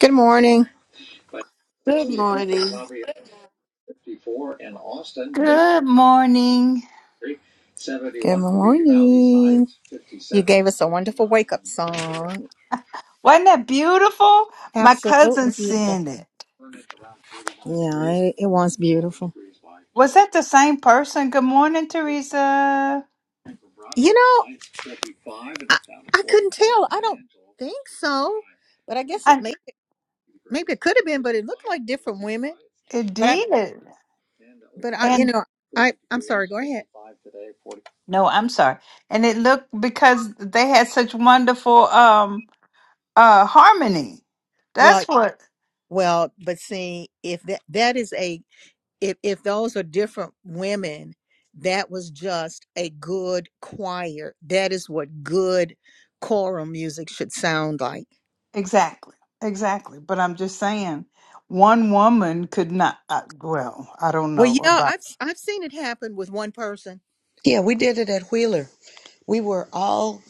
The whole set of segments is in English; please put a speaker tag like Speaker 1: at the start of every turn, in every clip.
Speaker 1: Good morning.
Speaker 2: Good morning.
Speaker 3: Good morning.
Speaker 1: Good morning. You gave us a wonderful wake up song.
Speaker 3: Wasn't that beautiful? My
Speaker 1: Absolutely
Speaker 3: cousin
Speaker 1: beautiful.
Speaker 3: sent it.
Speaker 1: Yeah, it, it was beautiful.
Speaker 3: Was that the same person? Good morning, Teresa.
Speaker 1: You know, I, I couldn't tell. I don't think so, but I guess it
Speaker 3: I
Speaker 1: maybe maybe it could have been, but it looked like different women.
Speaker 3: it
Speaker 1: But I,
Speaker 3: did.
Speaker 1: but I, you
Speaker 3: And
Speaker 1: know, I I'm sorry. Go ahead.
Speaker 3: no, I'm sorry. And it looked because they had such wonderful um uh harmony.
Speaker 1: Well,
Speaker 3: That's what
Speaker 1: well, but see, if that that is a if if those are different women that was just a good choir that is what good choral music should sound like
Speaker 3: exactly. Exactly. But I'm just saying one woman could not uh, well, I don't
Speaker 1: well
Speaker 3: know
Speaker 1: yeah
Speaker 3: about
Speaker 1: i've i've seen it happen with one person
Speaker 4: Yeah, we did it at Wheeler. We were all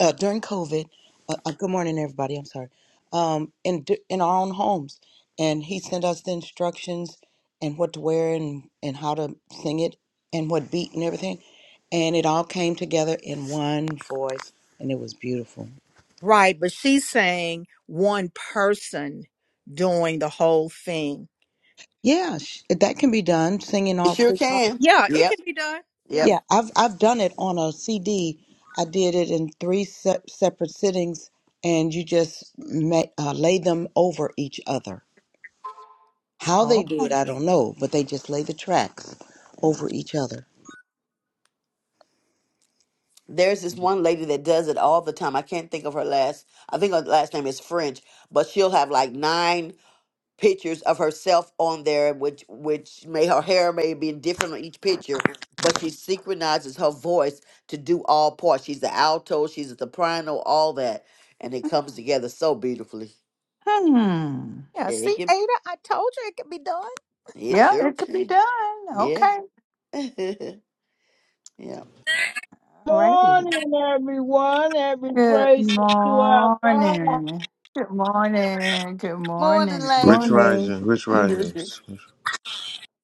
Speaker 4: uh, during COVID. Uh, uh, good morning, everybody. I'm sorry. Um, in d- in our own homes, and he sent us the instructions and what to wear and and how to sing it and what beat and everything, and it all came together in one voice, and it was beautiful.
Speaker 1: right but she's saying one person doing the whole thing
Speaker 4: Yeah, sh- that can be done. Singing
Speaker 2: It
Speaker 4: all
Speaker 2: sure
Speaker 4: three parts.
Speaker 2: can.
Speaker 1: yeah it
Speaker 2: Yep,
Speaker 1: can be done yeah
Speaker 2: yep.
Speaker 4: Yeah, I've I've done it on a CD. I did it in three se- separate sittings, and you just ma uh, lay them over each other. How they
Speaker 3: oh.
Speaker 4: do it, I don't know, but they just lay the tracks over each other.
Speaker 2: There's this one lady that does it all the time. I can't think of her last. I think her last name is French, but she'll have like nine pictures of herself on there, which which may her hair may be different on each picture, but she synchronizes her voice to do all parts. She's the alto, she's the soprano, all that, and it
Speaker 3: Hmm.
Speaker 2: comes together so beautifully.
Speaker 3: Hmm.
Speaker 1: yeah
Speaker 2: Yeah, it
Speaker 1: see
Speaker 2: can.
Speaker 1: ada i told you it can be done
Speaker 2: It
Speaker 3: Yeah,
Speaker 2: sure
Speaker 3: it could be
Speaker 2: can.
Speaker 3: done. Okay.
Speaker 2: Yeah. yeah.
Speaker 3: All right.
Speaker 5: morning, everyone. Every
Speaker 3: Good
Speaker 5: praise is to our God.
Speaker 3: morning. Good morning. Good
Speaker 2: Morning,
Speaker 3: morning.
Speaker 6: Rich
Speaker 2: lady.
Speaker 4: Morning.
Speaker 6: Rising, Rich Risings.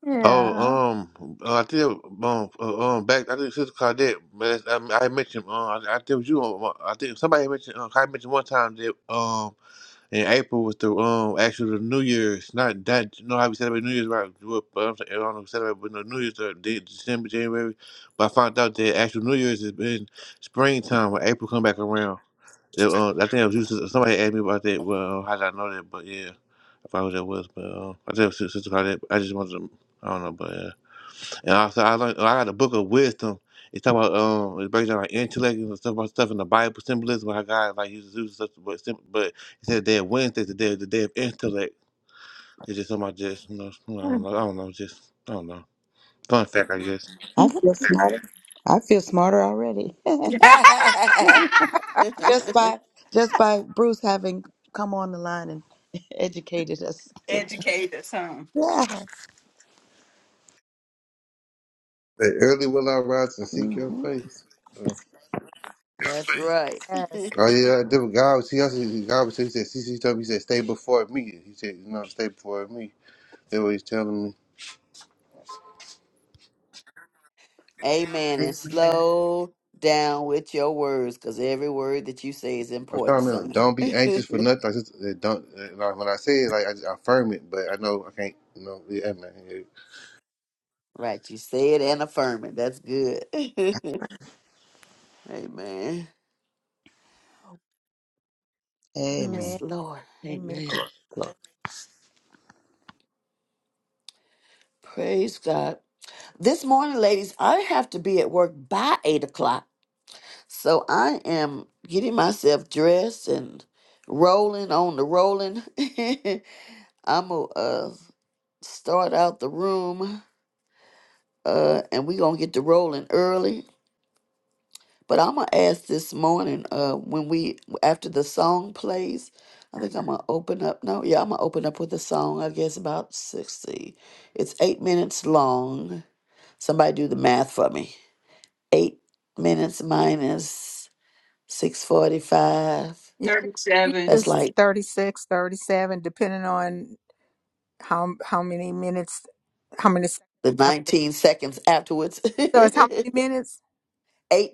Speaker 3: Yeah.
Speaker 6: Oh, um, uh, I think um, uh, um, back I think Sister Claudette, but that's- I, I had mentioned um, I, I think it was you. Um, I think somebody had mentioned uh, I had mentioned one time that um, in April was the um actually the New Year's, not that you know how we celebrate New Year's right? Well, But I'm saying I don't know if we celebrate but no New Year's uh, De- December, January. But I found out that actual New Year's has been springtime when April come back around. It, uh, I think it was you, Sister- somebody asked me about that. Well, how did I know that? But yeah. I forgot what that was, but uh, I tell sister about that. I just wanted to, I don't know, but uh, and also I learned I got a book of wisdom. It's talk about um, it breaks down like intellect and stuff about stuff in the Bible symbolism. How God like uses uses stuff, but sim- but it said that Wednesday's the day the day of intellect. It's just something I just you know, I don't know, I don't know, just I don't know. Fun fact, I guess.
Speaker 4: I feel smarter. I feel smarter already.
Speaker 2: That's
Speaker 4: just by just by Bruce having come on the line and educated us to that.
Speaker 3: Educators, huh?
Speaker 4: Yeah.
Speaker 6: Hey, early will I rise and seek your
Speaker 4: hmm
Speaker 6: face.
Speaker 2: right.
Speaker 1: yes
Speaker 6: Oh yeah, I did. God was he also God was he said CC told me he said stay before me. He said no, stay before me. They always telling me.
Speaker 2: Amen. And slow down with your words because every word that you say is
Speaker 6: I'm
Speaker 2: important,
Speaker 6: telling them,
Speaker 2: son.
Speaker 6: don't be anxious for nothing. I just uh, don't. uh, Like when I say it, like I, just I affirm it, but I know I can't. You know, yeah, man. yeah.
Speaker 2: right. You say it and affirm it. That's good. Amen. Yes,
Speaker 4: Amen.
Speaker 1: amen
Speaker 2: Lord.
Speaker 1: amen
Speaker 2: Amen. Praise God. This morning, ladies, I have to be at work by eight o'clock. So I am getting myself dressed and rolling on the rolling. I'm a uh, start out the room uh and we gonna get to rolling early but i'm gonna ask this morning uh when we after the song plays i think i'm gonna open up no yeah i'm gonna open up with a song i guess about 60 it's eight minutes long somebody do the math for me eight minutes minus 645
Speaker 1: you you
Speaker 3: 37.
Speaker 2: that's
Speaker 1: just
Speaker 2: like
Speaker 1: 36, 37, depending on how how many minutes how many seconds
Speaker 2: the
Speaker 1: after
Speaker 2: 19 seconds afterwards
Speaker 1: so it's how
Speaker 2: eight
Speaker 1: many minutes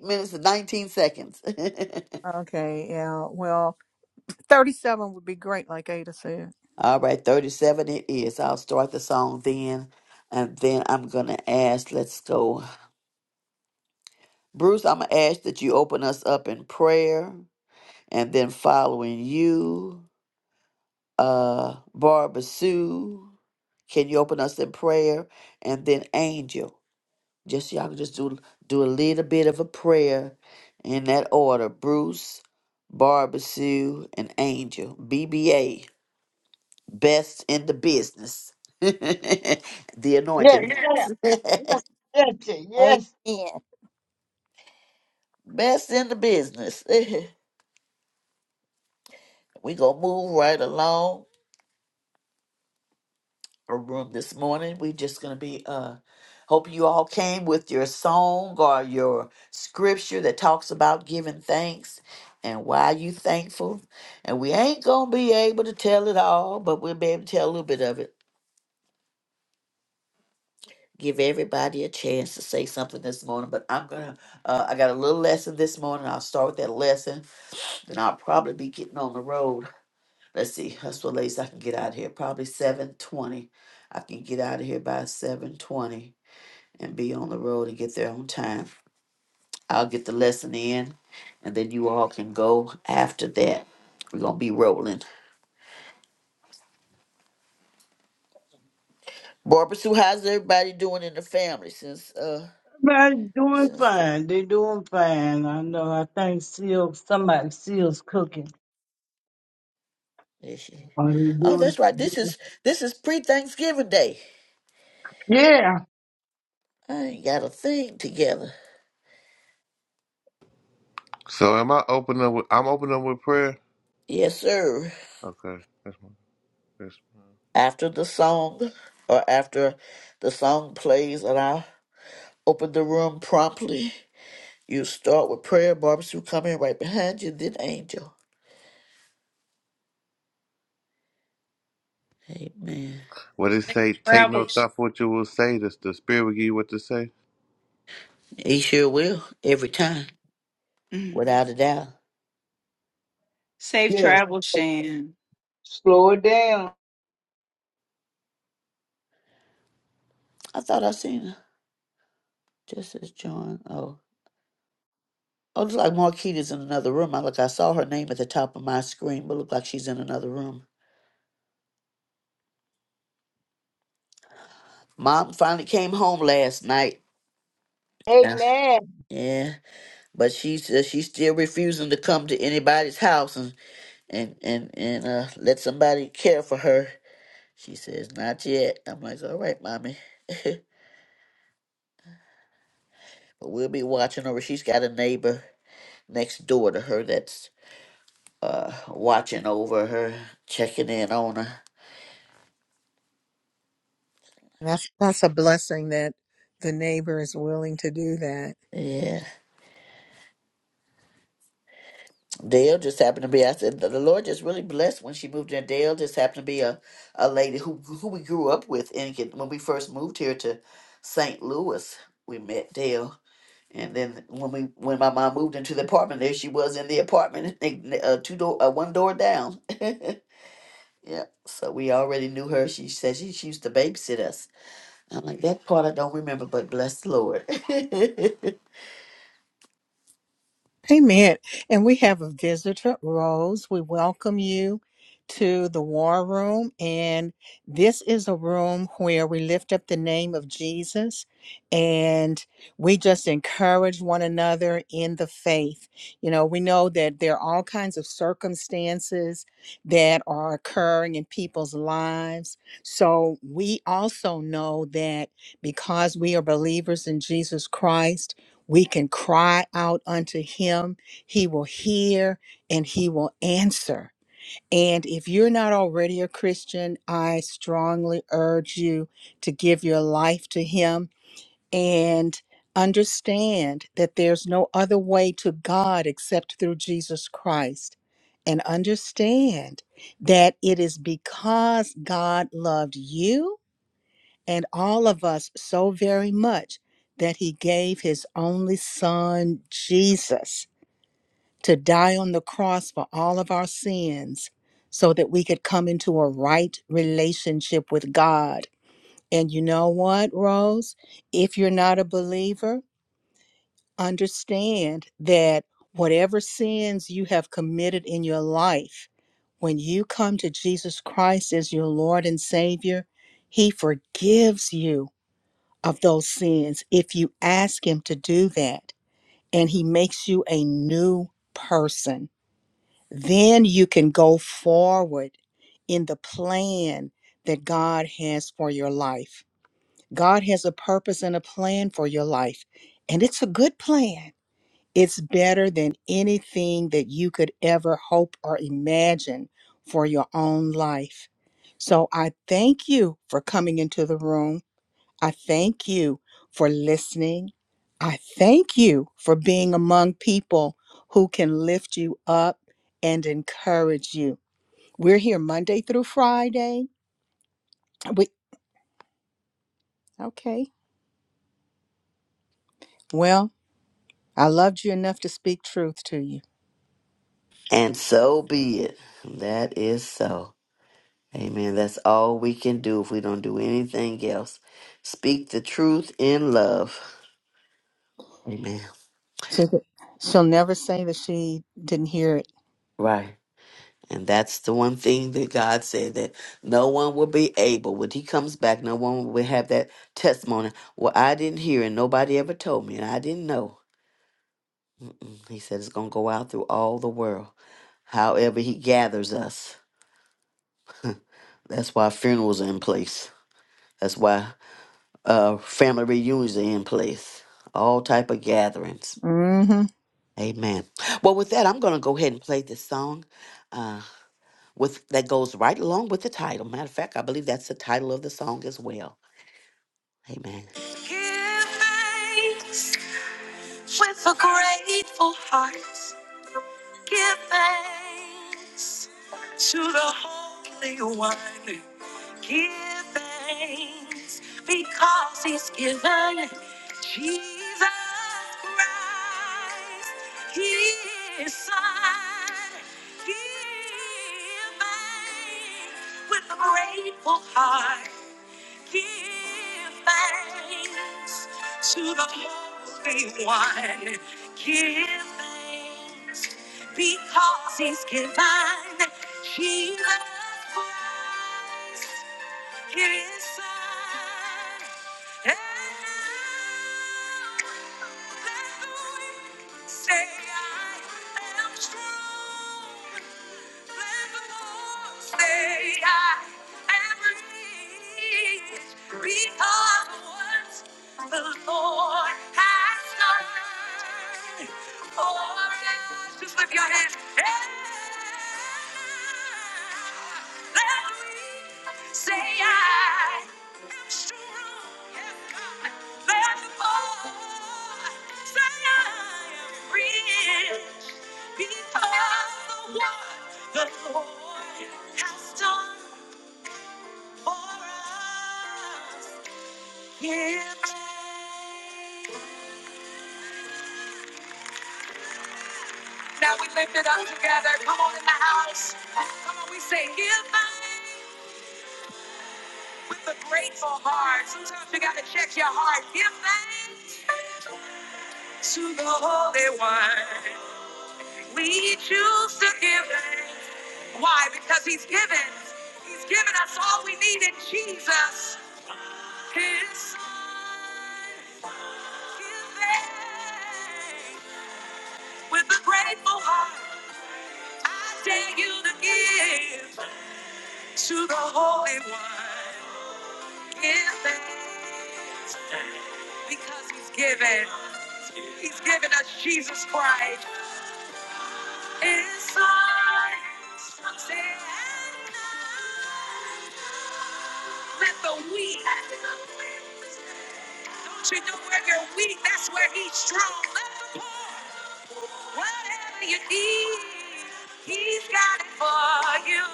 Speaker 2: minutes and 19 seconds
Speaker 1: okay yeah well 37 would be great like ada said
Speaker 2: All right, 37 it is. I'll start the song then, and then I'm going to ask, let's go. Bruce, I'm going to ask that you open us up in prayer, and then following you, uh, Barbara Sue, can you open us in prayer? And then Angel, just y'all can just do, do a little bit of a prayer in that order. Bruce, Barbara Sue, and Angel, BBA. best in the business. the
Speaker 5: Yes,
Speaker 2: anointed.
Speaker 5: sir.
Speaker 2: Yes.
Speaker 5: yes, yes,
Speaker 1: Amen.
Speaker 5: yes.
Speaker 2: best in the business. we gonna move right along our room this morning. We just gonna be uh hope you all came with your song or your scripture that talks about giving thanks and why you thankful. And we ain't gonna be able to tell it all, but we'll be able to tell a little bit of it. give everybody a chance to say something this morning, but I'm gonna, uh, I got a little lesson this morning. I'll start with that lesson, then I'll probably be getting on the road. Let's see, that's what latest I can get out of here. Probably seven twenty. I can get out of here by seven twenty and be on the road and get there on time. I'll get the lesson in, and then you all can go after that. We're gonna be rolling. Barbara Sue, how's everybody doing in the family since uh
Speaker 5: Everybody's doing
Speaker 2: since the
Speaker 5: fine. They're doing fine. I know. I think Seal, somebody Seal's cooking.
Speaker 2: Is she?
Speaker 5: Are they
Speaker 2: Oh,
Speaker 5: doing?
Speaker 2: that's right. This is this is pre-Thanksgiving Day.
Speaker 5: Yeah.
Speaker 2: I ain't got a thing together.
Speaker 6: So am I opening? With, I'm opening with prayer.
Speaker 2: Yes, sir.
Speaker 6: Okay, that's my. That's,
Speaker 2: After the song, or after the song plays, and I open the room promptly, you start with prayer. Barbecue come in right behind you, then angel. Amen.
Speaker 6: what it
Speaker 3: Safe
Speaker 6: say? Take no
Speaker 3: travel.
Speaker 6: thought for what you will say. The, the Spirit will give you what to say.
Speaker 2: He sure will every time,
Speaker 3: Mhm.
Speaker 2: without a doubt.
Speaker 3: Safe
Speaker 5: Yes.
Speaker 3: travel, Shan.
Speaker 5: Slow it down.
Speaker 2: I thought I seen her. Just as John. Oh, oh, looks like Marquita's in another room. I look. I saw her name at the top of my screen, but look like she's in another room. Mom finally came home last night. Yeah.
Speaker 5: Amen.
Speaker 2: Yeah, but she says she's still refusing to come to anybody's house and and and and uh, let somebody care for her. She says not yet. I'm like, all right, mommy, but we'll be watching over. She's got a neighbor next door to her that's uh watching over her, checking in on her.
Speaker 1: that's that's a blessing that the neighbor is willing to do that
Speaker 2: Yeah. Dale just happened to be. I said the the Lord just really blessed when she moved in. Dale just happened to be a, a lady who who we grew up with, and when we first moved here to St. Louis, we met Dale. And then when we when my mom moved into the apartment, there she was in the apartment, uh, two door, uh, one door down. yeah, so we already knew her. She said she, she used to babysit us. I'm like that part I don't remember, but bless the Lord.
Speaker 1: Amen. And we have a visitor, Rose. We welcome you to the war room. And this is a room where we lift up the name of Jesus and we just encourage one another in the faith. You know, we know that there are all kinds of circumstances that are occurring in people's lives. So we also know that because we are believers in Jesus Christ, we can cry out unto him. He will hear and he will answer. And if you're not already a Christian, I strongly urge you to give your life to him and understand that there's no other way to God except through Jesus Christ. And understand that it is because God loved you and all of us so very much that he gave his only son, Jesus, to die on the cross for all of our sins so that we could come into a right relationship with God. And you know what, Rose? If you're not a believer, understand that whatever sins you have committed in your life, when you come to Jesus Christ as your Lord and Savior, He forgives you of those sins if you ask Him to do that and He makes you a new person. Then you can go forward in the plan that God has for your life. God has a purpose and a plan for your life, and it's a good plan. It's better than anything that you could ever hope or imagine for your own life. So I thank you for coming into the room. I thank you for listening. I thank you for being among people who can lift you up and encourage you. We're here Monday through Friday. We, okay. Well, I loved you enough to speak truth to you.
Speaker 2: and so be it. That is so. Amen. That's all we can do if we don't do anything else. Speak the truth in love. Amen.
Speaker 1: So that she'll never say that she didn't hear it.
Speaker 2: Right. And that's the one thing that God said that no one will be able, when He comes back, no one will have that testimony. Well, I didn't hear and nobody ever told me and I didn't know. Mm-mm. He said it's going to go out through all the world. However, He gathers us. That's why funerals are in place. That's why uh, family reunions are in place. All type of gatherings
Speaker 1: Mm-hmm.
Speaker 2: Amen. Well, with that, I'm going to go ahead and play this song uh, with that goes right along with the title. Matter of fact, I believe that's the title of the song as well. Amen. Give thanks with a grateful heart. Give thanks to the Holy One. Give thanks because He's given Jesus Christ, His Son. Give thanks with a grateful heart. Give thanks to the Holy One. Give thanks because He's divine. Jesus Christ. It is fine. And now, let the wind say I am strong. Let the Lord say I am released. Because the words, the Lord Lord has done Just lift your hands. say I am strong. Yes, God. Let the Lord say I am rich because of what the Lord has done for us. Yeah. Now we lift it up together. Come on in the house. Come on, we say give thanks with a grateful heart. Sometimes you gotta check your heart. Give thanks to the Holy One. We choose to give thanks. Why? Because He's given. He's given us all we need in Jesus. His Son. Give thanks with a grateful heart. I dare you to give to the Holy One. given because he's given. He's given us Jesus Christ. Inside. Say, Let the weak. Don't you know where you're weak? That's where he's strong. Let the poor. Whatever you need, he's got it for you.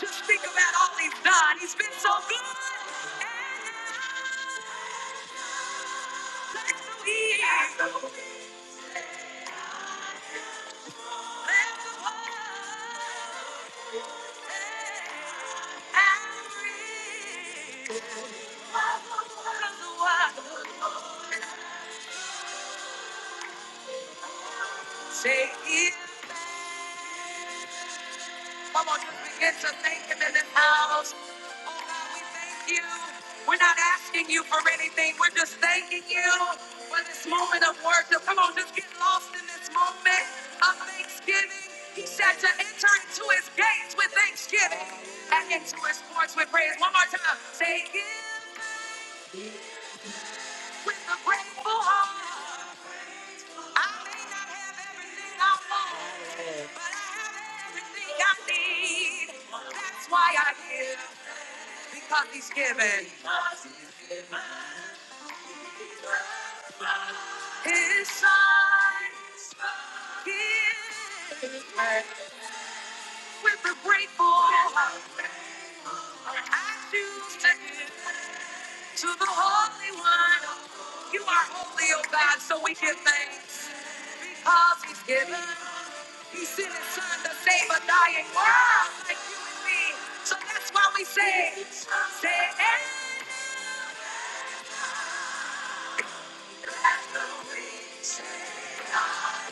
Speaker 2: Just think about all he's done. He's been so good. Take it. Come on, just begin to thank Him in this house. Oh God, we thank you. We're not asking you for anything. We're just thanking you for this moment of worship. Come on, just get lost in this moment of thanksgiving. He said to enter into His gates with thanksgiving and into His courts with praise. One more time. Say, give with a grateful heart. I may not have everything I want, but I have everything I need. That's why I give. because he's given his son. Give with a grateful heart. I choose to give to the Holy One. You are holy, O God, so we give thanks because he's given. He sent his son to save a dying world like you and me. So that's why we say, say, hey. Let the weak say, I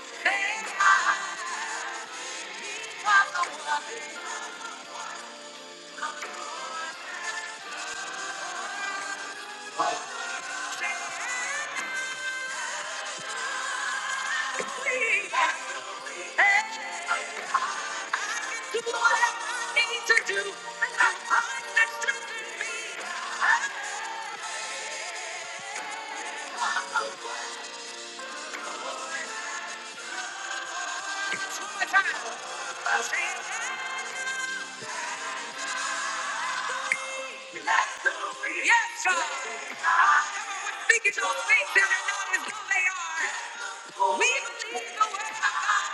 Speaker 2: Say I. Yes, sir. Everyone Speaking to things that are not as though they are. We believe the word of God.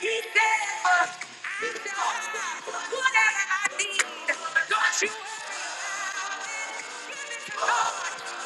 Speaker 2: He said, I shall have whatever I need. Don't you ever miss God.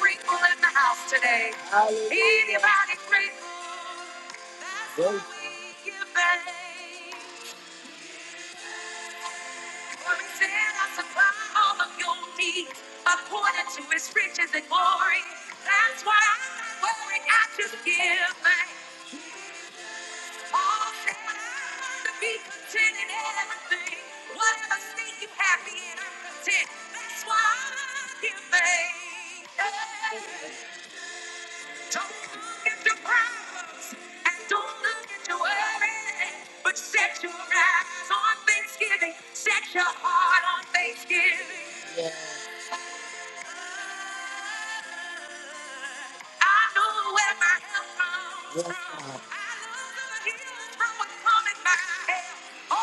Speaker 2: Grateful in the house today. Hallelujah. Anybody grateful? Thank we Give thanks. For he said, I supply all of your needs according to his riches and glory. That's why I worry, I just give thanks. to be content in everything. Whatever state you happy in, I'm content. That's why I give thanks. Don't look at your problems and don't look at your worries, but set your eyes on Thanksgiving. Set your heart on Thanksgiving. I know where my help comes Yes, from. God. I know the healing coming my Oh,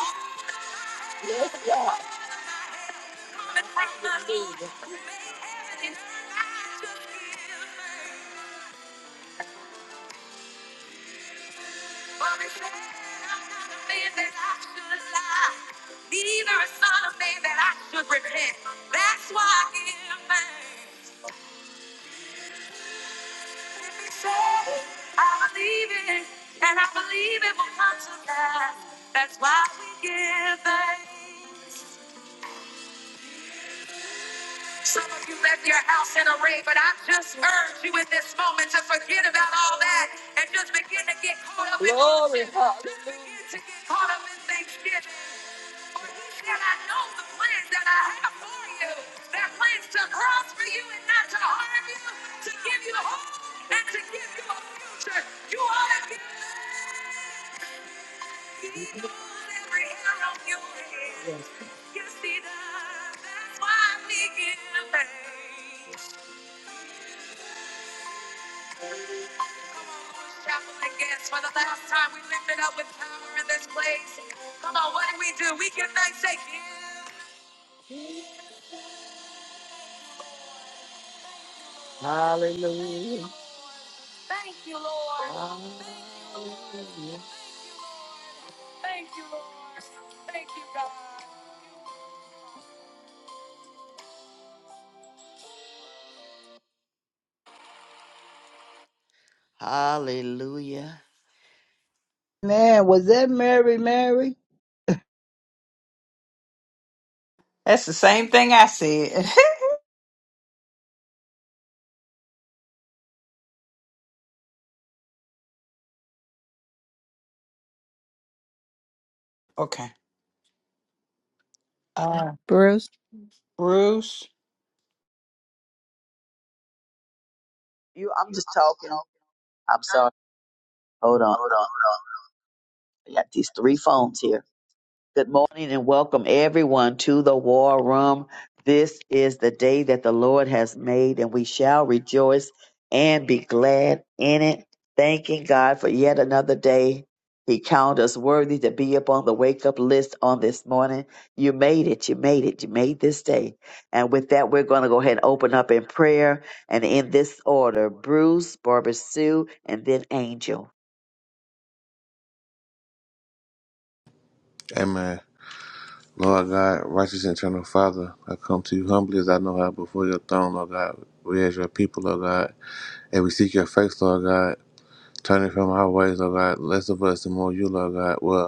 Speaker 2: Yes, God. Coming from the Lord who I just give thanks. For he said, I'm not a man that I should lie, neither a son of man that I should repent. That's why I give thanks. Say, I believe it, and I believe it will come to pass. That's why we give thanks. Some of you left your house in a rage, but I just urge you in this moment to forget about all that and just begin to get caught up in Glory, worship. Just begin hallelujah. to get caught up in thanksgiving. And I know the plans that I have for you. They're plans to prosper you and not to harm you, to give you hope and to give you a future. You ought to give evil every hair on your head. Yes. Yes, he does. That's why we give thanks. Come on, Lord's Chapel again. For the last time we lift it up with power in this place. Come on, what do we do? We give thanks again. Hallelujah. Thank you, Lord. Hallelujah. Thank you, Lord. Thank you, God. Hallelujah.
Speaker 5: Man, was that Mary, Mary?
Speaker 3: That's the same thing I said. okay. Uh,
Speaker 1: Bruce.
Speaker 3: Bruce.
Speaker 7: You, I'm just talking. I'm sorry. Hold on, hold on. I got these three phones here. Good morning and welcome everyone to the war room. This is the day that the Lord has made and we shall rejoice and be glad in it. Thanking God for yet another day. He counted us worthy to be upon the wake up list on this morning. You made it. You made it. You made this day. And with that, we're going to go ahead and open up in prayer and in this order Bruce, Barbara Sue, and then Angel.
Speaker 6: Amen. Lord God, righteous and eternal Father, I come to you humbly as I know how before your throne, Lord God. We as your people, Lord God, and we seek your face, Lord God. Turn from our ways, Lord God. Less of us and more of you, Lord God. Well.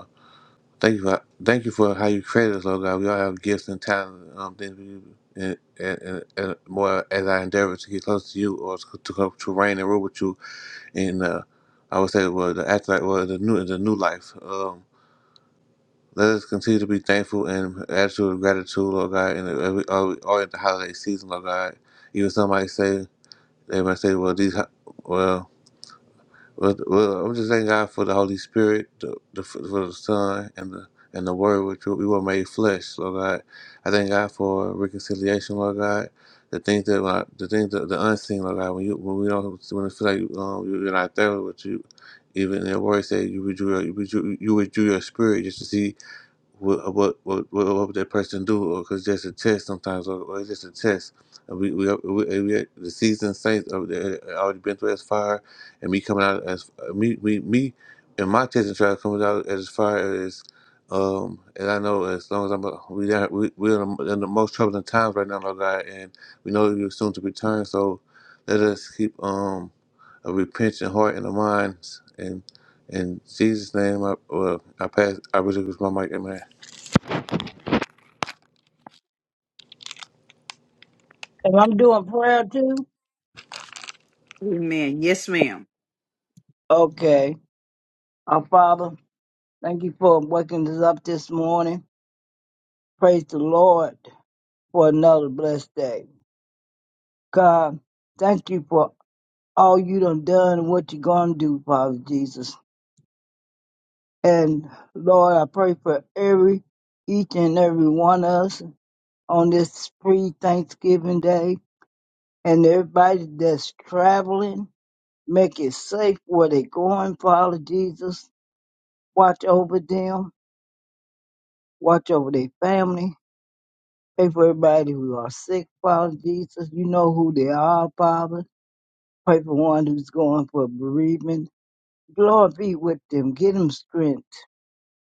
Speaker 6: Thank you for thank you for how you created us, Lord God. We all have gifts and talents, um, things we do, and, and, and, and more as I endeavor to get close to you or to to, come- to reign and rule with you in uh, I would say well the afterlife well the new the new life. Um, let us continue to be thankful and attitude of gratitude, Lord God, and uh, we all, all in the holiday season, Lord God. Even somebody say they might say, well these ho- well. Well, well, I'm just thanking God for the Holy Spirit, the, the for the Son, and the and the Word, which we were made flesh, Lord God. I thank God for reconciliation, Lord God. The things that when I, the things that the unseen, Lord God. When you when we don't when it feel like um, you're not there with you, even in the Word said you withdrew your- you withdrew, you withdrew your spirit just to see what what what, what, what that person do? Or cause just a test sometimes, or, or it's just a test. And we we, we, we the seasoned saints uh, they already been through as fire, and me coming out as me me me and my testing trial coming out as far as. Um, and I know as long as I'm a- we got- we we're in the, in the most troubling times right now, Lord God, and we know you're soon to return. So let us keep um a repentant heart and a mind, and in Jesus' name, I well I pass I really was my mic, Amen.
Speaker 5: And I'm doing prayer too.
Speaker 3: Amen. Yes, ma'am.
Speaker 5: Okay. Our Father, thank you for waking us up this morning. Praise the Lord for another blessed day. God, thank you for all you done done and what you're going to do, Father Jesus. And Lord, I pray for every, each and every one of us on this free Thanksgiving Day and everybody that's traveling. Make it safe where they're going, Father Jesus. Watch over them. Watch over their family. Pray for everybody who are sick, Father Jesus. You know who they are, Father. Pray for one who's going for bereavement Lord be with them. Give them strength.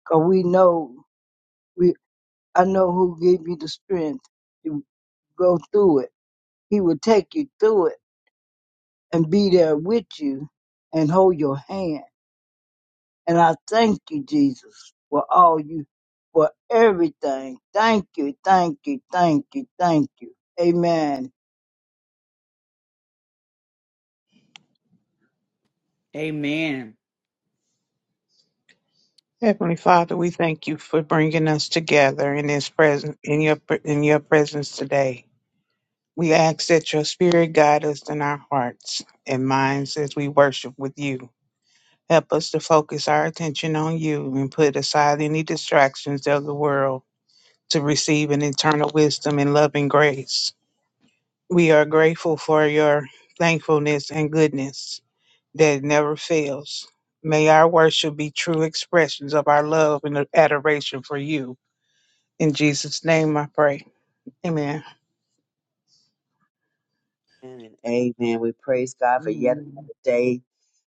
Speaker 5: Cause we know we I know who gave you the strength to go through it. He will take you through it and be there with you and hold your hand. And I thank you, Jesus, for all you for everything. Thank you, thank you, thank you, thank you. Amen.
Speaker 3: Amen.
Speaker 8: Heavenly Father, we thank you for bringing us together in His presence, in your in your presence today. We ask that your Spirit guide us in our hearts and minds as we worship with you. Help us to focus our attention on you and put aside any distractions of the world to receive an eternal wisdom and loving grace. We are grateful for your thankfulness and goodness that never fails. May our worship be true expressions of our love and adoration for you. In Jesus' name I pray. Amen.
Speaker 7: Amen. And amen. We praise God for yet another day.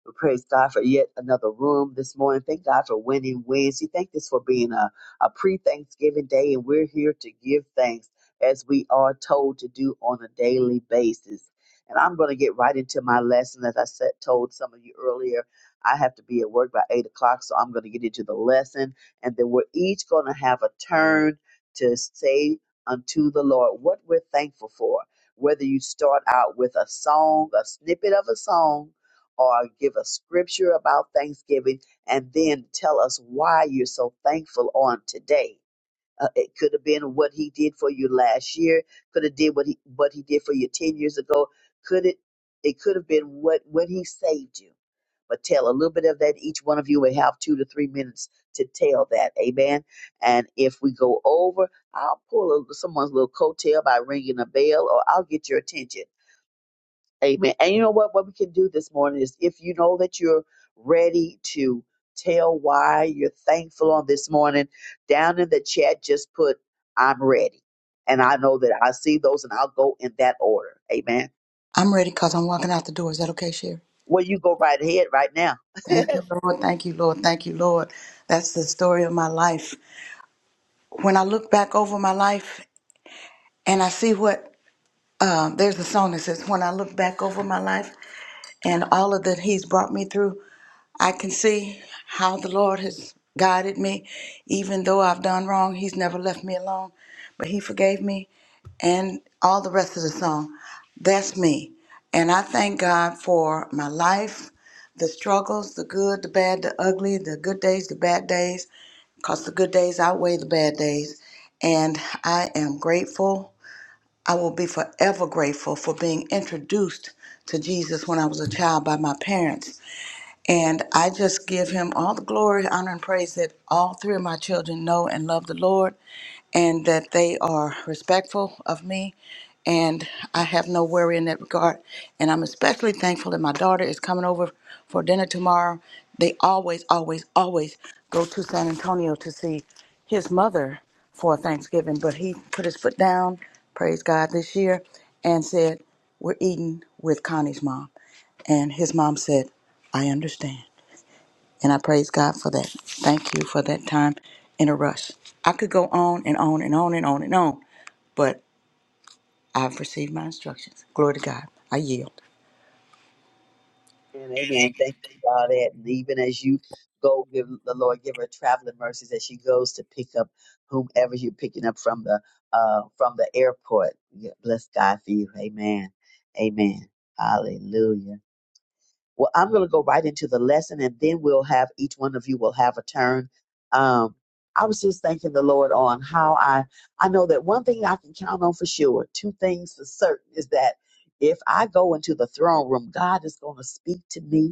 Speaker 7: We praise God for yet another room this morning. Thank God for winning Wednesday. Thank this for being a, a pre Thanksgiving day, and we're here to give thanks as we are told to do on a daily basis. And I'm going to get right into my lesson. As I said, told some of you earlier, I have to be at work by 8 o'clock, so I'm going to get into the lesson. And then we're each going to have a turn to say unto the Lord what we're thankful for. Whether you start out with a song, a snippet of a song, or give a scripture about Thanksgiving and then tell us why you're so thankful on today. Uh, it could have been what he did for you last year. Could have did what he what he did for you ten years ago. Could it? It could have been what when he saved you. But tell a little bit of that. Each one of you will have two to three minutes to tell that. Amen. And if we go over, I'll pull a, someone's little coattail by ringing a bell, or I'll get your attention Amen. And you know what? What we can do this morning is if you know that you're ready to tell why you're thankful on this morning, down in the chat, just put, I'm ready. And I know that I see those and I'll go in that order. Amen.
Speaker 4: I'm ready because I'm walking out the door. Is that okay, Sherry?
Speaker 7: Well, you go right ahead right now.
Speaker 4: Thank you, Lord. Thank you, Lord. Thank you, Lord. That's the story of my life. When I look back over my life and I see what, uh, there's a song that says, When I look back over my life and all of that He's brought me through, I can see how the Lord has guided me. Even though I've done wrong, He's never left me alone, but He forgave me and all the rest of the song. That's me. And I thank God for my life, the struggles, the good, the bad, the ugly, the good days, the bad days, because the good days outweigh the bad days. And I am grateful. I will be forever grateful for being introduced to Jesus when I was a child by my parents and I just give him all the glory, honor, and praise that all three of my children know and love the Lord and that they are respectful of me. And I have no worry in that regard. And I'm especially thankful that my daughter is coming over for dinner tomorrow. They always, always, always go to San Antonio to see his mother for Thanksgiving. But he put his foot down, praise God, this year, and said, We're eating with Connie's mom. And his mom said, I understand. And I praise God for that. Thank you for that time in a rush. I could go on and on and on and on and on, but I've received my instructions. Glory to God. I yield.
Speaker 7: And amen. Thank you for all that. And even as you go, give the Lord give her traveling mercies as she goes to pick up whomever you're picking up from the uh from the airport. Yeah, Bless God for you. Amen. Amen. Hallelujah. Well, I'm gonna go right into the lesson and then we'll have each one of you will have a turn. Um I was just thanking the Lord on how I I know that one thing I can count on for sure, two things for certain is that if I go into the throne room, God is going to speak to me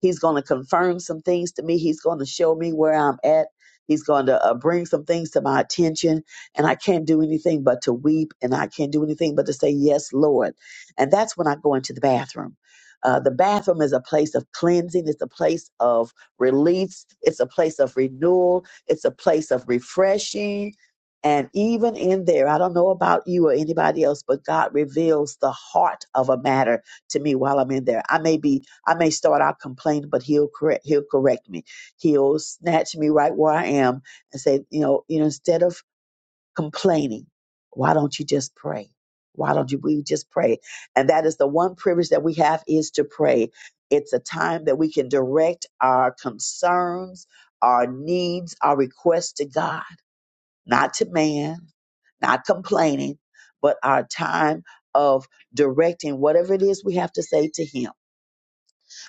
Speaker 7: He's going to confirm some things to me. He's going to show me where I'm at. He's going to uh, bring some things to my attention. And I can't do anything but to weep. And I can't do anything but to say, Yes, Lord. And that's when I go into the bathroom. Uh, the bathroom is a place of cleansing. It's a place of release. It's a place of renewal. It's a place of refreshing. And even in there, I don't know about you or anybody else, but God reveals the heart of a matter to me while I'm in there. I may be I may start out complaining, but he'll correct he'll correct me. He'll snatch me right where I am and say, you know, you know, instead of complaining, why don't you just pray? Why don't you we just pray? And that is the one privilege that we have is to pray. It's a time that we can direct our concerns, our needs, our requests to God, not to man, not complaining, but our time of directing whatever it is we have to say to him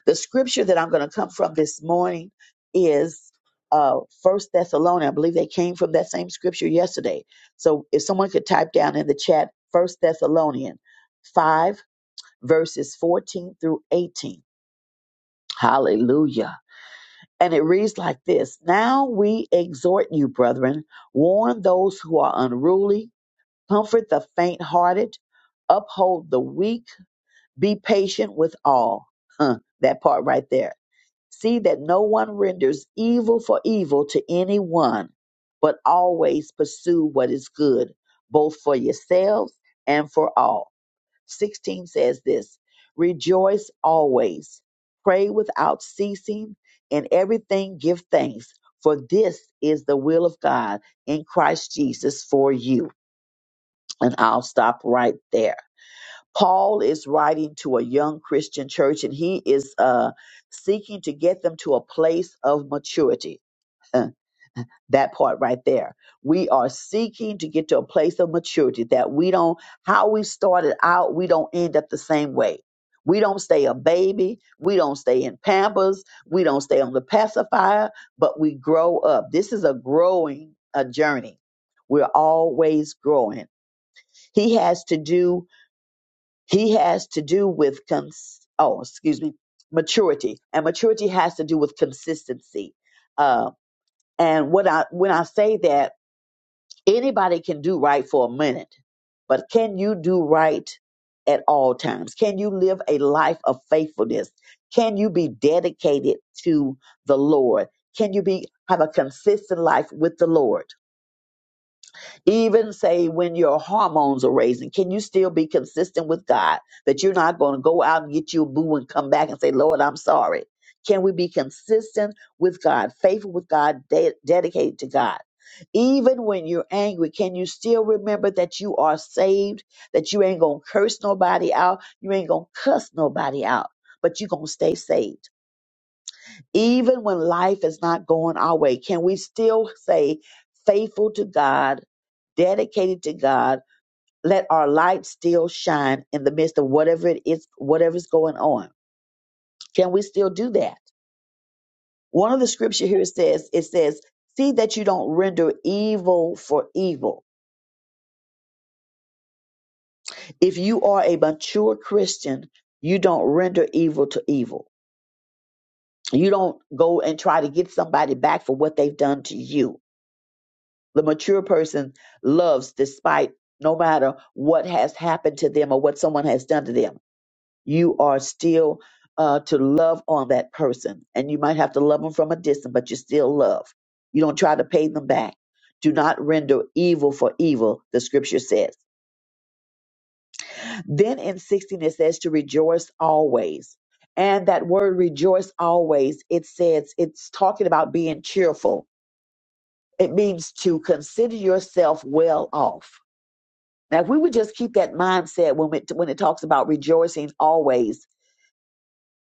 Speaker 7: the scripture that I'm going to come from this morning is uh First Thessalonians. I believe they came from that same scripture yesterday. So if someone could type down in the chat First Thessalonians five verses 14 through 18. Hallelujah. And it reads like this Now we exhort you, brethren, warn those who are unruly, comfort the faint hearted, uphold the weak, be patient with all. Huh, that part right there. See that no one renders evil for evil to anyone, but always pursue what is good, both for yourselves and for all. 16 says this Rejoice always, pray without ceasing, in everything give thanks, for this is the will of God in Christ Jesus for you. And I'll stop right there. Paul is writing to a young Christian church and he is uh, seeking to get them to a place of maturity. Uh, That part right there. We are seeking to get to a place of maturity that we don't, how we started out, we don't end up the same way. We don't stay a baby. We don't stay in pampers. We don't stay on the pacifier, but we grow up. This is a growing a journey. We're always growing. He has to do he has to do with cons- oh, excuse me, maturity, and maturity has to do with consistency. Uh, and when I when I say that anybody can do right for a minute, but can you do right at all times? Can you live a life of faithfulness? Can you be dedicated to the Lord? Can you be have a consistent life with the Lord? Even say when your hormones are raising, can you still be consistent with God that you're not going to go out and get you a boo and come back and say, Lord, I'm sorry? Can we be consistent with God, faithful with God, de- dedicated to God? Even when you're angry, can you still remember that you are saved, that you ain't going to curse nobody out, you ain't going to cuss nobody out, but you're going to stay saved? Even when life is not going our way, can we still say, faithful to God, dedicated to God, let our light still shine in the midst of whatever it is, whatever's going on? Can we still do that? One of the scripture here says, it says, see that you don't render evil for evil. If you are a mature Christian, you don't render evil to evil. You don't go and try to get somebody back for what they've done to you The mature person loves despite no matter what has happened to them or what someone has done to them. You are still uh, to love on that person. And you might have to love them from a distance, but you still love. You don't try to pay them back. Do not render evil for evil, the scripture says. Then in 16, it says to rejoice always. And that word rejoice always, it says it's talking about being cheerful. It means to consider yourself well off Now, if we would just keep that mindset when it, when it talks about rejoicing always,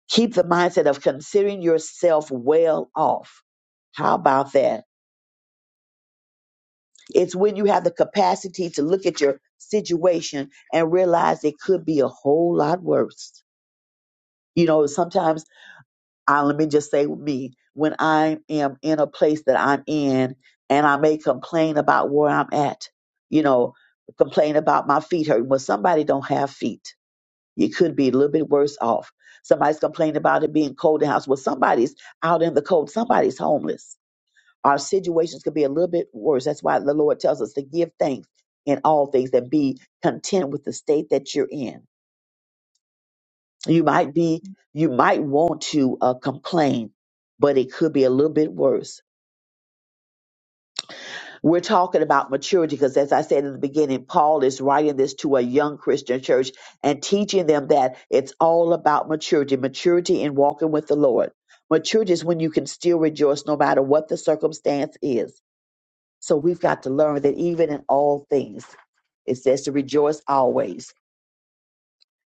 Speaker 7: keep the mindset of considering yourself well off. How about that? It's when you have the capacity to look at your situation and realize it could be a whole lot worse. You know, sometimes I let me just say me when I am in a place that I'm in and I may complain about where I'm at. You know, complain about my feet hurting. Well, somebody don't have feet You could be a little bit worse off. Somebody's complaining about it being cold in the house. Well, somebody's out in the cold. Somebody's homeless. Our situations could be a little bit worse. That's why the Lord tells us to give thanks in all things and be content with the state that you're in. You might be, you might want to uh, complain, but it could be a little bit worse. We're talking about maturity because, as I said in the beginning, Paul is writing this to a young Christian church and teaching them that it's all about maturity, maturity in walking with the Lord. Maturity is when you can still rejoice no matter what the circumstance is. So we've got to learn that even in all things, it says to rejoice always.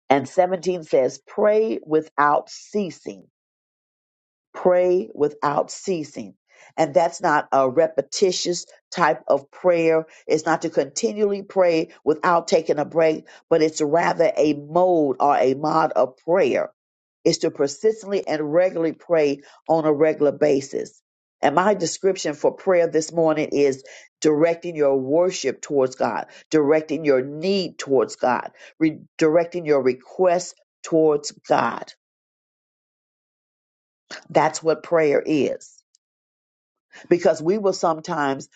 Speaker 7: And 17 says, pray without ceasing pray without ceasing. And that's not a repetitious type of prayer. It's not to continually pray without taking a break, but it's rather a mode or a mod of prayer. It's to persistently and regularly pray on a regular basis. And my description for prayer this morning is directing your worship towards God, directing your need towards God, re- directing your request towards God. That's what prayer is. because we will sometimes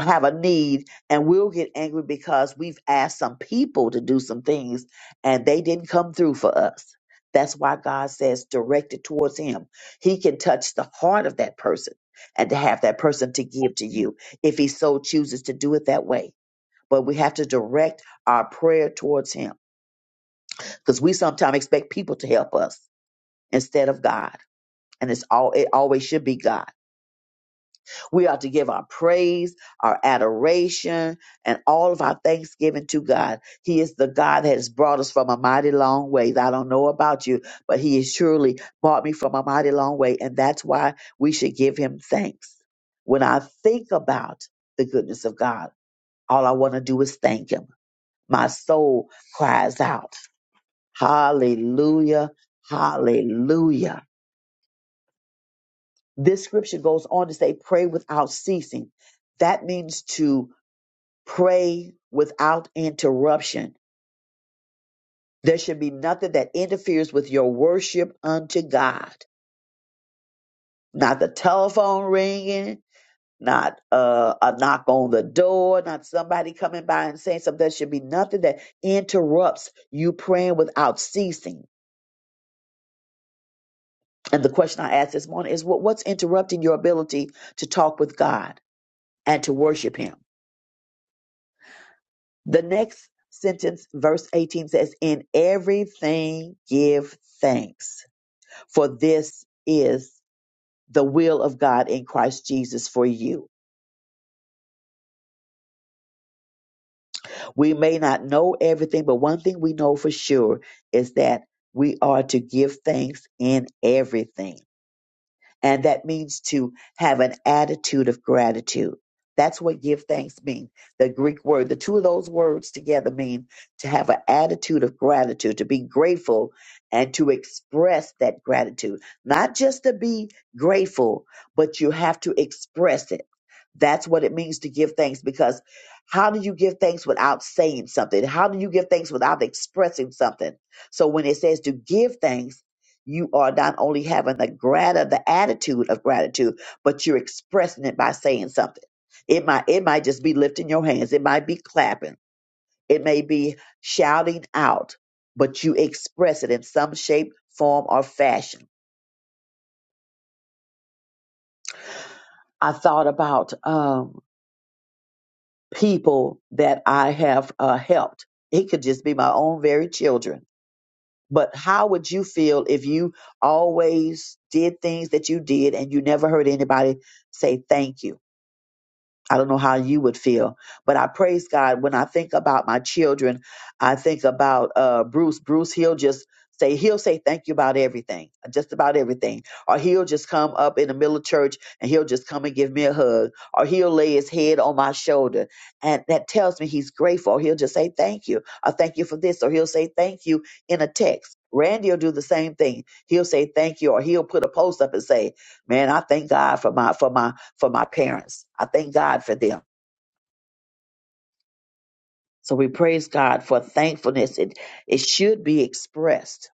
Speaker 7: have a need and we'll get angry because we've asked some people to do some things and they didn't come through for us. That's why God says direct it towards Him. He can touch the heart of that person and to have that person to give to you if He so chooses to do it that way. But we have to direct our prayer towards Him because we sometimes expect people to help us instead of God. And it's all it always should be God We are to give our praise, our adoration, and all of our thanksgiving to God. He is the God that has brought us from a mighty long ways. I don't know about you, but He has surely brought me from a mighty long way. And that's why we should give Him thanks. When I think about the goodness of God, all I want to do is thank Him. My soul cries out, Hallelujah, Hallelujah. This scripture goes on to say, Pray without ceasing. That means to pray without interruption. There should be nothing that interferes with your worship unto God. Not the telephone ringing, not uh, a knock on the door, not somebody coming by and saying something. There should be nothing that interrupts you praying without ceasing. And the question I asked this morning is what, what's interrupting your ability to talk with God and to worship Him? The next sentence, verse 18 says, In everything give thanks for this is the will of God in Christ Jesus for you. We may not know everything, but one thing we know for sure is that we are to give thanks in everything. And that means to have an attitude of gratitude. That's what give thanks mean. The Greek word, the two of those words together mean to have an attitude of gratitude, to be grateful and to express that gratitude. Not just to be grateful, but you have to express it. That's what it means to give thanks because how do you give thanks without saying something? How do you give thanks without expressing something? So when it says to give thanks, you are not only having the grat the attitude of gratitude, but you're expressing it by saying something. It might it might just be lifting your hands, it might be clapping, it may be shouting out, but you express it in some shape, form, or fashion. I thought about um, people that I have uh, helped. It could just be my own very children. But how would you feel if you always did things that you did and you never heard anybody say thank you? I don't know how you would feel, but I praise God when I think about my children. I think about uh, Bruce. Bruce, he'll just say he'll say thank you about everything, just about everything, or he'll just come up in the middle of church and he'll just come and give me a hug, or he'll lay his head on my shoulder, and that tells me he's grateful. Or he'll just say thank you, or thank you for this, or he'll say thank you in a text. Randy will do the same thing. He'll say thank you, or he'll put a post up and say, "Man, I thank God for my for my." for my parents. I thank God for them. So we praise God for thankfulness. It, it should be expressed.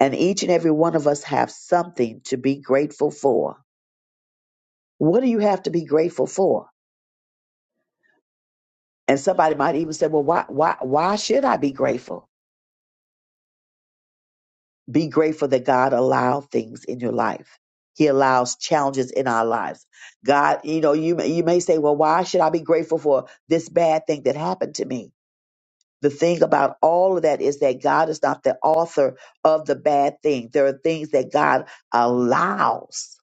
Speaker 7: And each and every one of us have something to be grateful for. What do you have to be grateful for? And somebody might even say, well, why, why, why should I be grateful? Be grateful that God allowed things in your life. He allows challenges in our lives. God, you know, you may, you may say, well, why should I be grateful for this bad thing that happened to me? the thing about all of that is that God is not the author of the bad thing. There are things that God allows,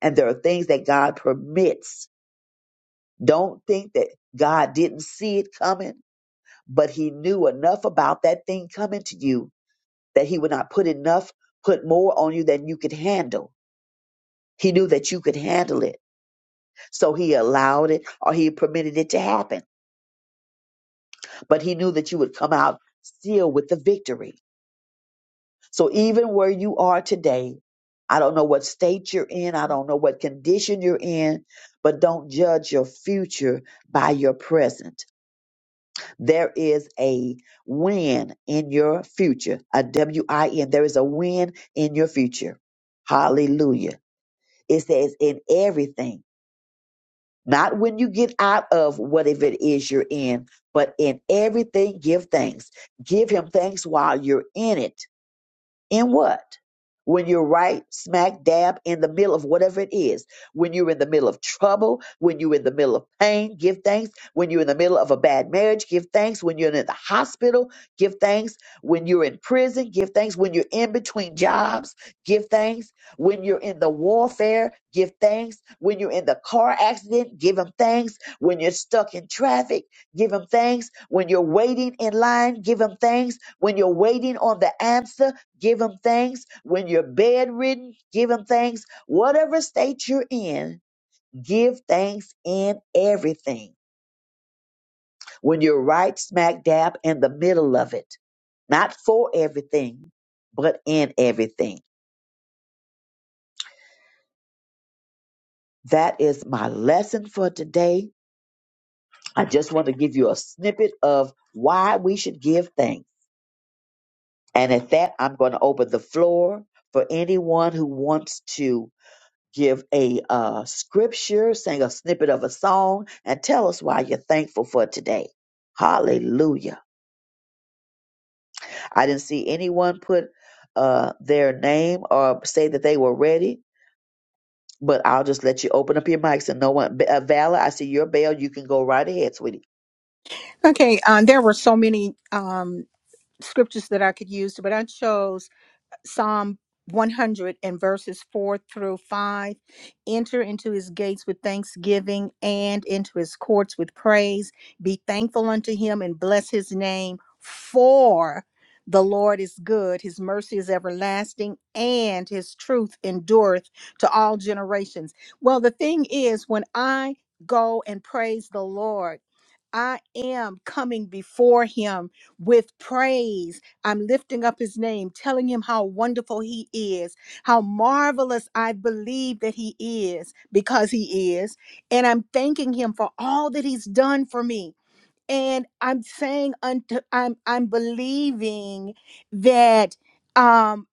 Speaker 7: and there are things that God permits. Don't think that God didn't see it coming, but He knew enough about that thing coming to you that He would not put enough, put more on you than you could handle. He knew that you could handle it. So he allowed it or he permitted it to happen. But he knew that you would come out still with the victory. So even where you are today, I don't know what state you're in, I don't know what condition you're in, but don't judge your future by your present. There is a win in your future, a W I N. There is a win in your future. Hallelujah. It says in everything, not when you get out of whatever it is you're in, but in everything, give thanks. Give him thanks while you're in it In what? When you're right smack dab in the middle of whatever it is, when you're in the middle of trouble, when you're in the middle of pain, give thanks. When you're in the middle of a bad marriage, give thanks. When you're in the hospital, give thanks. When you're in prison, give thanks. When you're in between jobs, give thanks. When you're in the warfare, give thanks. When you're in the car accident, give him thanks. When you're stuck in traffic, give him thanks. When you're waiting in line, give him thanks. When you're waiting on the answer, Give him thanks. When you're bedridden, give him thanks. Whatever state you're in, give thanks in everything. When you're right smack dab in the middle of it, not for everything, but in everything. That is my lesson for today. I just want to give you a snippet of why we should give thanks. And at that, I'm going to open the floor for anyone who wants to give a uh, scripture, sing a snippet of a song, and tell us why you're thankful for today. Hallelujah. I didn't see anyone put uh, their name or say that they were ready, but I'll just let you open up your mics and no one. B- Uh, Valor, I see your bell. You can go right ahead, sweetie.
Speaker 1: Okay. Um, there were so many um, scriptures that I could use, but I chose Psalm 100 and verses 4 through 5. Enter into his gates with thanksgiving and into his courts with praise. Be thankful unto him and bless his name, for the Lord is good. His mercy is everlasting and his truth endureth to all generations. Well, the thing is, when I go and praise the Lord, I am coming before him with praise I'm lifting up his name, telling him how wonderful he is, how marvelous I believe that he is because he is. And I'm thanking him for all that he's done for me. And I'm saying unto I'm I'm believing that um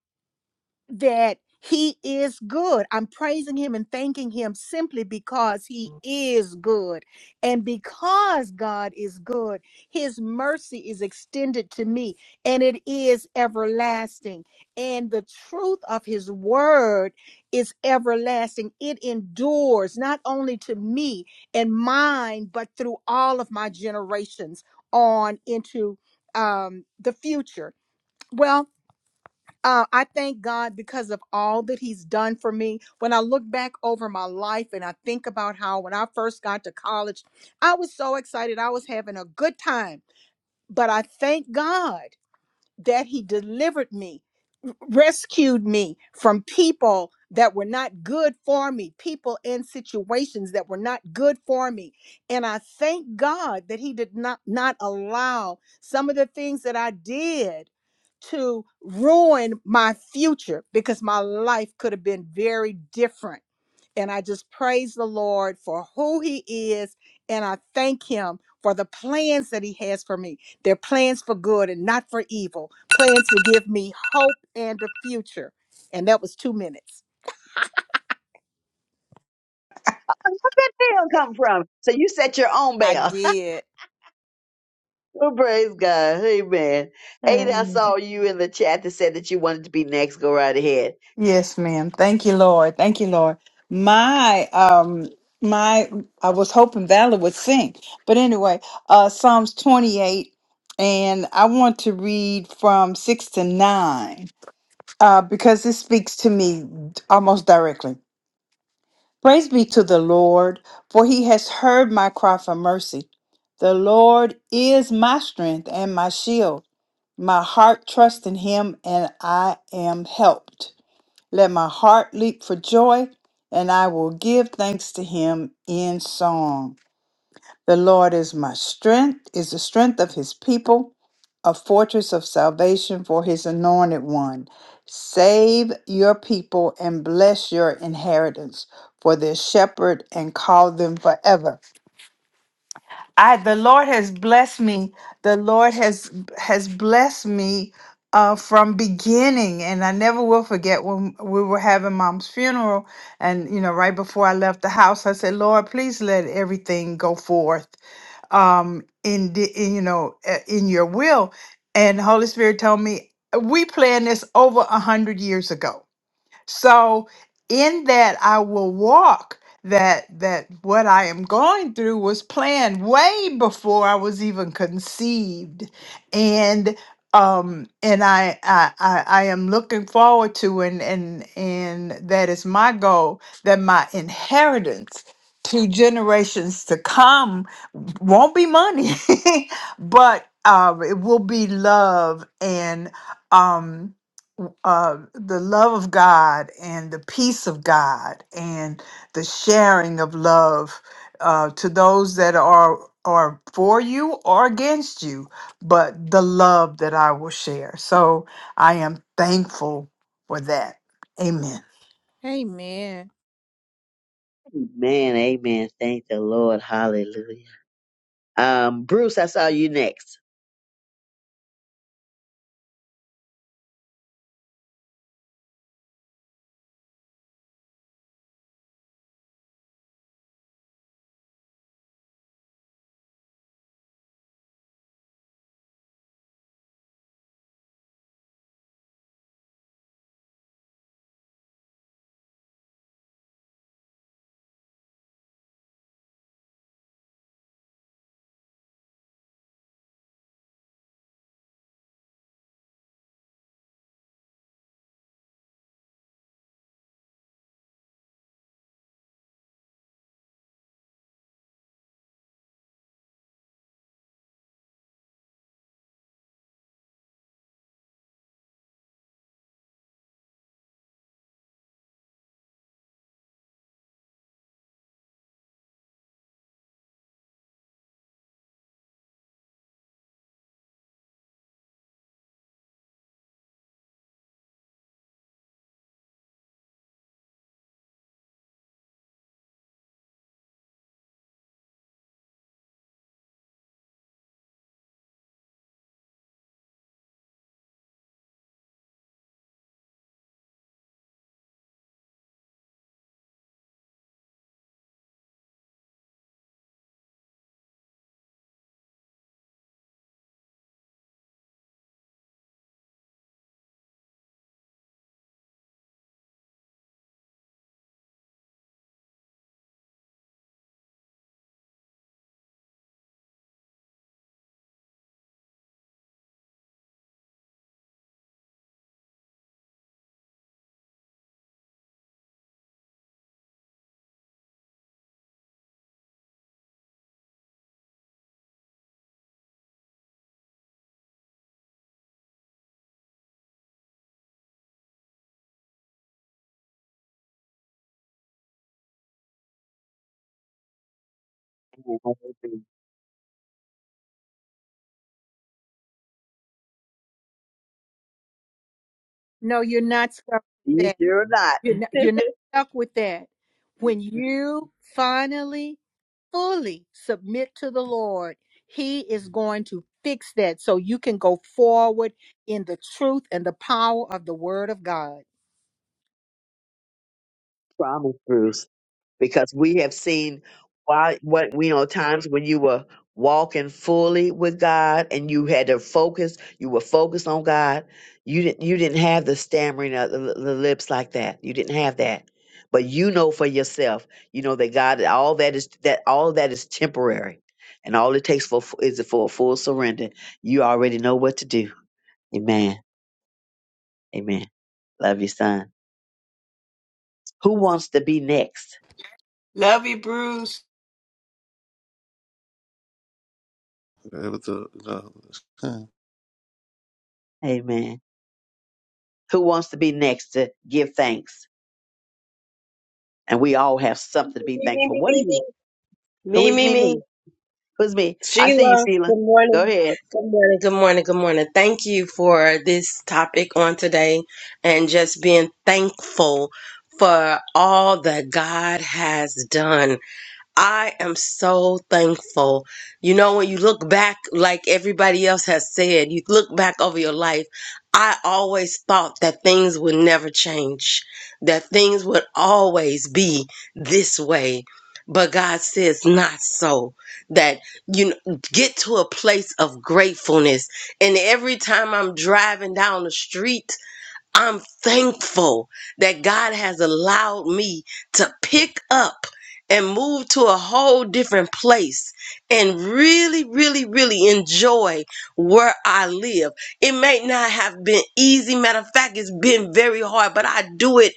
Speaker 1: that he is good. I'm praising him and thanking him simply because he is good. And because God is good, his mercy is extended to me and it is everlasting. And the truth of his word is everlasting. It endures not only to me and mine, but through all of my generations on into um, the future. Well, uh, I thank God because of all that He's done for me. When I look back over my life and I think about how when I first got to college, I was so excited. I was having a good time. But I thank God that He delivered me rescued me from people that were not good for me, people in situations that were not good for me. And I thank God that he did not not allow some of the things that I did to ruin my future because my life could have been very different and I just praise the Lord for who He is. And I thank Him for the plans that He has for me. They're plans for good and not for evil, plans to give me hope and a future. And that was two minutes.
Speaker 7: Where that bell come from? So you set your own
Speaker 1: I
Speaker 7: bell.
Speaker 1: did.
Speaker 7: Well, praise God. Amen. Ada, I
Speaker 3: Amen.
Speaker 7: saw you in the chat that said that you wanted to be next. Go right ahead.
Speaker 3: Yes, ma'am. Thank you, Lord. Thank you, Lord. My um my I was hoping Valor would sing. But anyway, uh Psalms 28 and I want to read from 6 to 9 uh because this speaks to me almost directly. Praise be to the Lord, for he has heard my cry for mercy. The Lord is my strength and my shield. My heart trusts in him and I am helped. Let my heart leap for joy, and I will give thanks to him in song. The Lord is my strength, is the strength of his people, a fortress of salvation for his anointed one. Save your people and bless your inheritance, for their shepherd and call them forever. I the Lord has blessed me. The Lord has has blessed me uh, from beginning, and I never will forget when we were having Mom's funeral, and you know, right before I left the house, I said, "Lord, please let everything go forth um, in, the, in you know uh, in Your will." And Holy Spirit told me, "We planned this over a hundred years ago." So in that I will walk that that what I am going through was planned way before I was even conceived. And um and I I I, I am looking forward to and and and that is my goal that my inheritance to generations to come won't be money but um it will be love and um uh, the love of God and the peace of God and the sharing of love uh, to those that are are for you or against you, but the love that I will share. So I am thankful for that. Amen.
Speaker 1: Amen.
Speaker 7: Amen. Amen. Thank the Lord. Hallelujah. Um, Bruce, I saw you next.
Speaker 1: No, you're not. stuck with
Speaker 7: You sure or not?
Speaker 1: You're not, you're not stuck with that. When you finally fully submit to the Lord, He is going to fix that so you can go forward in the truth and the power of the Word of God.
Speaker 7: Promise, Bruce, because we have seen why what we know times when you were walking fully with God and you had to focus. You were focused on God. You didn't. You didn't have the stammering of the, the lips like that. You didn't have that. But you know for yourself, you know that God, all that is that all that is temporary, and all it takes for is for a full surrender. You already know what to do. Amen. Amen. Love you, son. Who wants to be next?
Speaker 3: Love you.
Speaker 6: Yeah, what the, no,
Speaker 7: Amen. Who wants to be next to give thanks? And we all have something to be
Speaker 9: Me, me,
Speaker 7: thankful.
Speaker 9: me,
Speaker 7: What are
Speaker 9: me, me.
Speaker 7: you? Who
Speaker 9: Me,
Speaker 7: is
Speaker 9: me,
Speaker 7: me?
Speaker 9: me.
Speaker 7: Me? Who's me? I see you,
Speaker 9: Sheila,
Speaker 7: Sheila.
Speaker 9: good
Speaker 7: Go
Speaker 9: morning.
Speaker 7: ahead.
Speaker 9: Good morning, good morning, good morning. Thank you for this topic on today and just being thankful for all that God has done. I am so thankful. You know, when you look back, like everybody else has said, you look back over your life. I always thought that things would never change, that things would always be this way. But God says, not so. That you know, get to a place of gratefulness. And every time I'm driving down the street, I'm thankful that God has allowed me to pick up and move to a whole different place and really, really, really enjoy where I live. It may not have been easy. Matter of fact, it's been very hard, but I do it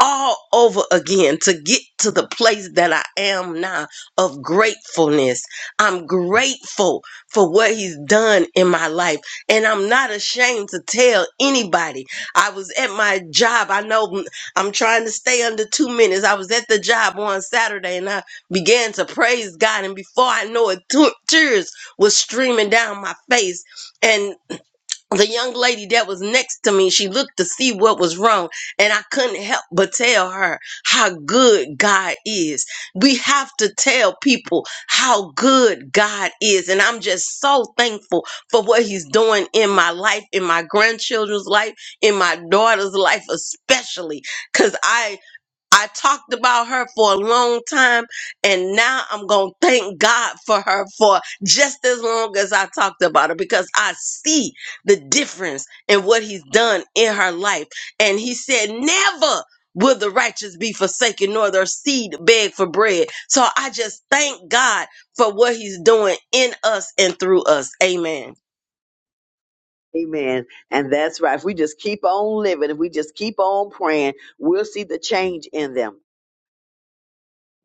Speaker 9: all over again to get to the place that I am now of gratefulness. I'm grateful for what he's done in my life. And I'm not ashamed to tell anybody. I was at my job. I know m- I'm trying to stay under two minutes. I was at the job on Saturday and I began to praise God. And before I know it, tu- tears was streaming down my face the young lady that was next to me, she looked to see what was wrong, and I couldn't help but tell her how good God is. We have to tell people how good God is, and I'm just so thankful for what He's doing in my life, in my grandchildren's life, in my daughter's life, especially because I I talked about her for a long time, and now I'm going to thank God for her for just as long as I talked about her because I see the difference in what He's done in her life. And He said, Never will the righteous be forsaken, nor their seed beg for bread. So I just thank God for what He's doing in us and through us. Amen.
Speaker 7: Amen. And that's right. If we just keep on living, if we just keep on praying, we'll see the change in them.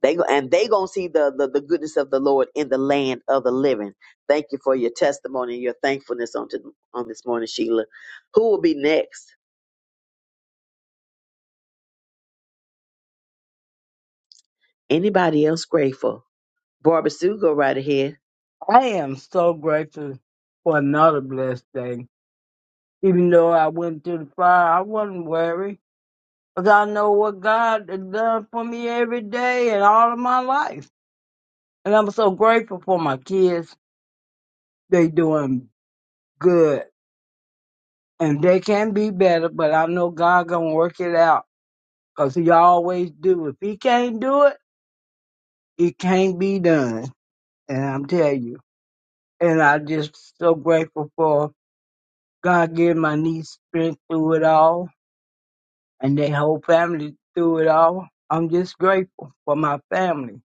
Speaker 7: They go, and they gonna see the, the the goodness of the Lord in the land of the living. Thank you for your testimony and your thankfulness on to, on this morning, Sheila. Who will be next? Anybody else grateful? Barbara Sue, go right ahead.
Speaker 5: I am so grateful for another blessed day. Even though I went through the fire, I wasn't worried. Because I know what God has done for me every day and all of my life. And I'm so grateful for my kids. They doing good. And they can be better, but I know God gonna work it out, 'cause he always do. If he can't do it, it can't be done. And I'm telling you. And I just so grateful for God giving my niece strength through it all and their whole family through it all. I'm just grateful for my family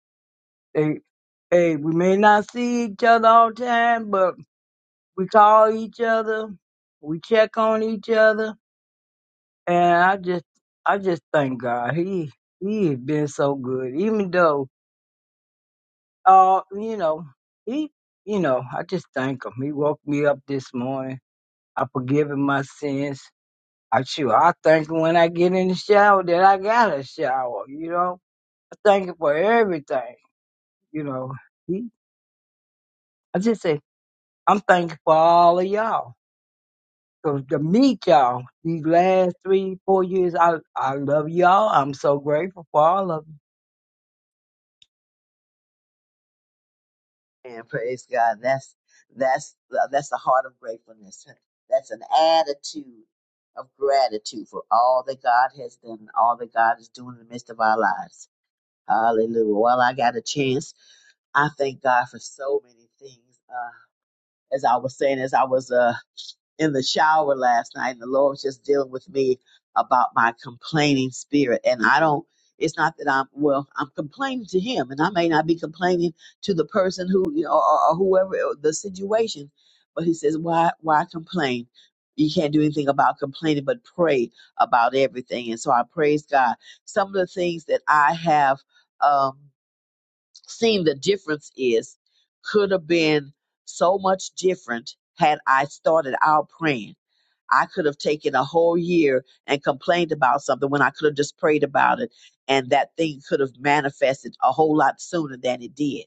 Speaker 5: Hey, we may not see each other all the time, but we call each other, we check on each other, and I just, I just thank God. He, he has been so good, even though, uh, you know, he, you know, I just thank him. He woke me up this morning. I forgive him my sins. I sure, I thank him when I get in the shower that I got a shower. You know, I thank him for everything. You know, he, I just say I'm thankful for all of y'all 'Cause to meet y'all these last three, four years. I I love y'all. I'm so grateful for all of you.
Speaker 7: And praise God. That's that's that's the heart of gratefulness. That's an attitude of gratitude for all that God has done and all that God is doing in the midst of our lives. Hallelujah. Well, I got a chance. I thank God for so many things. Uh, as I was saying, as I was uh, in the shower last night and the Lord was just dealing with me about my complaining spirit. And I don't, it's not that I'm, well, I'm complaining to him and I may not be complaining to the person who, you know, or, or whoever or the situation, but he says, why, why complain? You can't do anything about complaining, but pray about everything. And so I praise God. Some of the things that I have, um, seen the difference is could have been so much different had I started out praying I could have taken a whole year and complained about something when I could have just prayed about it, and that thing could have manifested a whole lot sooner than it did.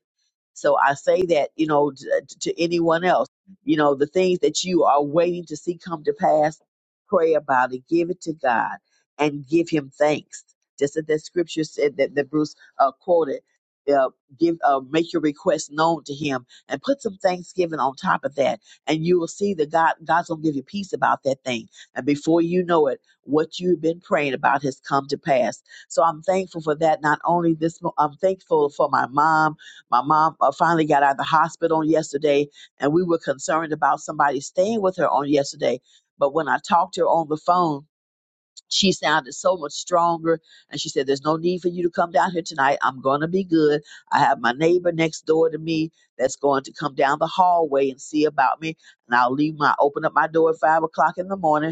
Speaker 7: So I say that, you know, t- to anyone else, you know, the things that you are waiting to see come to pass, pray about it, give it to God, and give Him thanks. Just as that scripture said that, that Bruce uh, quoted. Uh, give uh, make your request known to him and put some thanksgiving on top of that and you will see that god god's gonna give you peace about that thing and before you know it what you've been praying about has come to pass so i'm thankful for that not only this mo- i'm thankful for my mom my mom uh, finally got out of the hospital on yesterday, and we were concerned about somebody staying with her on yesterday. But when I talked to her on the phone, she sounded so much stronger. And she said, There's no need for you to come down here tonight. I'm going to be good. I have my neighbor next door to me that's going to come down the hallway and see about me. And I'll leave my open up my door at five o'clock in the morning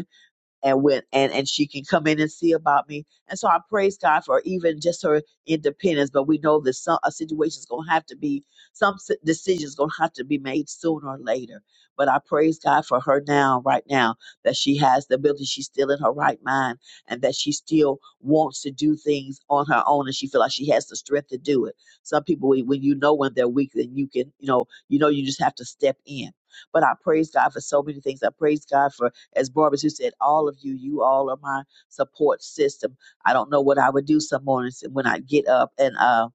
Speaker 7: and when and and she can come in and see about me and so i praise god for even just her independence but we know that some a situation's gonna have to be some s- decisions gonna have to be made sooner or later but i praise god for her now right now that she has the ability she's still in her right mind and that she still wants to do things on her own and she feel like she has the strength to do it some people when when you know when they're weak then you can you know you know you just have to step in but i praise god for so many things i praise god for as Barbara Sue said, all of you, you all are my support system. I don't know what I would do some mornings when I get up and uh,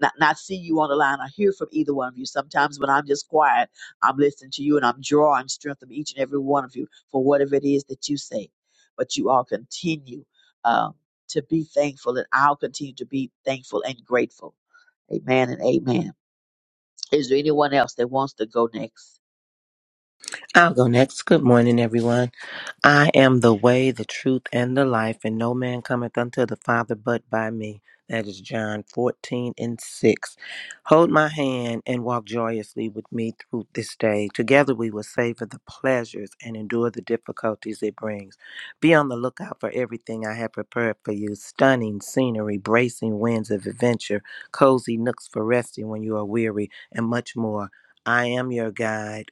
Speaker 7: not, not see you on the line or hear from either one of you. Sometimes when I'm just quiet, I'm listening to you and I'm drawing strength from each and every one of you for whatever it is that you say. But you all continue um, to be thankful, and I'll continue to be thankful and grateful. Amen and amen. Is there anyone else that wants to go next?
Speaker 10: I'll go next. Good morning, everyone. I am the way, the truth, and the life, and no man cometh unto the Father but by me. That is John 14 and 6. Hold my hand and walk joyously with me through this day. Together we will savor the pleasures and endure the difficulties it brings. Be on the lookout for everything I have prepared for you stunning scenery, bracing winds of adventure, cozy nooks for resting when you are weary, and much more. I am your guide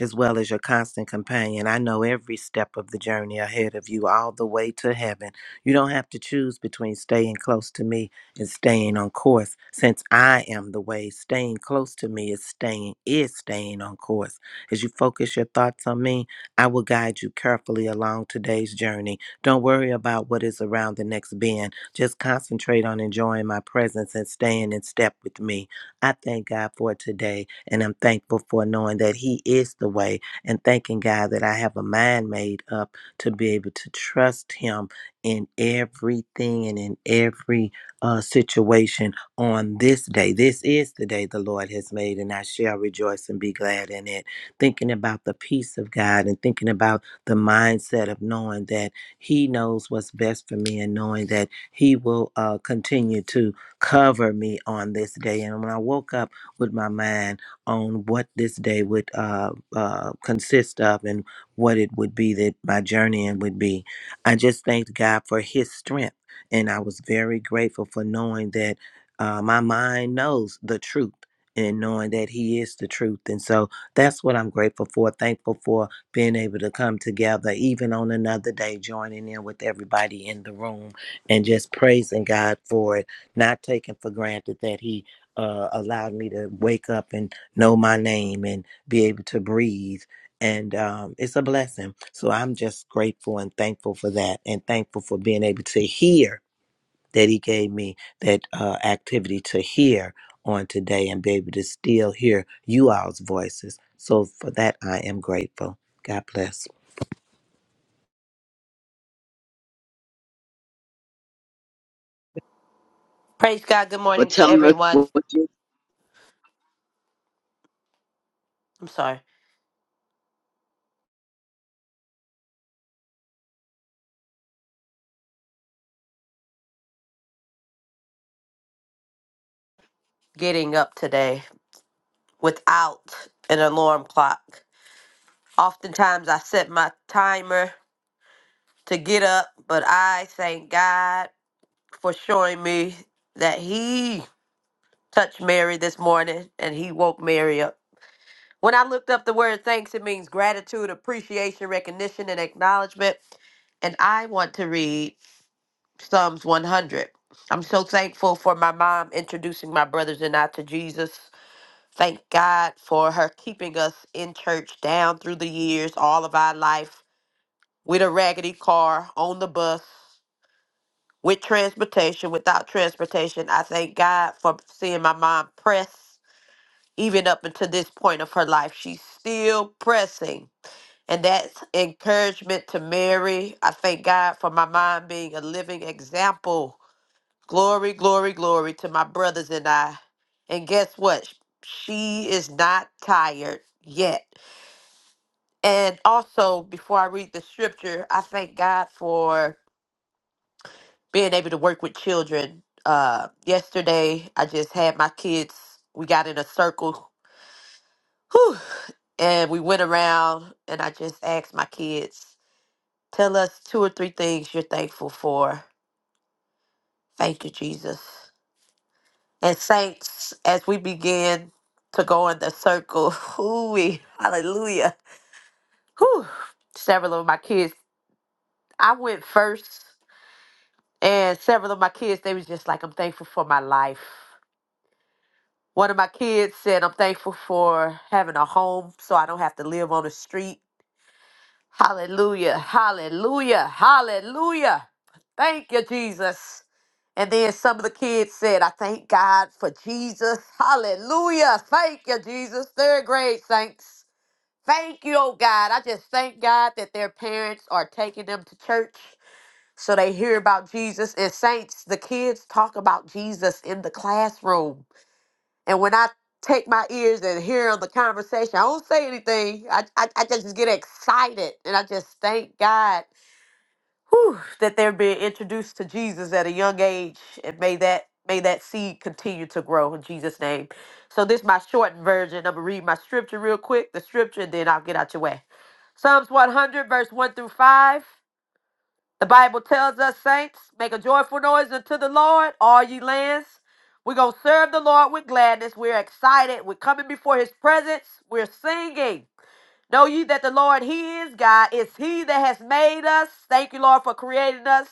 Speaker 10: as well as your constant companion. I know every step of the journey ahead of you, all the way to heaven. You don't have to choose between staying close to me and staying on course. Since I am the way, staying close to me is staying is staying on course. As you focus your thoughts on me, I will guide you carefully along today's journey. Don't worry about what is around the next bend. Just concentrate on enjoying my presence and staying in step with me. I thank God for today. And I'm thankful for knowing that He is the way and thanking God that I have a mind made up to be able to trust Him in everything and in every uh, situation on this day. This is the day the Lord has made, and I shall rejoice and be glad in it. Thinking about the peace of God and thinking about the mindset of knowing that He knows what's best for me and knowing that He will uh, continue to cover me on this day. And when I woke up with my mind, on what this day would uh, uh, consist of and what it would be that my journey in would be. I just thanked God for His strength, and I was very grateful for knowing that uh, my mind knows the truth. And knowing that he is the truth. And so that's what I'm grateful for. Thankful for being able to come together, even on another day, joining in with everybody in the room and just praising God for it, not taking for granted that He uh, allowed me to wake up and know my name and be able to breathe. And um, it's a blessing. So I'm just grateful and thankful for that and thankful for being able to hear that he gave me that uh, activity to hear on today and be able to still hear you all's voices. So for that, I am grateful. God bless.
Speaker 11: Praise God. Good
Speaker 7: for
Speaker 11: morning to
Speaker 7: telling us
Speaker 11: everyone.
Speaker 7: what you
Speaker 11: I'm sorry. Getting up today without an alarm clock. Oftentimes I set my timer to get up, but I thank God for showing me that He touched Mary this morning and He woke Mary up. When I looked up the word thanks, it means gratitude, appreciation, recognition, and acknowledgement. And I want to read Psalms 100. I'm so thankful for my mom introducing my brothers and I to Jesus. Thank God for her keeping us in church down through the years, all of our life, with a raggedy car, on the bus, with transportation, without transportation. I thank God for seeing my mom press, even up until this point of her life. She's still pressing. And that's encouragement to Mary. I thank God for my mom being a living example. Glory, glory, glory to my brothers and I. And guess what? She is not tired yet. And also, before I read the scripture, I thank God for being able to work with children. Uh, yesterday, I just had my kids, we got in a circle whew, and we went around, and I just asked my kids, Tell us two or three things you're thankful for. Thank you, Jesus. And, saints, as we begin to go in the circle, ooh, hallelujah. Whew, several of my kids, I went first And several of my kids, they was just like, I'm thankful for my life. One of my kids said, I'm thankful for having a home so I don't have to live on the street. Hallelujah, hallelujah, hallelujah. Thank you, Jesus. And then some of the kids said, I thank God for Jesus. Hallelujah. Thank you, Jesus. Third grade saints. Thank you, oh God. I just thank God that their parents are taking them to church. So they hear about Jesus and saints, the kids talk about Jesus in the classroom. And when I take my ears and hear on the conversation, I don't say anything. I, I, I just get excited and I just thank God whew, that they're being introduced to Jesus at a young age. And may that may that seed continue to grow in Jesus' name. So this is my shortened version. I'm gonna read my scripture real quick, the scripture, and then I'll get out your way. Psalms 100, verse 1 through 5. The Bible tells us, saints, make a joyful noise unto the Lord, all ye lands. We're going to serve the Lord with gladness. We're excited. We're coming before his presence. We're singing. Know ye that the Lord, He is God. It's He that has made us. Thank you, Lord, for creating us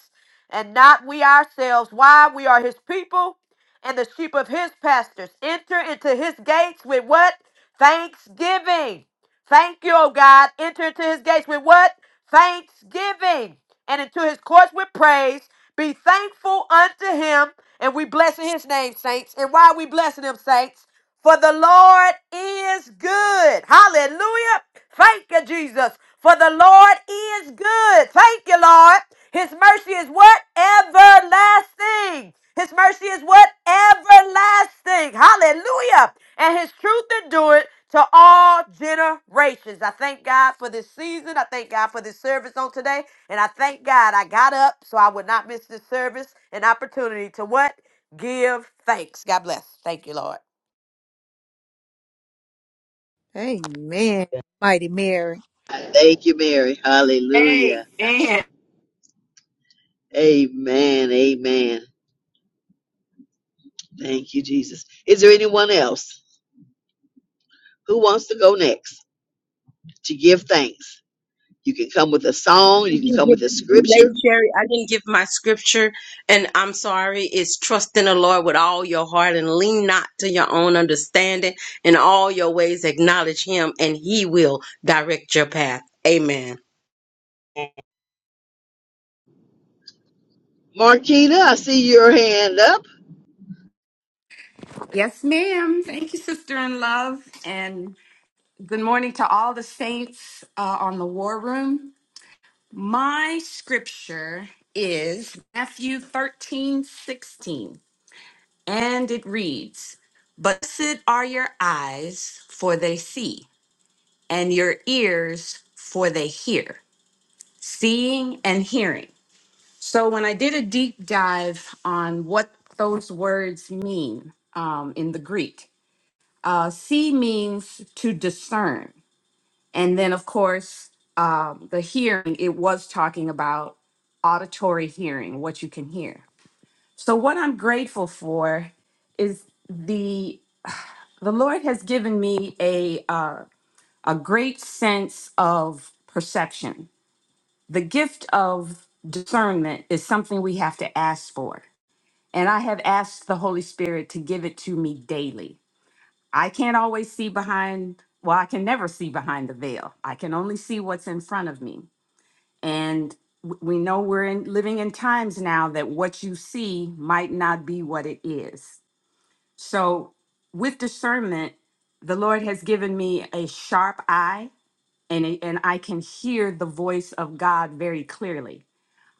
Speaker 11: and not we ourselves. Why? We are His people and the sheep of His pastures. Enter into His gates with what? Thanksgiving. Thank you, O God. Enter into His gates with what? Thanksgiving and into His courts with praise. Be thankful unto Him. And we blessing His name, saints. And why are we blessing Him, saints? For the Lord is good. Hallelujah. Thank you, Jesus. For the Lord is good. Thank you, Lord. His mercy is what? Everlasting. His mercy is what? Everlasting. Hallelujah. And his truth endureth to all generations. I thank God for this season. I thank God for this service on today. And I thank God I got up so I would not miss this service and opportunity to what? Give thanks. God bless. Thank you, Lord.
Speaker 1: Amen. Mighty Mary.
Speaker 7: I Thank you, Mary. Hallelujah. Amen. Amen. Thank you, Jesus. Is there anyone else who wants to go next to give thanks? You can come with a song,
Speaker 9: I
Speaker 7: you can
Speaker 9: didn't
Speaker 7: come
Speaker 9: give
Speaker 7: with a
Speaker 9: Lady
Speaker 7: scripture.
Speaker 9: Sherry, I didn't give my scripture, and I'm sorry. It's trust in the Lord with all your heart and lean not to your own understanding. In all your ways, acknowledge Him, and He will direct your path. Amen.
Speaker 7: Marquita, I see your hand up.
Speaker 12: Yes, ma'am. Thank you, sister in love. And good morning to all the saints uh, on the war room. My scripture is Matthew 13 16, and it reads, Blessed are your eyes, for they see, and your ears, for they hear, seeing and hearing. So when I did a deep dive on what those words mean um, in the Greek, Uh, see means to discern. And then, of course, um, the hearing, it was talking about auditory hearing, what you can hear. So, what I'm grateful for is the the Lord has given me a uh, a great sense of perception. The gift of discernment is something we have to ask for, and I have asked the Holy Spirit to give it to me daily. I can't always see behind, well, I can never see behind the veil. I can only see what's in front of me. And w- we know we're in, living in times now that what you see might not be what it is. So, with discernment, the Lord has given me a sharp eye and, it- and I can hear the voice of God very clearly.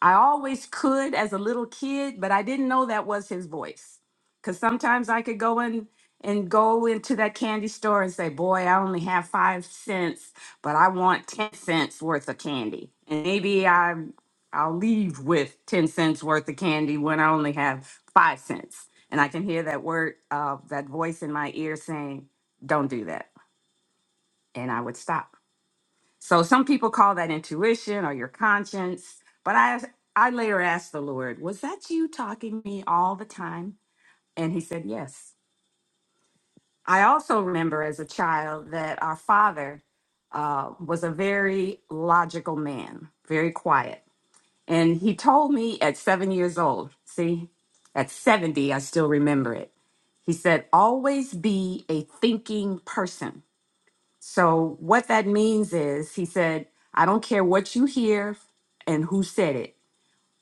Speaker 12: I always could as a little kid, but I didn't know that was his voice. Cause sometimes I could go in and go into that candy store and say, Boy, I only have five cents, but I want ten cents worth of candy. And maybe I I'll leave with ten cents worth of candy when I only have five cents. And I can hear that word, uh, that voice in my ear saying, Don't do that. And I would stop so some people call that intuition or your conscience, but I I later asked the Lord, "Was that you talking to me all the time?" And He said, "Yes." I also remember as a child that our father uh, was a very logical man, very quiet, and he told me at seven years old. See, at seventy, I still remember it. He said, "Always be a thinking person." So what that means is he said, I don't care what you hear and who said it.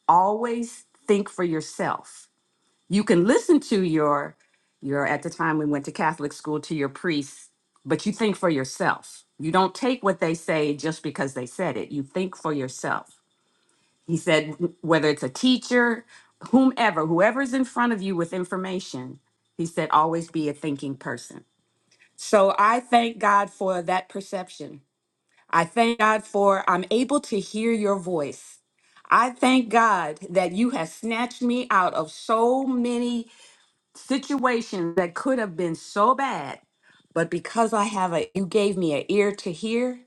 Speaker 12: Always think for yourself. You can listen to your your at the time we went to Catholic school to your priest, but you think for yourself. You don't take what they say just because they said it. You think for yourself. He said whether it's a teacher, whomever, whoever's in front of you with information, he said always be a thinking person. So I thank God for that perception I thank God for I'm able to hear your voice. I thank God that you have snatched me out of so many situations that could have been so bad, but because I have a you gave me an ear to hear,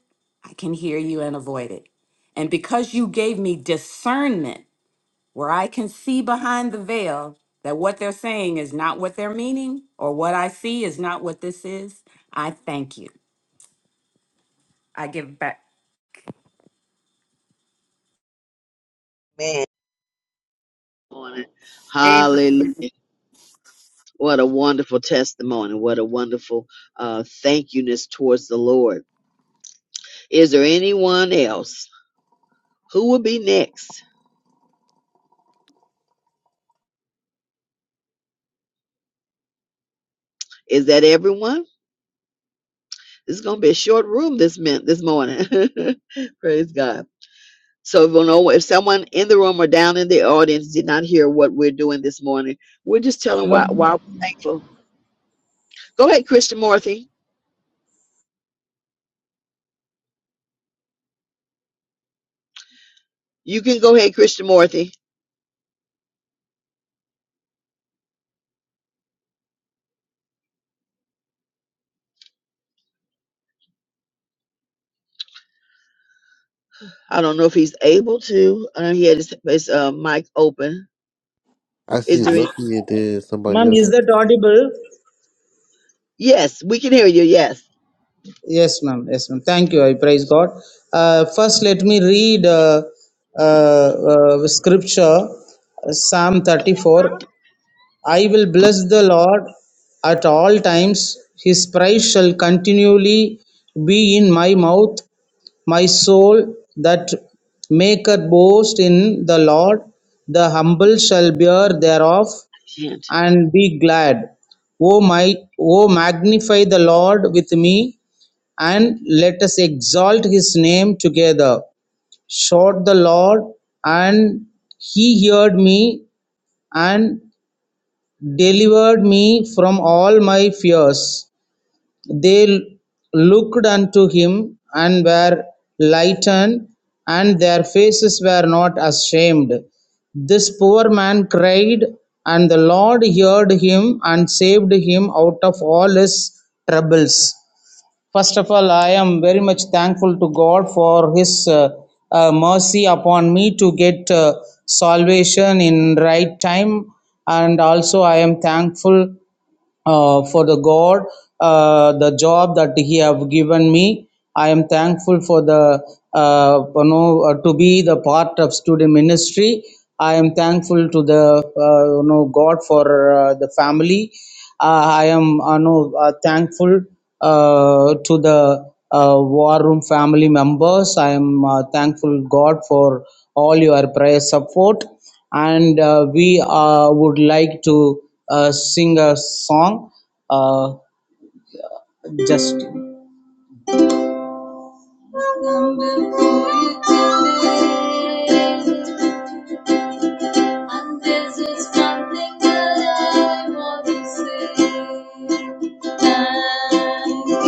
Speaker 12: I can hear you and avoid it. And because you gave me discernment where I can see behind the veil that what they're saying is not what they're meaning or what I see is not what this is, I thank you. I give back
Speaker 7: Amen. Morning.
Speaker 3: Amen.
Speaker 7: Hallelujah. What a wonderful testimony. What a wonderful uh, thank youness towards the Lord. Is there anyone else? Who will be next? Is that everyone? It's gonna be a short room this min this morning. Praise God. So if, you know, if someone in the room or down in the audience did not hear what we're doing this morning, we're just telling
Speaker 13: Hello.
Speaker 7: why why we're thankful. Go ahead, Christian Morthy. You can go ahead, Christian Morthy. I don't know if he's able to. I know he had his, his uh, mic open.
Speaker 6: I see
Speaker 7: Is there any?
Speaker 6: Lucky it did somebody
Speaker 13: Ma'am,
Speaker 6: else.
Speaker 13: is that audible?
Speaker 7: Yes, we can hear you. Yes.
Speaker 13: Yes, ma'am. Yes, ma'am. Thank you. I praise God. Uh, first, let me read uh, uh, uh, scripture, Psalm 34. I will bless the Lord at all times. His praise shall continually be in my mouth. My soul that maketh boast in the Lord, the humble shall bear thereof.
Speaker 7: Shit.
Speaker 13: and be glad. O might, O magnify the Lord with me, and let us exalt his name together. Shout the Lord, and he heard me and delivered me from all my fears. They looked unto him and were lightened, and their faces were not ashamed. This poor man cried, and the Lord heard him and saved him out of all his troubles. First of all, I am very much thankful to God for His uh, uh, mercy upon me to get uh, salvation in right time, and also I am thankful uh, for the god uh, the job that he have given me i am thankful for the uh, you know uh, to be the part of student ministry i am thankful to the uh, you know god for uh, the family uh, i am uh, you know uh, thankful uh, to the uh, war room family members i am uh, thankful god for all your prayer support and uh, we uh, would like to uh, sing a song uh, just and this is something that I want to say. Thank you,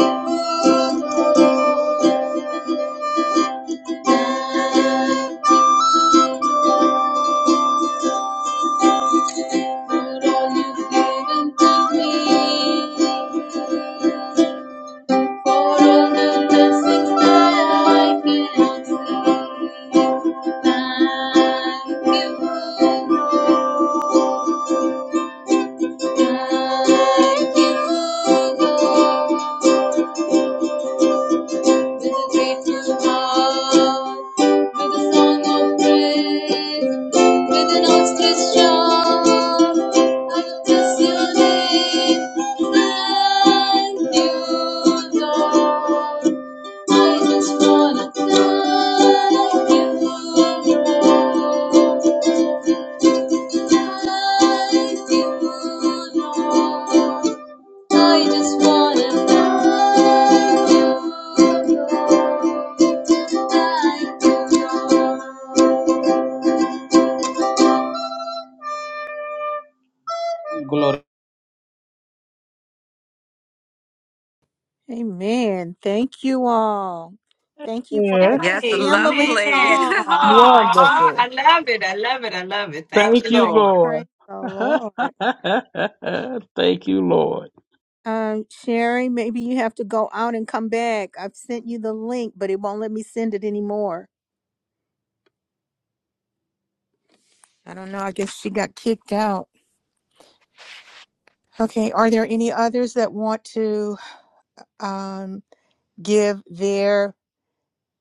Speaker 13: for all you've given to me. For all the blessings that I can see, thank you, thank you, Lord. with a grateful heart, with a song of praise, with an outstretched arm. I will bless your name. Thank you, I just wanna thank you, Lord. Thank you, Lord. I just wanna thank you, Lord. Thank Glory.
Speaker 1: Amen. Thank you all. Thank you for that
Speaker 14: Yes,
Speaker 12: Yes,
Speaker 1: family
Speaker 12: lovely.
Speaker 3: Amen. Oh,
Speaker 1: song.
Speaker 12: Aw.
Speaker 3: I
Speaker 14: wonderful.
Speaker 3: love it. I love it. I love it. Thank
Speaker 14: Thank
Speaker 3: you,
Speaker 14: you,
Speaker 3: Lord.
Speaker 14: Lord.
Speaker 1: Praise the Lord.
Speaker 14: Thank you, Lord.
Speaker 1: Um, Sherry, maybe you have to go out and come back. I've sent you the link, but it won't let me send it anymore. I don't know. I guess she got kicked out. Okay. Are there any others that want to um, give their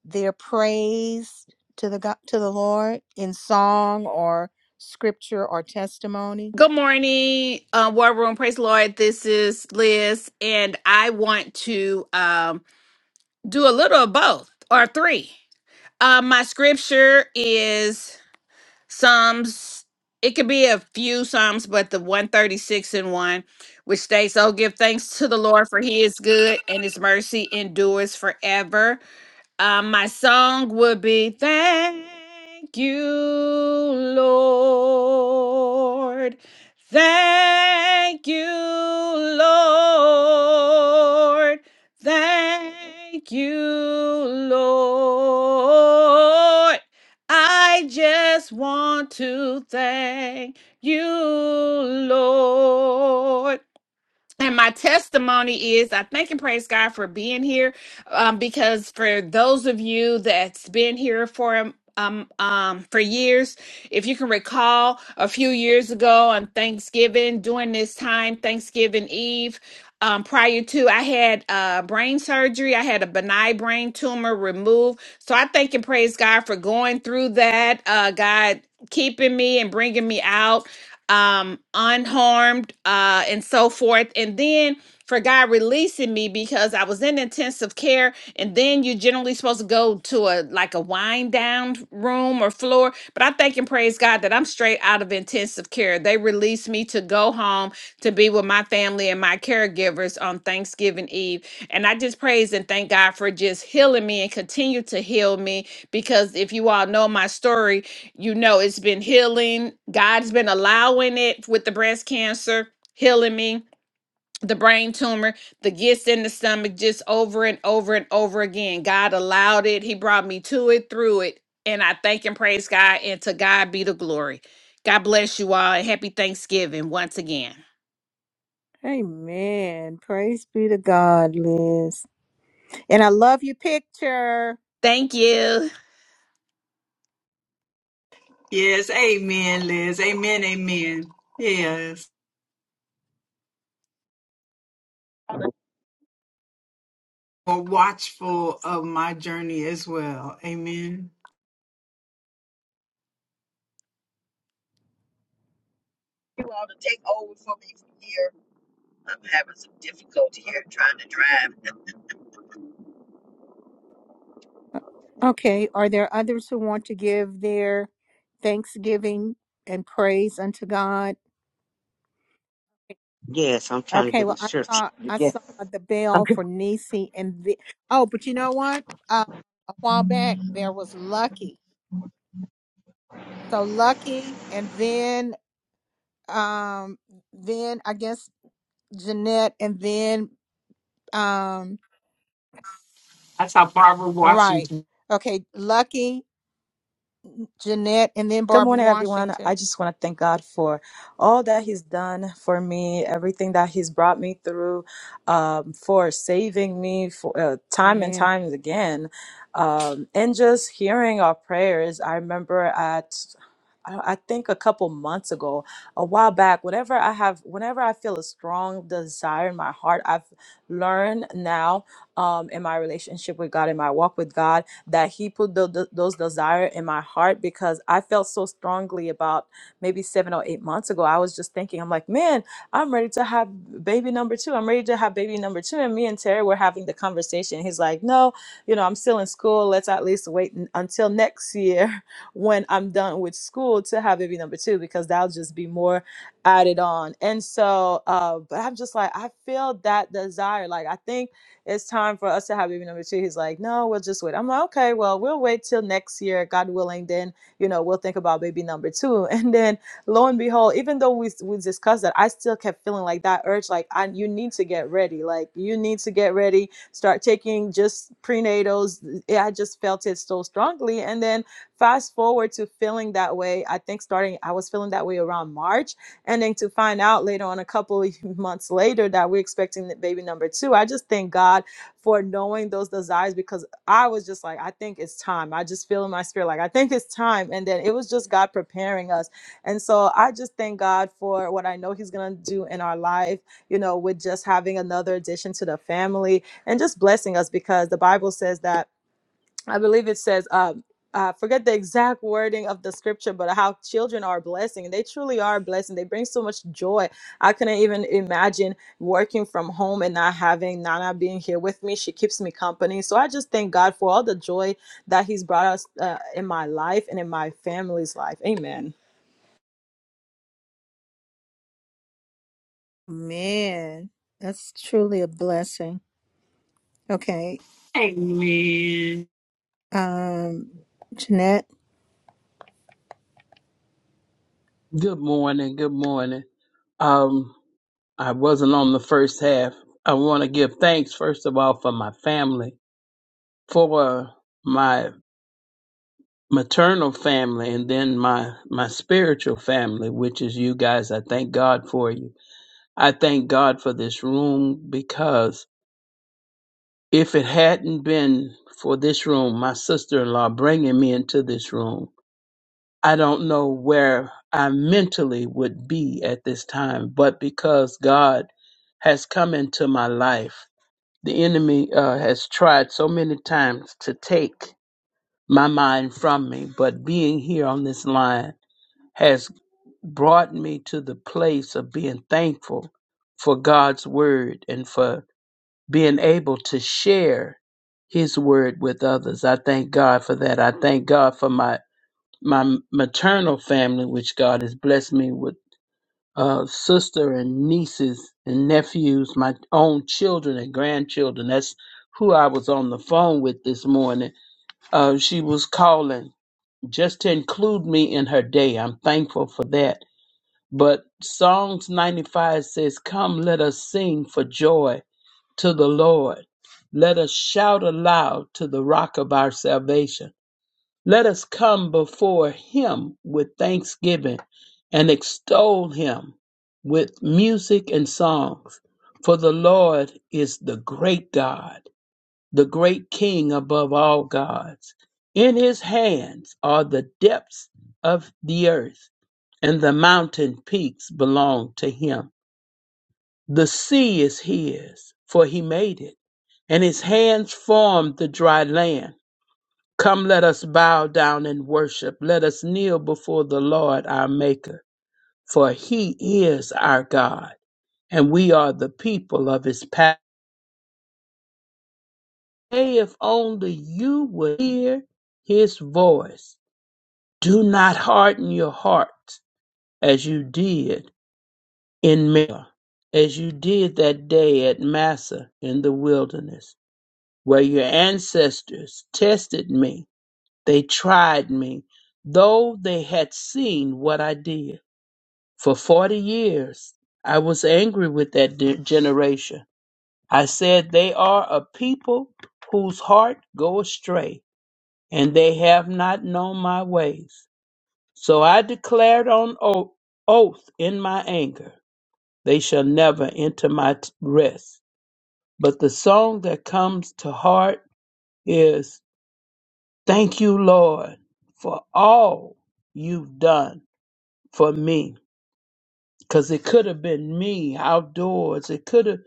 Speaker 1: their praise to the God, to the Lord in song or scripture or testimony?
Speaker 15: Good morning, uh, War Room. Praise the Lord. This is Liz, and I want to um, do a little of both or three. Uh, my scripture is Psalms. It could be a few Psalms, but the 136 and 1, which states, Oh, give thanks to the Lord, for he is good, and his mercy endures forever. Uh, my song would be Thank you, Lord. Thank you, Lord. Thank you, Lord. I just want to thank you, Lord. And my testimony is I thank and praise God for being here. Um, because for those of you that's been here for um um um, for years, if you can recall a few years ago on Thanksgiving, during this time, Thanksgiving Eve. Um, prior to I had uh, brain surgery, I had a benign brain tumor removed. So I thank and praise God for going through that. Uh, God keeping me and bringing me out um, unharmed uh, and so forth. And then for God releasing me because I was in intensive care and then you're generally supposed to go to a like a wind down room or floor. But I thank and praise God that I'm straight out of intensive care. They released me to go home to be with my family and my caregivers on Thanksgiving Eve. And I just praise and thank God for just healing me and continue to heal me because if you all know my story, you know it's been healing. God's been allowing it with the breast cancer, healing me the brain tumor, the gist in the stomach, just over and over and over again. God allowed it. He brought me to it, through it. And I thank and praise God. And to God be the glory. God bless you all. And happy Thanksgiving once again.
Speaker 1: Amen. Praise be to God, Liz. And I love your picture.
Speaker 15: Thank you.
Speaker 3: Yes. Amen, Liz. Amen. Amen. Yes. or watchful of my journey as well. Amen.
Speaker 7: You all to take over for me from here. I'm having some difficulty here trying to drive.
Speaker 1: Uh, Okay, are there others who want to give their thanksgiving and praise unto God?
Speaker 16: Yes, I'm trying to
Speaker 1: Okay,
Speaker 16: get the
Speaker 1: well, I
Speaker 16: church
Speaker 1: saw I
Speaker 16: again.
Speaker 1: saw the bell
Speaker 16: Okay.
Speaker 1: for Nisi and the oh, but you know what? Uh, a while back there was Lucky, so Lucky, and then um, then I guess Jeanette, and then um,
Speaker 3: That's how Barbara
Speaker 1: right,
Speaker 3: Washington.
Speaker 1: okay, Lucky, Jeanette, and then
Speaker 17: Good
Speaker 1: Barbara
Speaker 17: morning, everyone. I
Speaker 1: Washington.
Speaker 17: just want to thank God for all that He's done for me, everything that He's brought me through, um, for saving me for uh, time and
Speaker 1: Amen.
Speaker 17: times again, um, and just hearing our prayers. I remember at I I think a couple months ago, a while back, whenever I have, whenever I feel a strong desire in my heart, I've learned now um, in my relationship with God, in my walk with God that he put tho- tho- those desire in my heart because I felt so strongly about maybe seven or eight months ago. I was just thinking, I'm like, man, I'm ready to have baby number two. I'm ready to have baby number two. And me and Terry were having the conversation. He's like, no, you know, I'm still in school. Let's at least wait n- until next year when I'm done with school to have baby number two because that'll just be more added on. And so, uh, but I'm just like, I feel that desire. Like, I think it's time for us to have baby number two. He's like, no, we'll just wait. I'm like, okay, well, we'll wait till next year, God willing. Then, you know, we'll think about baby number two. And then lo and behold, even though we, we discussed that, I still kept feeling like that urge, like, I, you need to get ready. Like, you need to get ready, start taking just prenatals. Yeah, I just felt it so strongly. And then fast forward to feeling that way, I think starting, I was feeling that way around March and then to find out later on a couple of months later that we're expecting the baby number two i just thank god for knowing those desires because i was just like i think it's time i just feel in my spirit like i think it's time and then it was just god preparing us and so i just thank god for what i know he's gonna do in our life you know with just having another addition to the family and just blessing us because the bible says that I believe it says, um, I forget the exact wording of the scripture, but how children are a blessing. and They truly are a blessing. They bring so much joy. I couldn't even imagine working from home and not having Nana being here with me. She keeps me company. So I just thank God for all the joy that He's brought us uh, in my life and in my family's life. Amen.
Speaker 1: Man, that's truly a blessing. Okay.
Speaker 3: Amen.
Speaker 1: Um, Jeanette,
Speaker 14: Good morning. Good morning. Um, I wasn't on the first half. I want to give thanks first of all for my family, for my maternal family, and then my my spiritual family, which is you guys. I thank God for you. I thank God for this room because If it hadn't been for this room, my sister in law bringing me into this room, I don't know where I mentally would be at this time. But because God has come into my life, the enemy uh, has tried so many times to take my mind from me. But being here on this line has brought me to the place of being thankful for God's word and for being able to share his word with others. I thank God for that. I thank God for my my maternal family, which God has blessed me with uh, sister and nieces and nephews, my own children and grandchildren. That's who I was on the phone with this morning. Uh, she was calling just to include me in her day. I'm thankful for that. But Psalms 95 says, Come, let us sing for joy to the Lord. Let us shout aloud to the rock of our salvation. Let us come before him with thanksgiving and extol him with music and songs. For the Lord is the great God, the great King above all gods. In his hands are the depths of the earth, and the mountain peaks belong to him. The sea is his, for he made it, and his hands formed the dry land. Come, let us bow down and worship. Let us kneel before the Lord our Maker, for he is our God, and we are the people of his past. Hey, if only you would hear his voice. Do not harden your heart as you did in Meribah, as you did that day at Massa in the wilderness where your ancestors tested me, they tried me, though they had seen what I did. For 40 years, I was angry with that de- generation. I said, They are a people whose heart go astray, and they have not known my ways. So I declared on o- oath in my anger, They shall never enter my t- rest. But the song that comes to heart is Thank you, Lord, for all you've done for me. Because it could have been me outdoors. It could have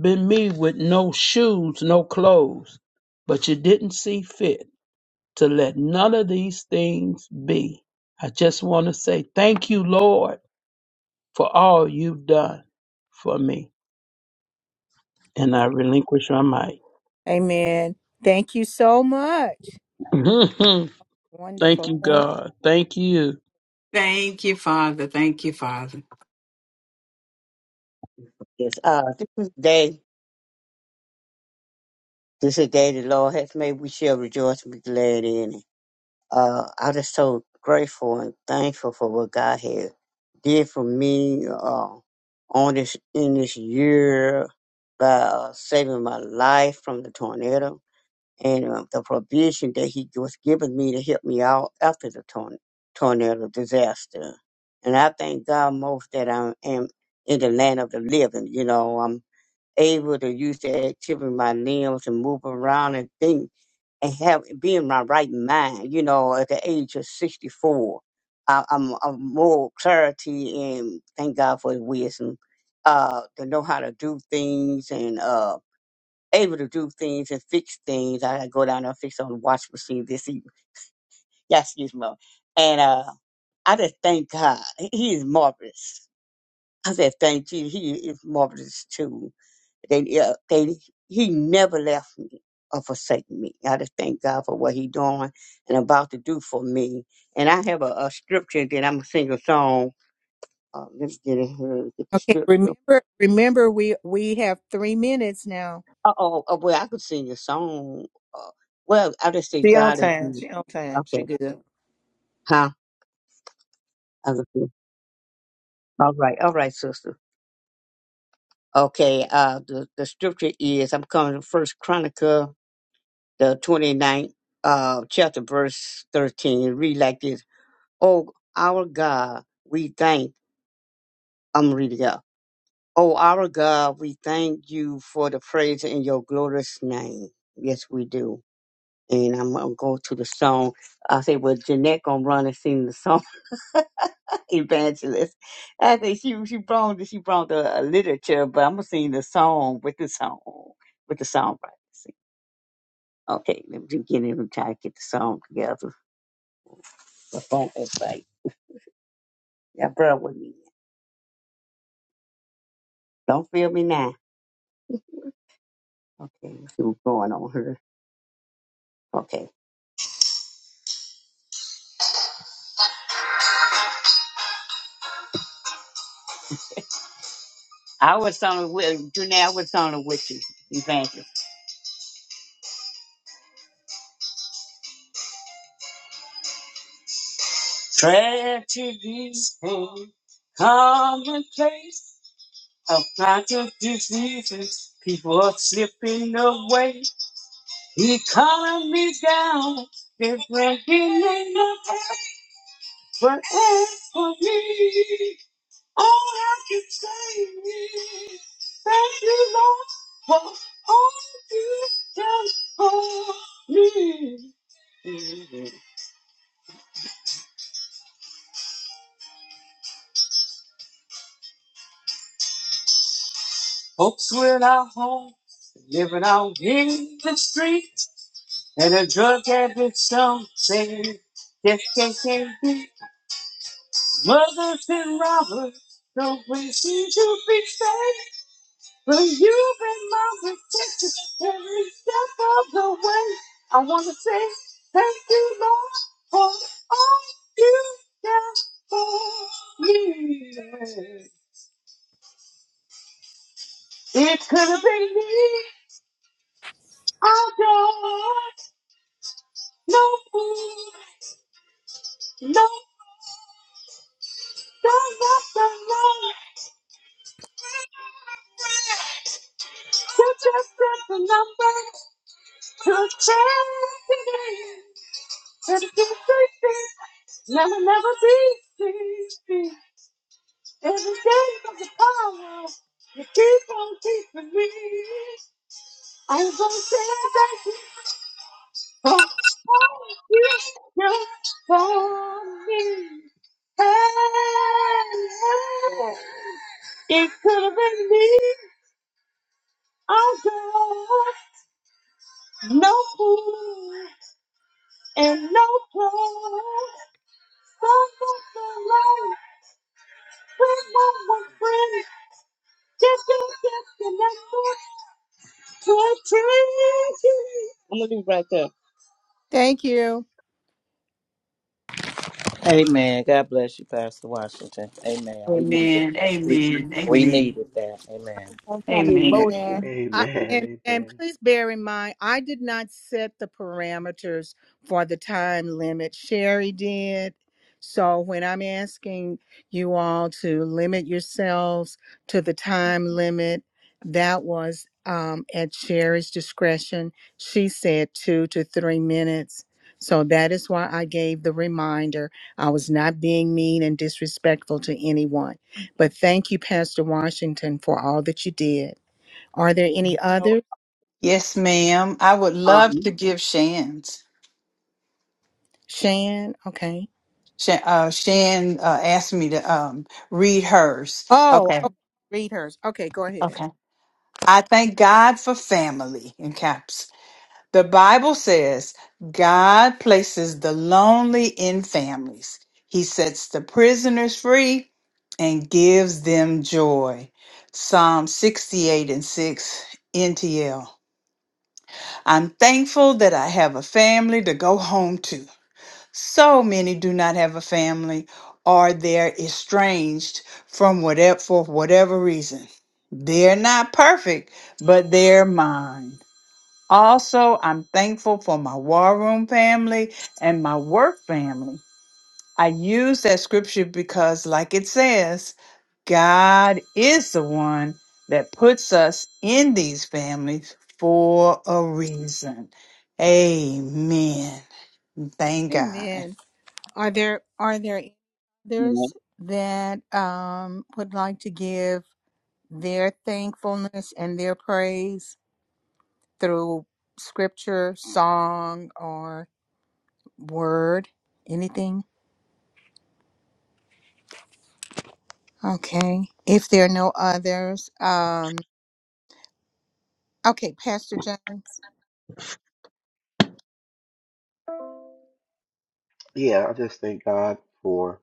Speaker 14: been me with no shoes, no clothes. But you didn't see fit to let none of these things be. I just want to say thank you, Lord, for all you've done for me. And I relinquish my mic.
Speaker 1: amen. Thank you so much.
Speaker 14: thank
Speaker 1: Wonderful.
Speaker 14: you,
Speaker 1: Thank
Speaker 14: God. Thank you.
Speaker 3: Thank you, Father. Thank you, Father.
Speaker 16: Yes, uh, this is the day, this is the day the Lord has made. We shall rejoice and be glad in it. Uh, I'm just so grateful and thankful for what God has did for me, uh, on this, in this year by uh, saving my life from the tornado. and um, the provision that he was giving me to help me out after the torn- tornado disaster. And I thank God most that I am in the land of the living. You know, I'm able to use the activity of my limbs and move around and think and have be in my right mind. You know, at the age of 64, I, I'm, I'm more clarity and thank God for his wisdom uh, to know how to do things and. Uh, able to do things and fix things. I go down there and fix on the wash machine this evening. Yes, excuse me. And uh, I just thank God. He he is marvelous. I said, thank you. He is marvelous too. They, yeah, they, he never left me or forsaken me. I just thank God for what he doing and about to do for me. And I have a, a scripture that I'm going to sing a song. Uh, let me get it here, get the
Speaker 1: Okay,
Speaker 16: scripture.
Speaker 1: remember remember we we have three minutes now.
Speaker 16: Uh-oh, oh, well, I could sing a song. Uh, well, I just say
Speaker 10: She on
Speaker 16: God is
Speaker 10: time.
Speaker 16: good.
Speaker 10: She on time.
Speaker 16: Okay.
Speaker 10: She good.
Speaker 16: Huh? Other people. All right, all right, sister. Okay, uh the, the scripture is I'm coming to first chronicle the 29th uh chapter verse thirteen. It read like this. Oh our God, we thank I'm reading up. Oh our God, we thank you for the praise in your glorious name. Yes we do. And I'm gonna go to the song. I say well Jeanette gonna run and sing the song evangelist. I think she she brought she brought the uh, literature, but I'm gonna sing the song with the song with the songwriter. See? Okay, let me just get in and try to get the song together. The phone is like yeah, bro, with me. Don't feel me now. Okay, let's see what's going on here. Okay, I was on with Janelle was on the with you, evangelist. Prayer to these things, common place of conscious diseases. People are slipping away He calling me down, it's breaking me up, but as for me, all I can say is, thank you, Lord, for all you've done for me. Folks without home, living out in the streets, and a drug addict, some say, just can't be. Mothers and robbers, no place seems to be safe. Well, you've been my protection every step of the way. I want to say thank you, Lord, for all you done for me. It could have been me. I don't know who, no, don't love the Lord. You just got the number to change today. Never, never be, be, be. Every day of the power, you keep on keeping me. I'm gonna stand back here for all you done for me. Hey, hey. it could have been me. I'm good. No food and no clothes. Some of the life with my friend. Just don't treasure. I'm gonna leave it right there.
Speaker 1: Thank you.
Speaker 10: Amen. God bless you, Pastor Washington. Amen. We needed
Speaker 3: Amen.
Speaker 10: that. We,
Speaker 3: Amen.
Speaker 10: we
Speaker 3: Amen.
Speaker 10: needed that. Amen.
Speaker 16: That's an
Speaker 3: Amen.
Speaker 1: that.
Speaker 16: emotion.
Speaker 1: I, and,
Speaker 2: Amen.
Speaker 1: and
Speaker 2: Amen.
Speaker 1: please bear in mind, I did not set the parameters for the time limit. Sherry did. So when I'm asking you all to limit yourselves to the time limit, that was um, at Sherry's discretion. She said two to three minutes. So that is why I gave the reminder. I was not being mean and disrespectful to anyone. But thank you, Pastor Washington, for all that you did. Are there any
Speaker 16: You know,
Speaker 1: others?
Speaker 3: Yes, ma'am. I would love to
Speaker 16: Um,
Speaker 3: give Shan's.
Speaker 1: Shan, okay.
Speaker 3: Shan, uh, Shan uh, asked me to um, read hers.
Speaker 1: Oh,
Speaker 3: Okay.
Speaker 1: okay. read hers. Okay, go ahead.
Speaker 3: Okay. I thank God for family. In caps. The Bible says God places the lonely in families. He sets the prisoners free and gives them joy. Psalm 68 and 6 NTL. I'm thankful that I have a family to go home to. So many do not have a family or they're estranged from whatever for whatever reason. They're not perfect, but they're mine. Also, I'm thankful for my war room family and my work family. I use that scripture because, like it says, God is the one that puts us in these families for a reason. Amen. Thank God.
Speaker 1: Amen. Are there are there any others that um would like to give their thankfulness and their praise through scripture, song, or word? Anything? Okay. If there are no others, um okay, Pastor James.
Speaker 2: Yeah, I just thank God for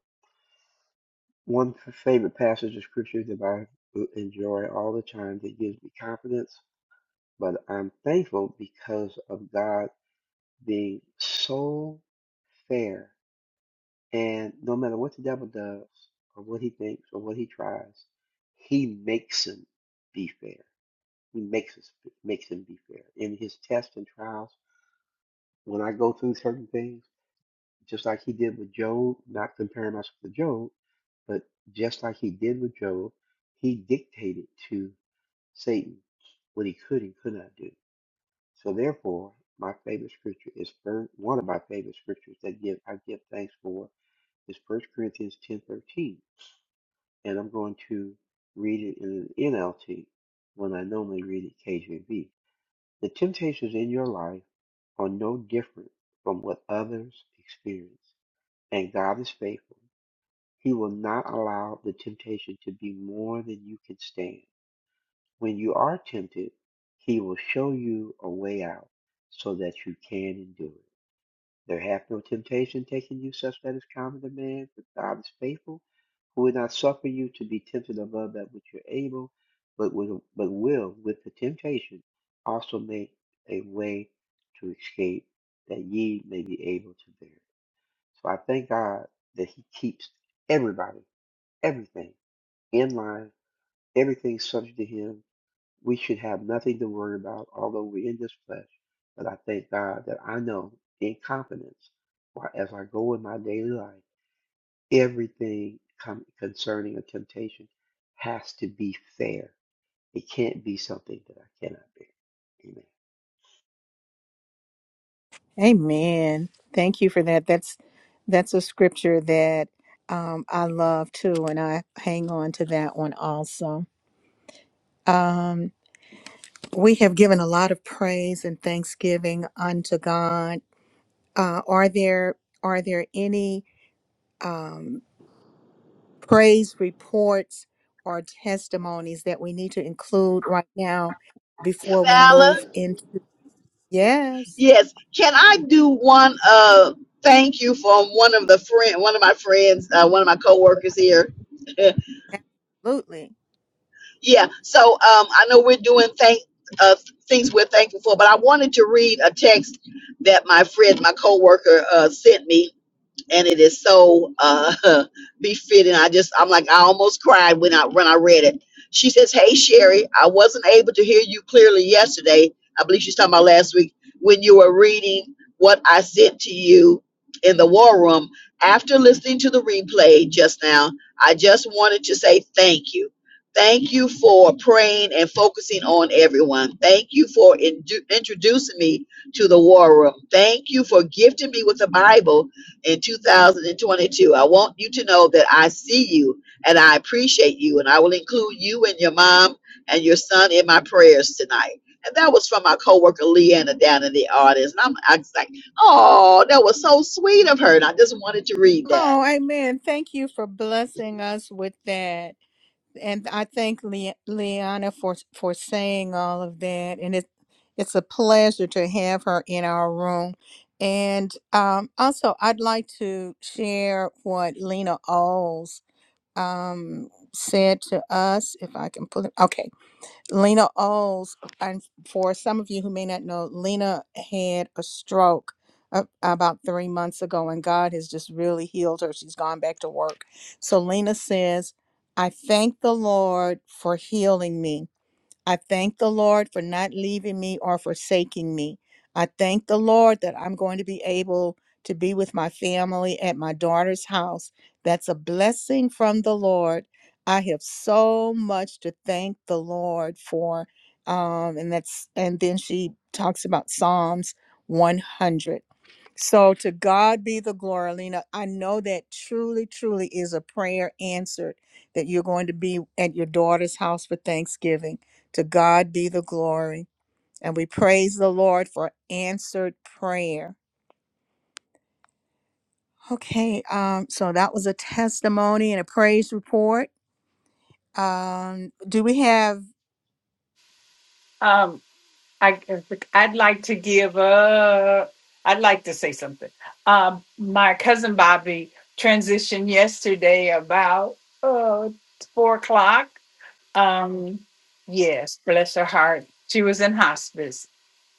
Speaker 2: one f- favorite passage of scripture that I enjoy all the time that gives me confidence. But I'm thankful because of God being so fair And no matter what the devil does, or what he thinks, or what he tries, he makes him be fair. He makes us makes him be fair in his tests and trials. When I go through certain things, just like he did with Job, not comparing myself to Job, but just like he did with Job, he dictated to Satan what he could and could not do. So therefore, my favorite scripture is first, one of my favorite scriptures that give I give thanks for is First Corinthians ten thirteen and I'm going to read it in an NLT when I normally read it KJV. The temptations in your life are no different from what others experience, and God is faithful. He will not allow the temptation to be more than you can stand. When you are tempted, He will show you a way out so that you can endure it. There hath no temptation taken you such that is common to man, but God is faithful, who will not suffer you to be tempted above that which you're able, but will, but will with the temptation also make a way to escape, that ye may be able to bear it. So I thank God that He keeps everybody, everything in line, everything subject to Him, we should have nothing to worry about, although we're in this flesh. But I thank God that I know in confidence, why as I go in my daily life, everything com- concerning a temptation has to be fair. It can't be something that I cannot bear. Amen.
Speaker 1: Amen. Thank you for that. That's that's a scripture that um, I love too, and I hang on to that one also. Um, we have given a lot of praise and thanksgiving unto God. Uh, are there are there any um, praise reports or testimonies that we need to include right now before we
Speaker 7: Vala.
Speaker 1: move into? Yes.
Speaker 7: Yes. Can I do one uh thank you from one of the friend one of my friends, uh, one of my coworkers here.
Speaker 1: Absolutely.
Speaker 7: yeah. So um I know we're doing thank uh things we're thankful for, but I wanted to read a text that my friend, my coworker uh sent me and it is so uh, befitting. I just, I'm like, I almost cried when I when I read it. She says, "Hey Sherry, I wasn't able to hear you clearly yesterday. I believe she's talking about last week when you were reading what I sent to you in the war room. After listening to the replay just now, I just wanted to say thank you." Thank you for praying and focusing on everyone. Thank you for indu- introducing me to the war room. Thank you for gifting me with the Bible in 2022. I want you to know that I see you and I appreciate you, and I will include you and your mom and your son in my prayers tonight. And that was from my coworker Leanna down in the audience. And I'm I was like, oh, that was so sweet of her. And I just wanted to read that.
Speaker 1: Oh, amen. Thank you for blessing us with that. And I thank Le- Leanna for for saying all of that. And it it's a pleasure to have her in our room. And um, also, I'd like to share what Lena Alls um, said to us, if I can pull it. Okay. Lena Oles, and for some of you who may not know, Lena had a stroke a- about three months ago, and God has just really healed her. She's gone back to work. So Lena says, I thank the Lord for healing me. I thank the Lord for not leaving me or forsaking me. I thank the Lord that I'm going to be able to be with my family at my daughter's house. That's a blessing from the Lord. I have so much to thank the Lord for. Um, and that's and then she talks about Psalms 100. So to God be the glory, Lena. I know that truly, truly is a prayer answered that you're going to be at your daughter's house for Thanksgiving. To God be the glory. And we praise the Lord for answered prayer. Okay, um, so that was a testimony and a praise report. Um, do we have
Speaker 3: Um, I, I'd like to give up. I'd like to say something. Um, my cousin Bobby transitioned yesterday about uh, four o'clock. Um, yes, bless her heart. She was in hospice.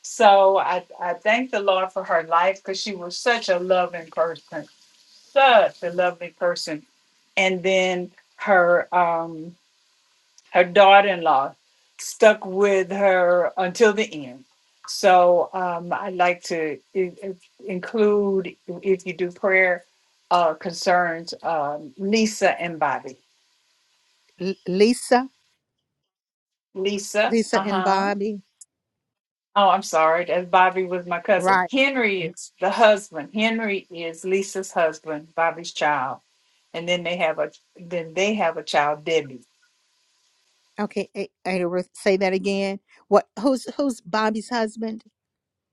Speaker 3: So I, I thank the Lord for her life because she was such a loving person, such a lovely person. And then her. Um, her daughter in law stuck with her until the end. So um, I'd like to i- i- include, if you do prayer uh, concerns, um, Lisa and Bobby.
Speaker 1: L- Lisa?
Speaker 3: Lisa, uh
Speaker 1: Lisa and
Speaker 3: huh.
Speaker 1: Bobby?
Speaker 3: Oh, I'm sorry. That's Bobby was my cousin.
Speaker 1: Right.
Speaker 3: Henry is the husband. Henry is Lisa's husband, Bobby's child. And then they have a then they have a child, Debbie.
Speaker 1: Okay, A- Ada, re- say that again. What who's who's Bobby's husband?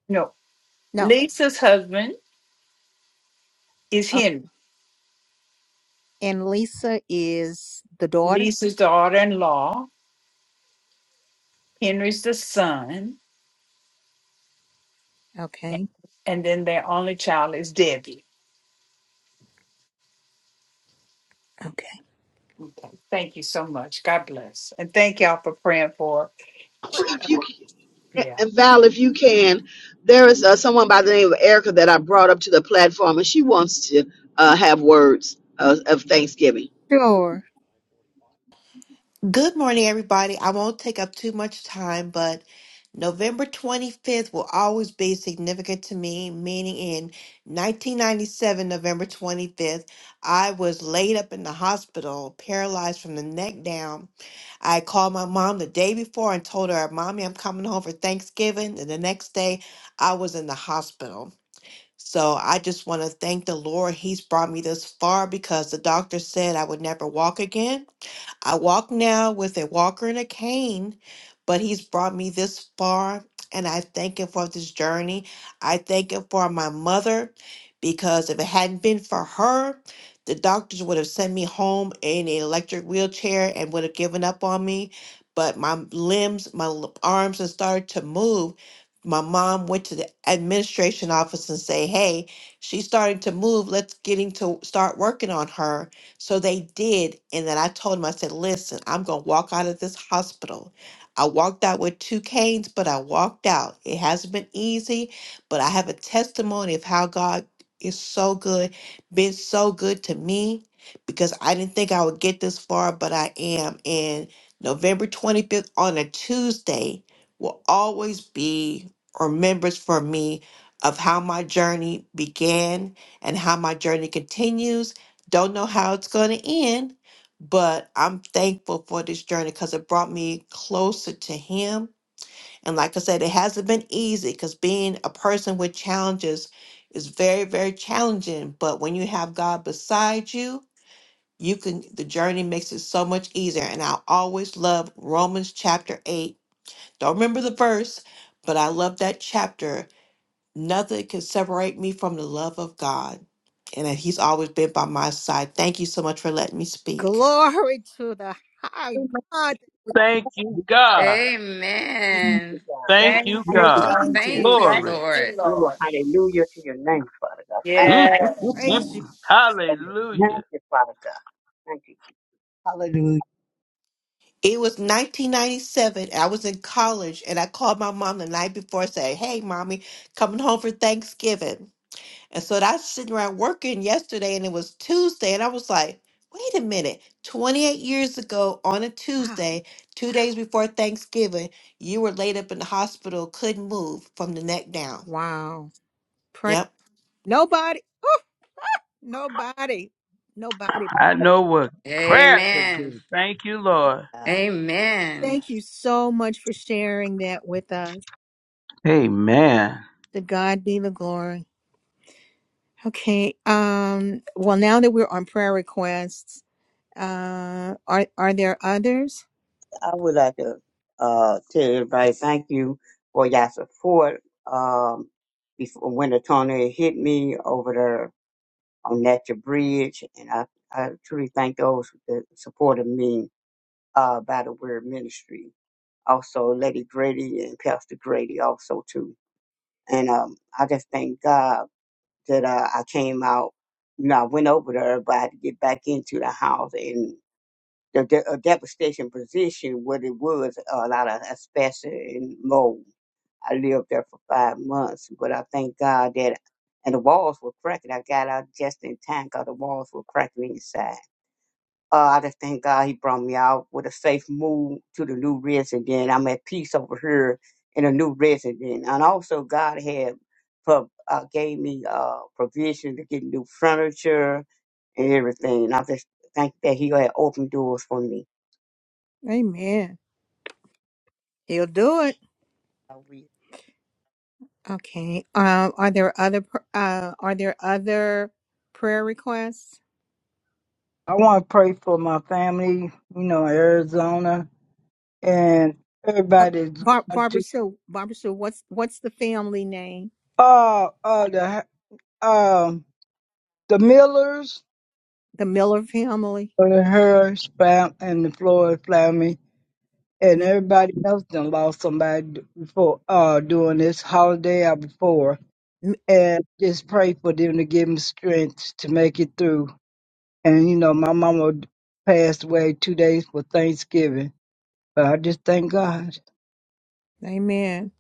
Speaker 3: No,
Speaker 1: No.
Speaker 3: Lisa's husband is Henry.
Speaker 1: And Lisa is the daughter?
Speaker 3: Lisa's daughter-in-law Henry's the son,
Speaker 1: Okay.
Speaker 3: and then their only child is Debbie.
Speaker 1: Okay.
Speaker 3: Thank you so much. God bless. And thank y'all for praying for.
Speaker 7: If you.
Speaker 3: Yeah.
Speaker 7: And Val, if you can, there is uh, someone by the name of Erica that I brought up to the platform, and she wants to uh, have words of, of thanksgiving.
Speaker 1: Sure.
Speaker 18: Good morning, everybody. I won't take up too much time, but November 25th will always be significant to me, meaning in 1997, November 25th, I was laid up in the hospital, paralyzed from the neck down. I called my mom the day before and told her, Mommy, I'm coming home for Thanksgiving. And the next day, I was in the hospital. So I just want to thank the Lord. He's brought me this far because the doctor said I would never walk again. I walk now with a walker and a cane, but he's brought me this far, and I thank him for this journey. I thank him for my mother, because if it hadn't been for her, the doctors would have sent me home in an electric wheelchair and would have given up on me. But my limbs, my l- arms had started to move. My mom went to the administration office and say, "Hey, she's starting to move. Let's getting to start working on her." So they did. And then I told him, I said, listen, I'm going to walk out of this hospital. I walked out with two canes, but I walked out. It hasn't been easy, but I have a testimony of how God is so good, been so good to me because I didn't think I would get this far, but I am. And November 25th on a Tuesday will always be remembrance for me of how my journey began and how my journey continues don't know how it's going to end, but I'm thankful for this journey because it brought me closer to Him. And like I said, it hasn't been easy because being a person with challenges is very, very challenging. But when you have God beside you, you can, the journey makes it so much easier. And I always love Romans chapter 8. Don't remember the verse, but I love that chapter Nothing can separate me from the love of God and that He's always been by my side. Thank you so much for letting me speak.
Speaker 1: Glory to the high God.
Speaker 16: uh,
Speaker 14: Thank
Speaker 16: you
Speaker 14: you,
Speaker 16: can talk
Speaker 14: God.
Speaker 16: to-
Speaker 1: We
Speaker 16: thank you,
Speaker 12: Amen.
Speaker 16: God.
Speaker 14: Thank
Speaker 3: Thank
Speaker 14: you,
Speaker 16: You
Speaker 3: you.
Speaker 16: can
Speaker 14: God.
Speaker 1: Praise
Speaker 16: see.
Speaker 3: Thank you.
Speaker 12: Thank
Speaker 1: you.
Speaker 12: you,
Speaker 3: Thank
Speaker 14: Glory.
Speaker 3: you,
Speaker 12: Lord.
Speaker 16: Oh,
Speaker 3: Lord.
Speaker 16: hallelujah to your name, Father God. Thank
Speaker 14: Mm,
Speaker 16: you.
Speaker 3: Yeah.
Speaker 14: mm,
Speaker 1: Praise you.
Speaker 14: mm.
Speaker 16: Oh,
Speaker 14: Hallelujah.
Speaker 16: Thank you, Father God. Thank you, Jesus.
Speaker 19: Hallelujah.
Speaker 18: It was 1997. and I was in college and I called my mom the night before and said, Hey, mommy, coming home for Thanksgiving. And so I was sitting around working yesterday and it was Tuesday. And I was like, Wait a minute. 28 years ago on a
Speaker 1: Wow.
Speaker 18: Tuesday, two days before Thanksgiving, you were laid up in the hospital, couldn't move from the neck down.
Speaker 1: Wow. Praise
Speaker 18: Yep.
Speaker 1: nobody. Oh, nobody. Nobody.
Speaker 14: I know what prayer can
Speaker 12: Amen.
Speaker 14: do. Thank you, Lord.
Speaker 16: Uh,
Speaker 1: Lord.
Speaker 12: Amen.
Speaker 1: Thank you so much for sharing that with us.
Speaker 14: Amen.
Speaker 1: To God be the glory. Okay. Um, well now that we're on prayer requests, uh are are there others?
Speaker 16: I would like to uh, tell everybody thank you for your support. Um, before when the tornado hit me over there on Natural Bridge, and I, I truly thank those that supported me uh, by the Word Ministry. Also, Lady Grady and Pastor Grady also too. And um, I just thank God that uh, I came out. You know, I went over there, but I had to get back into the house and the, the a devastation position what it was a lot of asbestos and mold. I lived there for five months, but I thank God that, and the walls were cracking. I got out just in time because the walls were cracking inside. Uh, I just thank God he brought me out with a safe move to the new resident. I'm at peace over here in a new resident. And also God had pro- uh, gave me uh, provision to get new furniture and everything. And I just think that he had opened doors for me.
Speaker 1: Amen. He'll do it.
Speaker 16: Uh, We
Speaker 1: Okay. Um, are there other pr- uh are there other prayer requests?
Speaker 5: I want to pray for my family, you know, in Arizona and
Speaker 1: Uh,
Speaker 5: everybody's
Speaker 1: Bar-
Speaker 5: going
Speaker 1: Barbara
Speaker 5: to
Speaker 1: Sue, Barbara Sue, what's what's the family name?
Speaker 5: uh uh the um the Millers
Speaker 1: The Miller family.
Speaker 5: and her spam and the Floyd family and
Speaker 1: Mi-
Speaker 5: everybody else done lost somebody before uh during this holiday or before.
Speaker 1: mi-
Speaker 5: And just pray for them to give them strength to make it through And you know, my mama passed away two days for Thanksgiving, but I just thank God.
Speaker 1: Amen.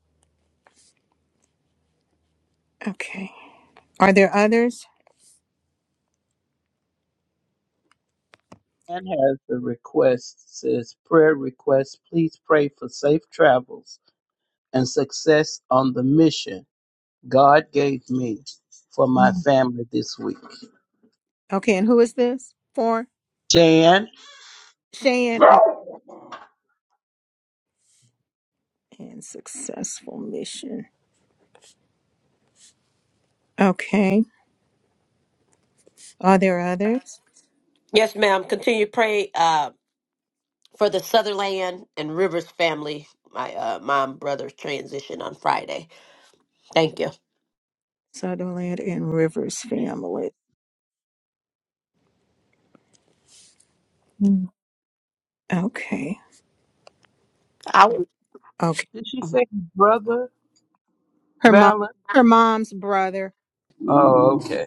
Speaker 1: Okay. Are there others?
Speaker 14: And has a request, says prayer request. Please pray for safe travels and success on the mission God gave me for my family this week.
Speaker 1: Okay, and who is this for?
Speaker 14: Jan,
Speaker 1: Shan. Oh, and successful mission. Okay. Are there others?
Speaker 11: Yes, ma'am. Continue to pray uh, for the Sutherland and Rivers family. My uh, mom brother's transition on Friday. Thank you.
Speaker 1: Sutherland and Rivers family.
Speaker 19: Mm,
Speaker 1: Okay.
Speaker 20: I w-
Speaker 1: Okay.
Speaker 14: did she say brother
Speaker 1: Her mom.
Speaker 14: Valor?
Speaker 1: Her mom's brother.
Speaker 14: Oh, okay.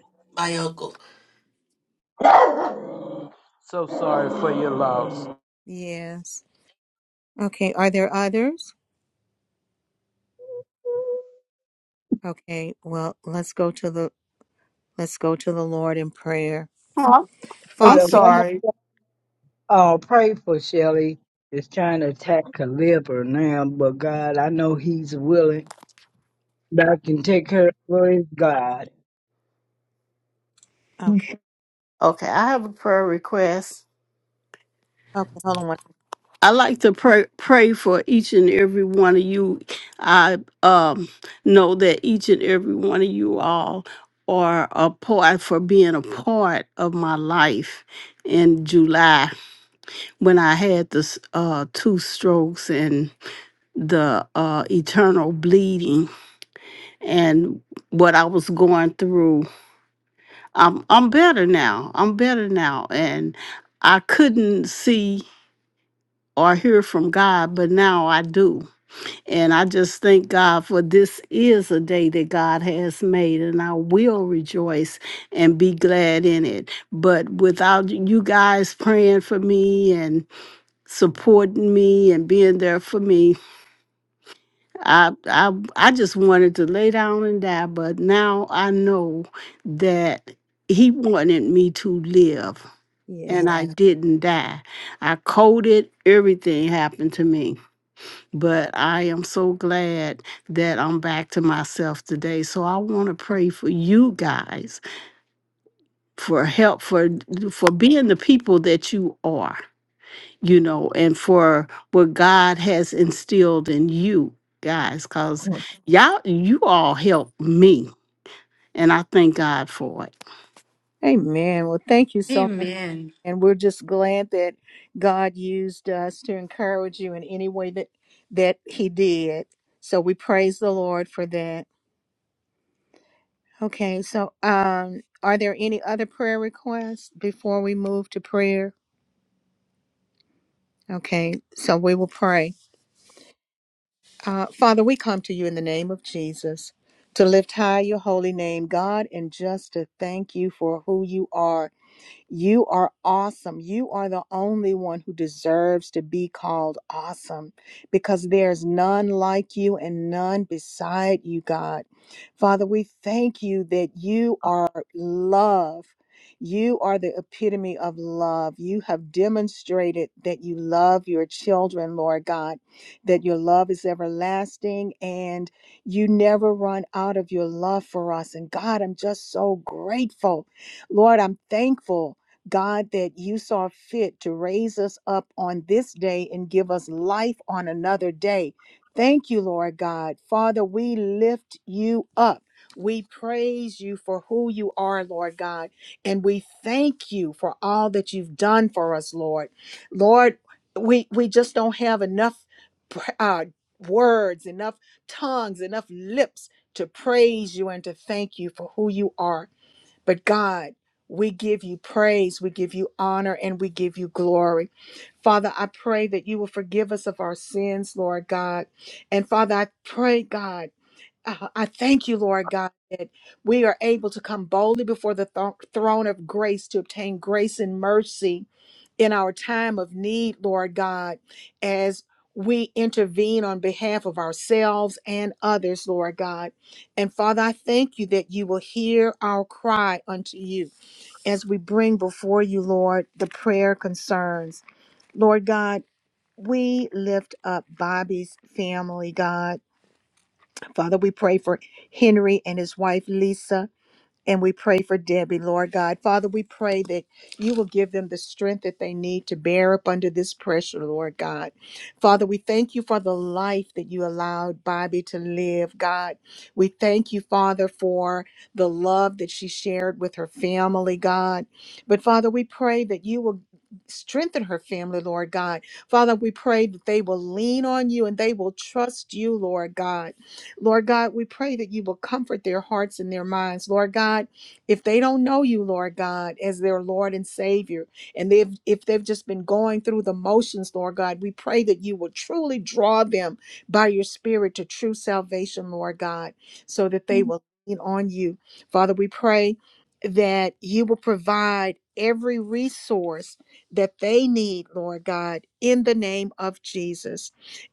Speaker 14: So sorry for your loss.
Speaker 1: Yes. Okay. Are there others? Okay. Well, let's go to the let's go to the Lord in prayer.
Speaker 20: oh,
Speaker 5: But
Speaker 20: I'm
Speaker 1: Father,
Speaker 5: the
Speaker 1: we.
Speaker 5: woman
Speaker 20: sorry.
Speaker 5: will pray for Shelly is trying to attack her liver now, but God, I know He's willing. That I can take care of His God.
Speaker 19: mm,
Speaker 1: Okay.
Speaker 20: Okay, I have a prayer request.
Speaker 1: Okay. Hold on.
Speaker 20: I like to pray pray for each and every one of you. I um know that each and every one of you all are a part for being a part of my life in July when I had the s- uh, two strokes and the uh, eternal bleeding and what I was going through. I'm I'm better now. I'm better now, and I couldn't see or hear from God, but now I do. And I just thank God for this is a day that God has made, and I will rejoice and be glad in it. But without you guys praying for me and supporting me and being there for me, I I I just wanted to lay down and die. But now I know that He wanted me to live and
Speaker 1: Yeah.
Speaker 20: I didn't die. I coded, everything happened to me. But I am so glad that I'm back to myself today. So I want to pray for you guys for help for for being the people that you are, you know, and for what God has instilled in you guys cuz
Speaker 19: mm,
Speaker 20: y'all you all helped me and I thank God for it.
Speaker 1: Amen. Well, thank you so much.
Speaker 12: Amen.
Speaker 1: and we're just glad that God used us to encourage you in any way that that he did. So we praise the Lord for that. Okay, so um are there any other prayer requests before we move to prayer? Okay, so we will pray. Uh, Father, we come to you in the name of Jesus to lift high your holy name, God, and just to thank you for who you are. You are awesome. You are the only one who deserves to be called awesome because there's none like you and none beside you, God. Father, we thank you that you are love. You are the epitome of love. You have demonstrated that you love your children, Lord God, that your love is everlasting and you never run out of your love for us. And God, I'm just so grateful. Lord, I'm thankful God, that you saw fit to raise us up on this day and give us life on another day. Thank you, Lord God. Father, we lift you up. We praise you for who you are, Lord God. And we thank you for all that you've done for us, Lord. Lord, we, we just don't have enough uh, words, enough tongues, enough lips to praise you and to thank you for who you are. But God, we give you praise, we give you honor, and we give you glory. Father, I pray that you will forgive us of our sins, Lord God. And Father, I pray, God, uh, I thank you, Lord God, that we are able to come boldly before the thro- throne of grace to obtain grace and mercy in our time of need, Lord God, as we intervene on behalf of ourselves and others, Lord God. And Father, I thank you that you will hear our cry unto you as we bring before you, Lord, the prayer concerns. Lord God, we lift up Bobby's family, God. Father, we pray for Henry and his wife, Lisa. And we pray for Debbie, Lord God. Father, we pray that you will give them the strength that they need to bear up under this pressure, Lord God. Father, we thank you for the life that you allowed Bobby to live, God. We thank you, Father, for the love that she shared with her family, God. But Father, we pray that you will strengthen her family, Lord God. Father, we pray that they will lean on you and they will trust you, Lord God. Lord God, we pray that you will comfort their hearts and their minds. Lord God, if they don't know you, Lord God, as their Lord and Savior, and they've if they've just been going through the motions, Lord God, we pray that you will truly draw them by your spirit to true salvation, Lord God, so that they
Speaker 19: mm,
Speaker 1: will lean on you. Father, we pray that you will provide every resource that they need, Lord God, in the name of Jesus.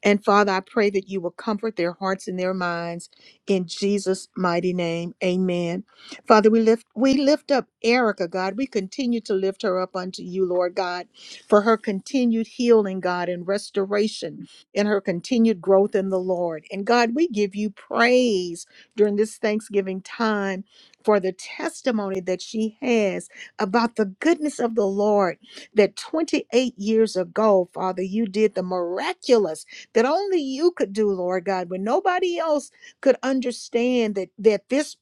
Speaker 1: And Father, I pray that you will comfort their hearts and their minds in Jesus' mighty name. Amen. Father, we lift we lift up Erica, God. We continue to lift her up unto you, Lord God, for her continued healing, God, and restoration and her continued growth in the Lord. And God, we give you praise during this Thanksgiving time for the testimony that she has about the goodness of the Lord that 28 years ago, Father, you did the miraculous that only you could do, Lord God, when nobody else could understand that, that this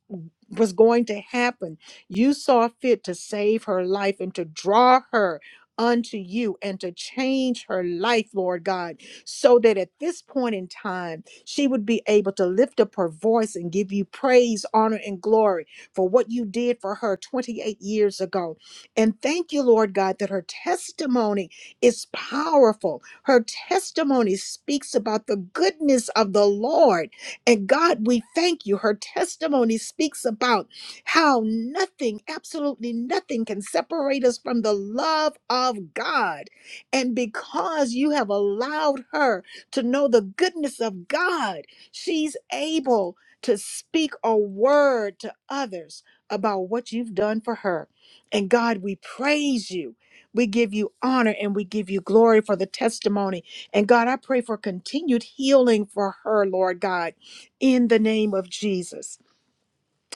Speaker 1: was going to happen. You saw fit to save her life and to draw her unto you and to change her life, Lord God, so that at this point in time, she would be able to lift up her voice and give you praise, honor, and glory for what you did for her 28 years ago. And thank you, Lord God, that her testimony is powerful her testimony speaks about the goodness of the Lord. And God, we thank you. Her testimony speaks about how nothing, absolutely nothing, can separate us from the love of God. And because you have allowed her to know the goodness of God, she's able to speak a word to others about what you've done for her. And God, we praise you. We give you honor and we give you glory for the testimony. And God, I pray for continued healing for her, Lord God, in the name of Jesus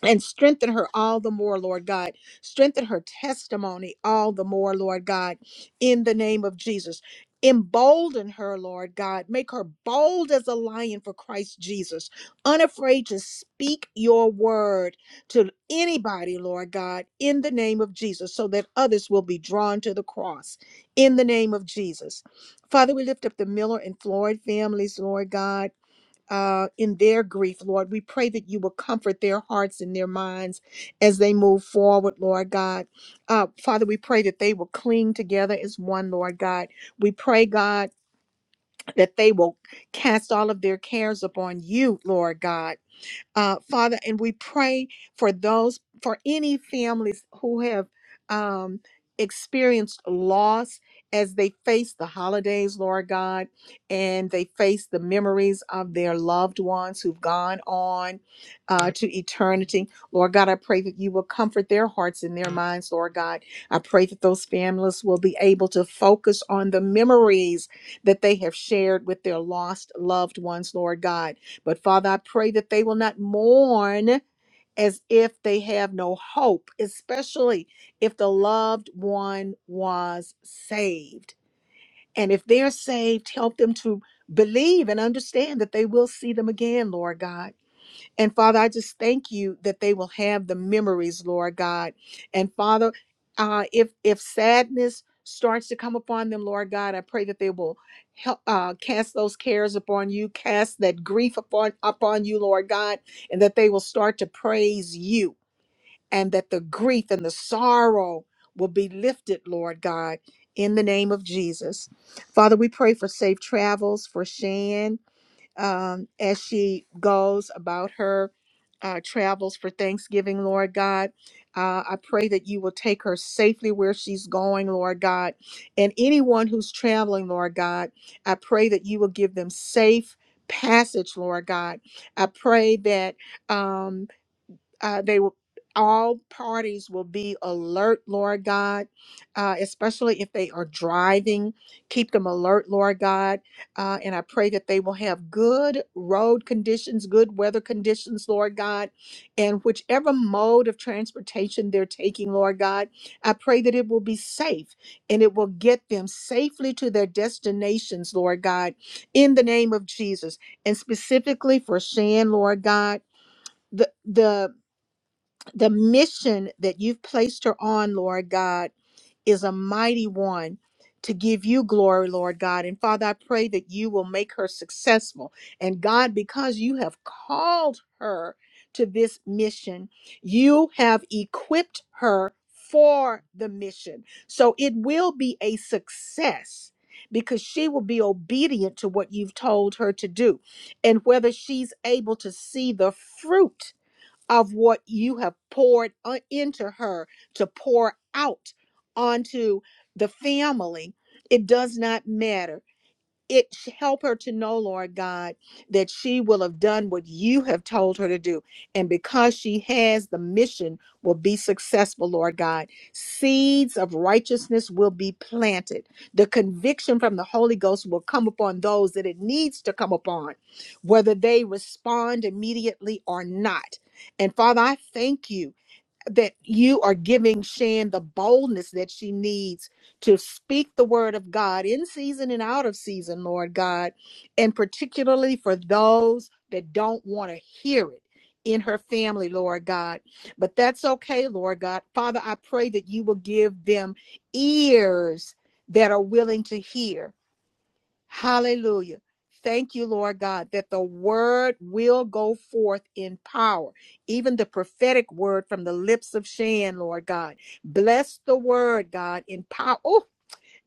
Speaker 1: and strengthen her all the more, Lord God. Strengthen her testimony all the more, Lord God, in the name of Jesus. Embolden her, Lord God. Make her bold as a lion for Christ Jesus, unafraid to speak your word to anybody, Lord God, in the name of Jesus, so that others will be drawn to the cross in the name of Jesus. Father, we lift up the Miller and Floyd families, Lord God uh, in their grief, Lord. We pray that you will comfort their hearts and their minds as they move forward, Lord God. Uh, Father, we pray that they will cling together as one, Lord God. We pray, God, that they will cast all of their cares upon you, Lord God uh, Father, and we pray for those, for any families who have um, experienced loss as they face the holidays, Lord God, and they face the memories of their loved ones who've gone on uh, to eternity. Lord God, I pray that you will comfort their hearts and their minds, Lord God. I pray that those families will be able to focus on the memories that they have shared with their lost loved ones, Lord God. But Father, I pray that they will not mourn as if they have no hope, especially if the loved one was saved. And if they're saved, help them to believe and understand that they will see them again, Lord God. And Father, I just thank you that they will have the memories, Lord God. And Father, uh, if if sadness starts to come upon them, Lord God, I pray that they will help uh, cast those cares upon you, cast that grief upon upon you, Lord God, and that they will start to praise you, and that the grief and the sorrow will be lifted, Lord God. In the name of Jesus. Father, we pray for safe travels for Shan um, as she goes about her uh, travels for Thanksgiving, Lord God. Uh, I pray that you will take her safely where she's going, Lord God. And anyone who's traveling, Lord God, I pray that you will give them safe passage, Lord God. I pray that. Um, uh, they will all parties will be alert lord god uh, especially if they are driving keep them alert lord god uh, and i pray that they will have good road conditions good weather conditions lord god and whichever mode of transportation they're taking lord god i pray that it will be safe and it will get them safely to their destinations lord god in the name of jesus and specifically for shan lord god the the the mission that you've placed her on, Lord God, is a mighty one to give you glory, Lord God. And Father, I pray that you will make her successful. And God, because you have called her to this mission, you have equipped her for the mission. So it will be a success. Because she will be obedient to what you've told her to do. And whether she's able to see the fruit of what you have poured o- into her to pour out onto the family. It does not matter it help her to know lord god that she will have done what you have told her to do and because she has the mission will be successful lord god seeds of righteousness will be planted the conviction from the holy ghost will come upon those that it needs to come upon whether they respond immediately or not and father i thank you that you are giving Shan the boldness that she needs to speak the word of God in season and out of season, Lord God, and particularly for those that don't want to hear it in her family, Lord God. But that's okay, Lord God. Father, I pray that you will give them ears that are willing to hear Hallelujah. Thank you, Lord God, that the word will go forth in power, even the prophetic word from the lips of Shan, Lord God. Bless the word, God, in power. Oh,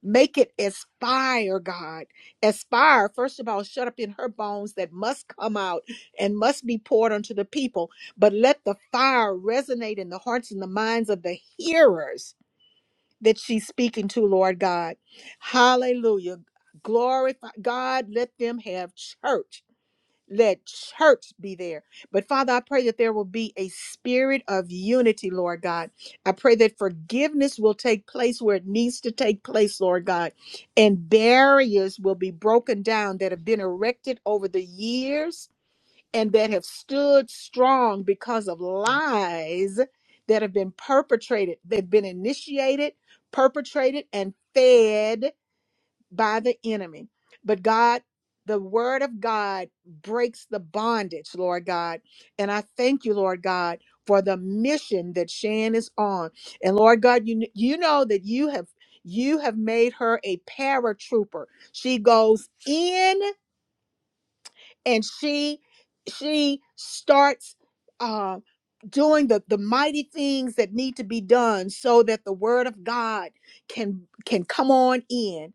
Speaker 1: make it as fire, God. As fire, first of all, shut up in her bones that must come out and must be poured unto the people. But let the fire resonate in the hearts and the minds of the hearers that she's speaking to, Lord God. Hallelujah. Glorify God. Let them have church. Let church be there. But Father, I pray that there will be a spirit of unity, Lord God. I pray that forgiveness will take place where it needs to take place, Lord God. And barriers will be broken down that have been erected over the years and that have stood strong because of lies that have been perpetrated, they've been initiated, perpetrated, and fed by the enemy. But God, the word of God breaks the bondage, Lord God. And I thank you, Lord God, for the mission that Shan is on. And Lord God, you, kn- you know that you have you have made her a paratrooper. She goes in and she she starts uh, doing the the mighty things that need to be done so that the word of God can can come on in.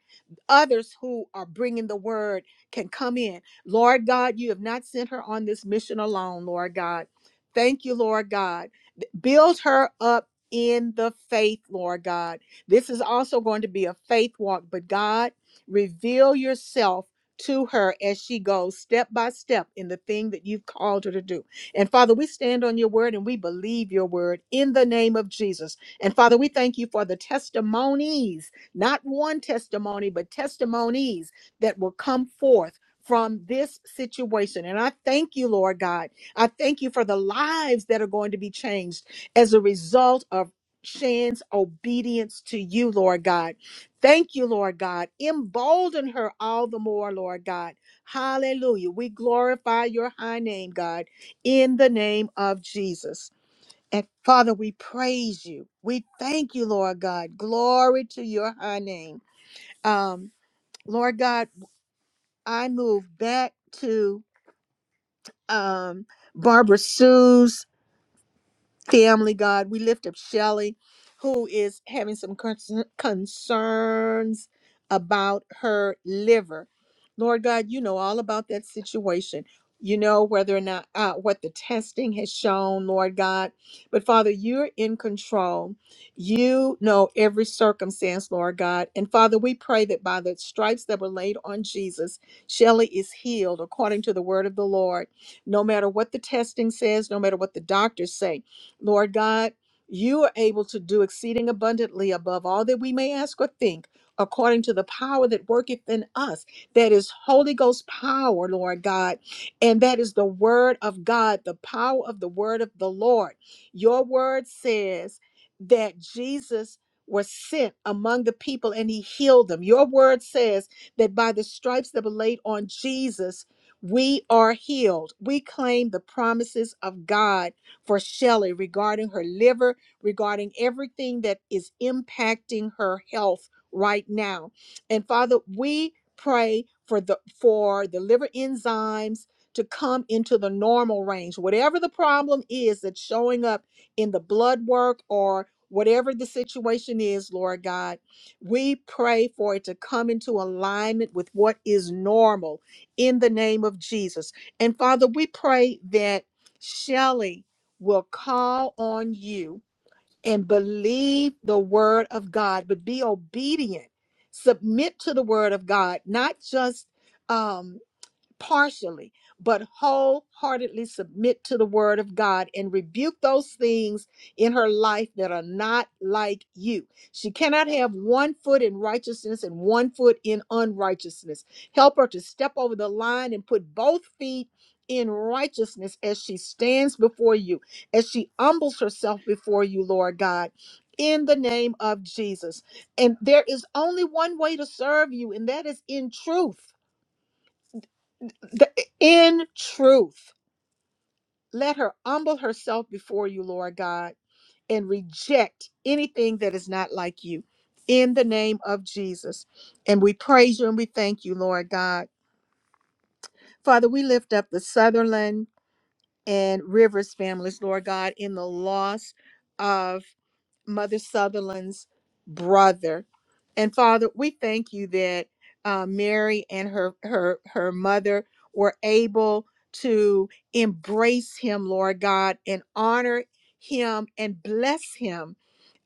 Speaker 1: Others who are bringing the word can come in. Lord God, you have not sent her on this mission alone, Lord God. Thank you, Lord God. B- Build her up in the faith, Lord God. This is also going to be a faith walk, but God, reveal yourself to her as she goes step by step in the thing that you've called her to do. And Father, we stand on your word and we believe your word in the name of Jesus. And Father, we thank you for the testimonies, not one testimony, but testimonies that will come forth. From this situation. And I thank you, Lord God. I thank you for the lives that are going to be changed as a result of Shan's obedience to you, Lord God. Thank you, Lord God. Embolden her all the more, Lord God. Hallelujah. We glorify your high name, God, in the name of Jesus. And Father, we praise you. We thank you, Lord God. Glory to your high name. Um, Lord God, I move back to um, Barbara Sue's family, God. We lift up Shelly, who is having some concern, concerns about her liver. Lord God, you know all about that situation. You know whether or not uh, what the testing has shown, Lord God. But Father, you're in control. You know every circumstance, Lord God. And Father, we pray that by the stripes that were laid on Jesus, Shelley is healed according to the word of the Lord. No matter what the testing says, no matter what the doctors say, Lord God, you are able to do exceeding abundantly above all that we may ask or think, according to the power that worketh in us. That is Holy Ghost power, Lord God. And that is the word of God, the power of the word of the Lord. Your word says that Jesus was sent among the people and he healed them. Your word says that by the stripes that were laid on Jesus, we are healed. We claim the promises of God for Shelley regarding her liver, regarding everything that is impacting her health right now. And Father, we pray for the for the liver enzymes to come into the normal range. Whatever the problem is that's showing up in the blood work or whatever the situation is, Lord God, we pray for it to come into alignment with what is normal in the name of Jesus. And Father, we pray that Shelley will call on you and believe the word of God, but be obedient. Submit to the word of God, not just um, partially, but wholeheartedly submit to the word of God and rebuke those things in her life that are not like you. She cannot have one foot in righteousness and one foot in unrighteousness. Help her to step over the line and put both feet in righteousness as she stands before you, as she humbles herself before you, Lord God. In the name of Jesus. And there is only one way to serve you, and that is in truth the, in truth, let her humble herself before you, Lord God, and reject anything that is not like you in the name of Jesus. And we praise you and we thank you, Lord God. Father, we lift up the Sutherland and Rivers families, Lord God, in the loss of. Mother Sutherland's brother. And Father, we thank you that uh, Mary and her her her mother were able to embrace him, Lord God, and honor him and bless him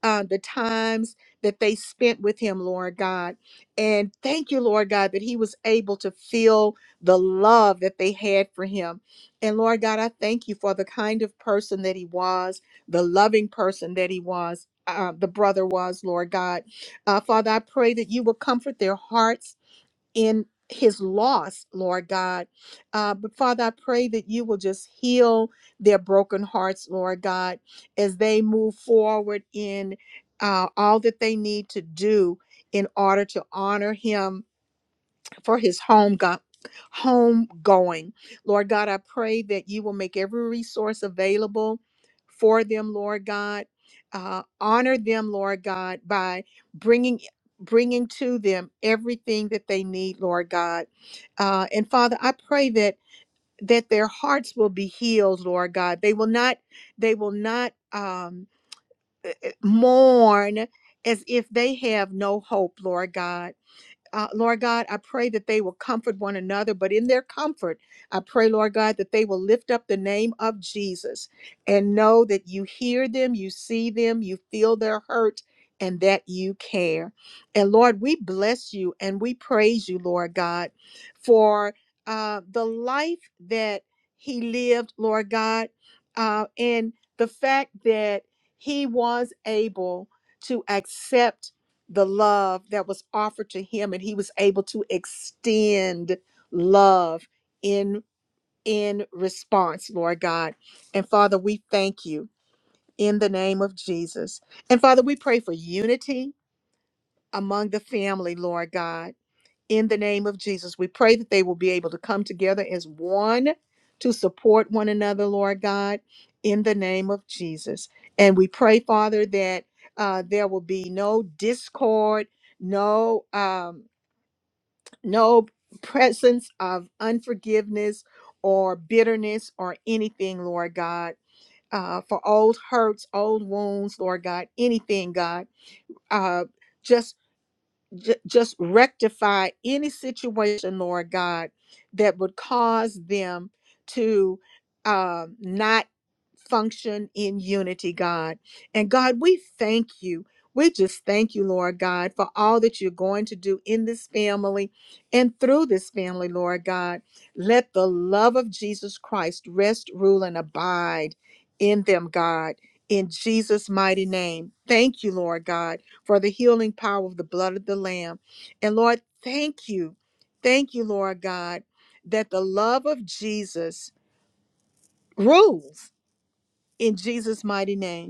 Speaker 1: uh, the times that they spent with him, Lord God. And thank you, Lord God, that he was able to feel the love that they had for him. And Lord God, I thank you for the kind of person that he was, the loving person that he was. Uh, the brother was, Lord God. Uh, Father, I pray that you will comfort their hearts in his loss, Lord God. Uh, but Father, I pray that you will just heal their broken hearts, Lord God, as they move forward in uh, all that they need to do in order to honor him for his home go- home going. Lord God, I pray that you will make every resource available for them, Lord God. Uh, honor them, Lord God, by bringing bringing to them everything that they need, Lord God. Uh, and Father, I pray that that their hearts will be healed, Lord God. They will not they will not um, eh, eh, mourn as if they have no hope, Lord God uh, Lord God, I pray that they will comfort one another, but in their comfort, I pray, Lord God, that they will lift up the name of Jesus and know that you hear them, you see them, you feel their hurt, and that you care. And Lord, we bless you and we praise you, Lord God, for uh, the life that he lived, Lord God, uh, and the fact that he was able to accept the love that was offered to him and he was able to extend love in in response lord god and father we thank you in the name of jesus and father we pray for unity among the family lord god in the name of Jesus. We pray that they will be able to come together as one to support one another, Lord God, in the name of Jesus. And we pray, Father, that uh, there will be no discord, no um, no presence of unforgiveness or bitterness or anything, Lord God. Uh, for old hurts, old wounds, Lord God, anything, God. Uh, just ju- just rectify any situation, Lord God, that would cause them to um, not function in unity, God. And God, we thank you. We just thank you, Lord God, for all that you're going to do in this family and through this family, Lord God. Let the love of Jesus Christ rest, rule, and abide in them, God, in Jesus' mighty name. Thank you, Lord God for the healing power of the blood of the Lamb. And Lord, thank you. Thank you, Lord God, that the love of Jesus rules in Jesus' mighty name.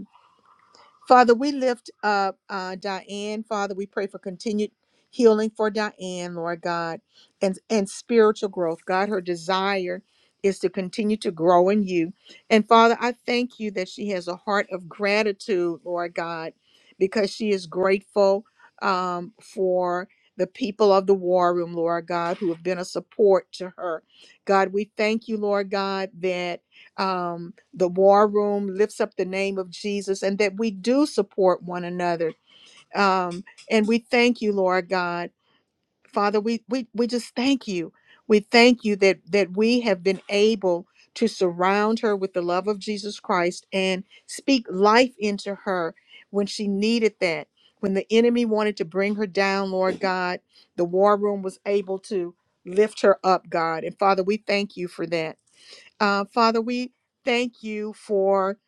Speaker 1: Father, we lift up uh, Diane. Father, we pray for continued healing for Diane, Lord God, and, and spiritual growth. God, her desire is to continue to grow in you. And Father, I thank you that she has a heart of gratitude, Lord God, because she is grateful um, for the people of the war room, Lord God, who have been a support to her. God, we thank you, Lord God, that um, the war room lifts up the name of Jesus and that we do support one another. Um, and we thank you, Lord God. Father, we, we, we just thank you. We thank you that, that we have been able to surround her with the love of Jesus Christ and speak life into her when she needed that. When the enemy wanted to bring her down, Lord God, the war room was able to lift her up, God. And Father, we thank you for that. Uh, Father, we thank you for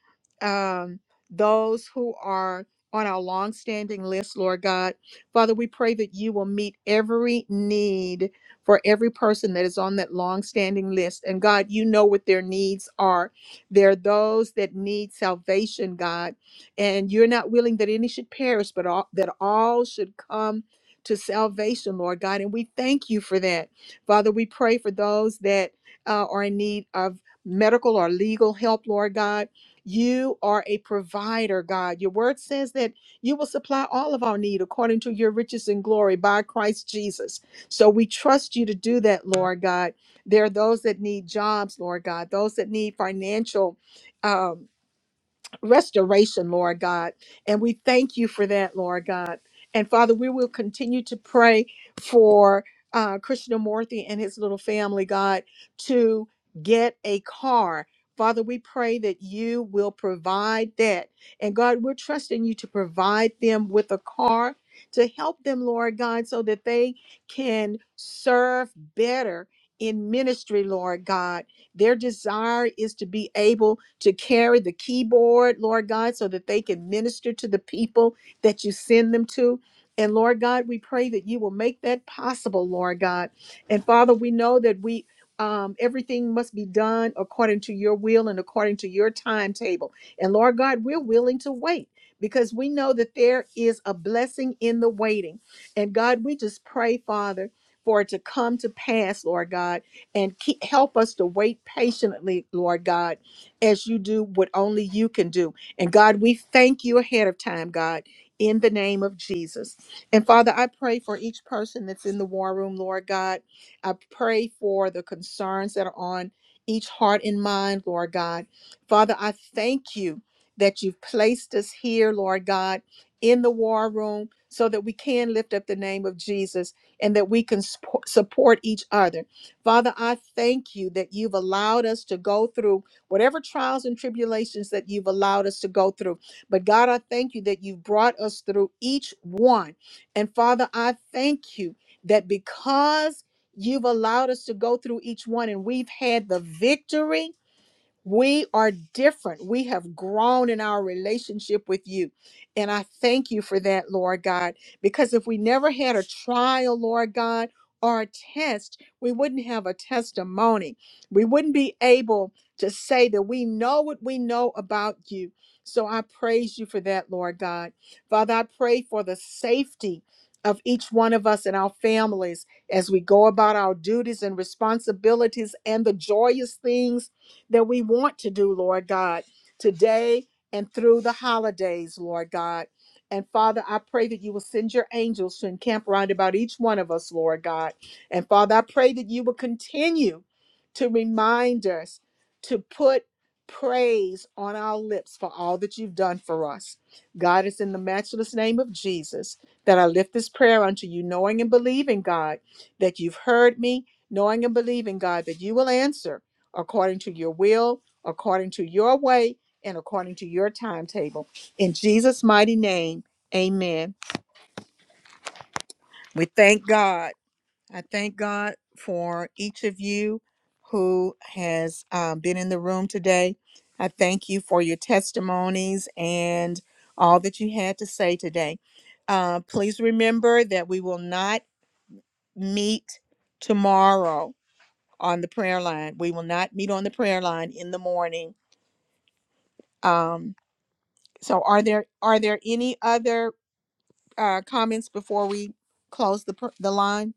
Speaker 1: um, those who are on our longstanding list, Lord God. Father, we pray that you will meet every need for every person that is on that longstanding list. And God, you know what their needs are. There are those that need salvation, God, and you're not willing that any should perish, but all, that all should come to salvation, Lord God. And we thank you for that. Father, we pray for those that uh, are in need of medical or legal help, Lord God. You are a provider, God. Your word says that you will supply all of our need according to your riches and glory by Christ Jesus. So we trust you to do that, Lord God. There are those that need jobs, Lord God, those that need financial. um, restoration, Lord God. And we thank you for that, Lord God. And Father, we will continue to pray for uh, Krishnamurti and his little family, God, to get a car. Father, we pray that you will provide that. And God, we're trusting you to provide them with a car to help them, Lord God, so that they can serve better in ministry, Lord God their desire is to be able to carry the keyboard, Lord God, so that they can minister to the people that you send them to. And Lord God, we pray that you will make that possible, Lord God. And Father, we know that we um, everything must be done according to your will and according to your timetable. And Lord God, we're willing to wait because we know that there is a blessing in the waiting. And God, we just pray, Father, for it to come to pass, Lord God and keep, help us to wait patiently, Lord God, as you do what only you can do. And God, we thank you ahead of time, God, in the name of Jesus. And Father, I pray for each person that's in the war room, Lord God. I pray for the concerns that are on each heart and mind, Lord God. Father, I thank you that you've placed us here, Lord God, in the war room so that we can lift up the name of Jesus and that we can spo- support each other Father, I thank you that you've allowed us to go through whatever trials and tribulations that you've allowed us to go through. But God, I thank you that you've brought us through each one. And Father, I thank you that because you've allowed us to go through each one and we've had the victory we are different. We have grown in our relationship with you. And I thank you for that, Lord God, because if we never had a trial, Lord God, or a test, we wouldn't have a testimony. We wouldn't be able to say that we know what we know about you. So I praise you for that, Lord God. Father, I pray for the safety of each one of us and our families as we go about our duties and responsibilities and the joyous things that we want to do, Lord God, today and through the holidays, Lord God. And Father, I pray that you will send your angels to encamp round about each one of us, Lord God. And Father, I pray that you will continue to remind us to put praise on our lips for all that you've done for us. God, it's in the matchless name of Jesus that I lift this prayer unto you, knowing and believing, God, that you've heard me, knowing and believing, God, that you will answer according to your will, according to your way, and according to your timetable. In Jesus' mighty name, amen. We thank God. I thank God for each of you who has um, been in the room today. I thank you for your testimonies and all that you had to say today. Uh, please remember that we will not meet tomorrow on the prayer line. We will not meet on the prayer line in the morning. Um, So are there are there any other uh, comments before we close the per- the line?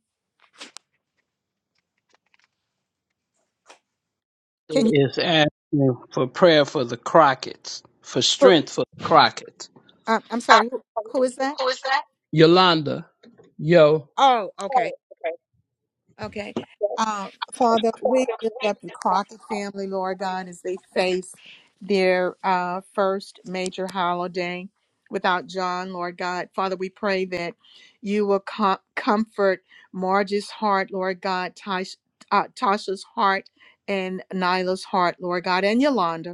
Speaker 1: Can you?
Speaker 14: is asking for prayer for the Crockett's, for
Speaker 1: who-
Speaker 14: strength for the Crockett's.
Speaker 1: Uh, I'm
Speaker 14: Uh,
Speaker 1: sorry. Who, who is that?
Speaker 14: who is that? Yolanda, yo,
Speaker 1: Oh, okay,
Speaker 14: Oh, okay.
Speaker 1: okay. Um, Father, we lift up the Crockett family, Lord God, as they face their uh, first major holiday without John, Lord God. Father, we pray that you will com- comfort Marge's heart, Lord God, Tash- uh, Tasha's heart, and Nyla's heart, Lord God, and Yolanda.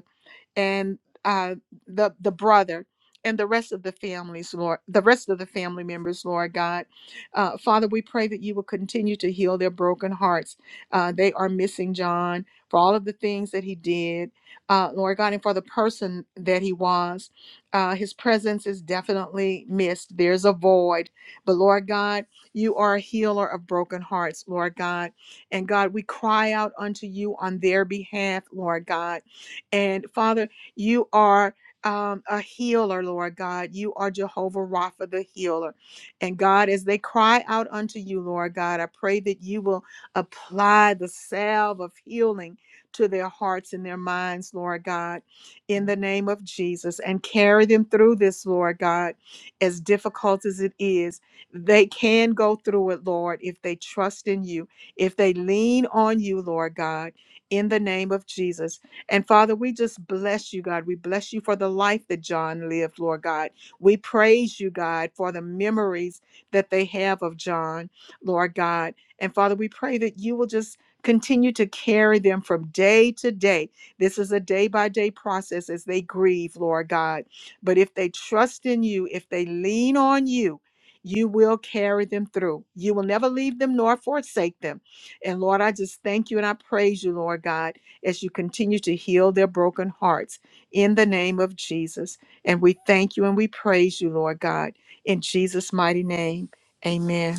Speaker 1: and uh, the the brother and the rest of the families, Lord, the rest of the family members, Lord God, uh, Father, we pray that you will continue to heal their broken hearts. Uh, they are missing John for all of the things that he did, uh, Lord God, and for the person that he was. Uh, his presence is definitely missed. There's a void, but Lord God, you are a healer of broken hearts, Lord God, and God, we cry out unto you on their behalf, Lord God. And Father, you are um, a healer, Lord God. You are Jehovah Rapha, the healer. And God, as they cry out unto you, Lord God, I pray that you will apply the salve of healing to their hearts and their minds, Lord God, in the name of Jesus, and carry them through this, Lord God, as difficult as it is. They can go through it, Lord, if they trust in you, if they lean on you, Lord God, in the name of Jesus. And Father, we just bless you, God. We bless you for the life that John lived, Lord God. We praise you, God, for the memories that they have of John, Lord God. And Father, we pray that you will just continue to carry them from day to day. This is a day by day process as they grieve, Lord God. But if they trust in you, if they lean on you, you will carry them through. You will never leave them nor forsake them. And Lord, I just thank you and I praise you, Lord God as you continue to heal their broken hearts in the name of Jesus. And we thank you and we praise you, Lord God, in Jesus' mighty name. Amen.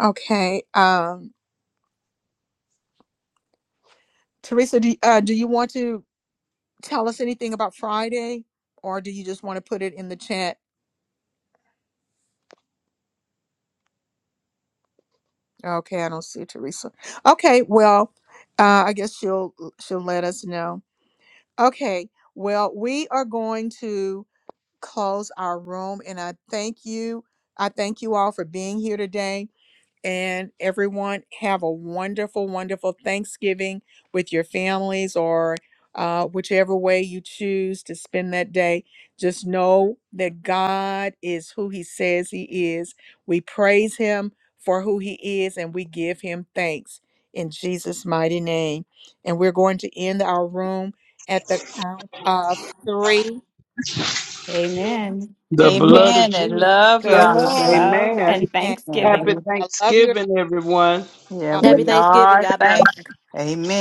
Speaker 1: Okay. Um, Teresa, do, uh, do you want to tell us anything about Friday or do you just want to put it in the chat? Okay, I don't see Teresa. Okay, well, uh, I guess she'll she'll let us know. Okay, well, we are going to close our room. And I thank you. I thank you all for being here today. And everyone, have a wonderful, wonderful Thanksgiving with your families or uh, whichever way you choose to spend that day. Just know that God is who He says He is. We praise Him for who He is and we give Him thanks in Jesus' mighty name. And we're going to end our room at the count of three,
Speaker 12: Amen.
Speaker 1: two.
Speaker 14: the blood of
Speaker 3: Amen. And
Speaker 14: Jesus
Speaker 3: love
Speaker 14: covers.
Speaker 3: y'all.
Speaker 12: Love
Speaker 14: Amen.
Speaker 12: and
Speaker 1: and
Speaker 3: And
Speaker 1: one.
Speaker 14: Happy
Speaker 12: thanksgiving.
Speaker 3: we,
Speaker 1: I love you. everybody.
Speaker 14: Thanksgiving, everyone.
Speaker 3: yeah,
Speaker 11: Happy
Speaker 3: we
Speaker 11: Thanksgiving.
Speaker 3: are.
Speaker 11: God bless.
Speaker 3: Thank you. Amen.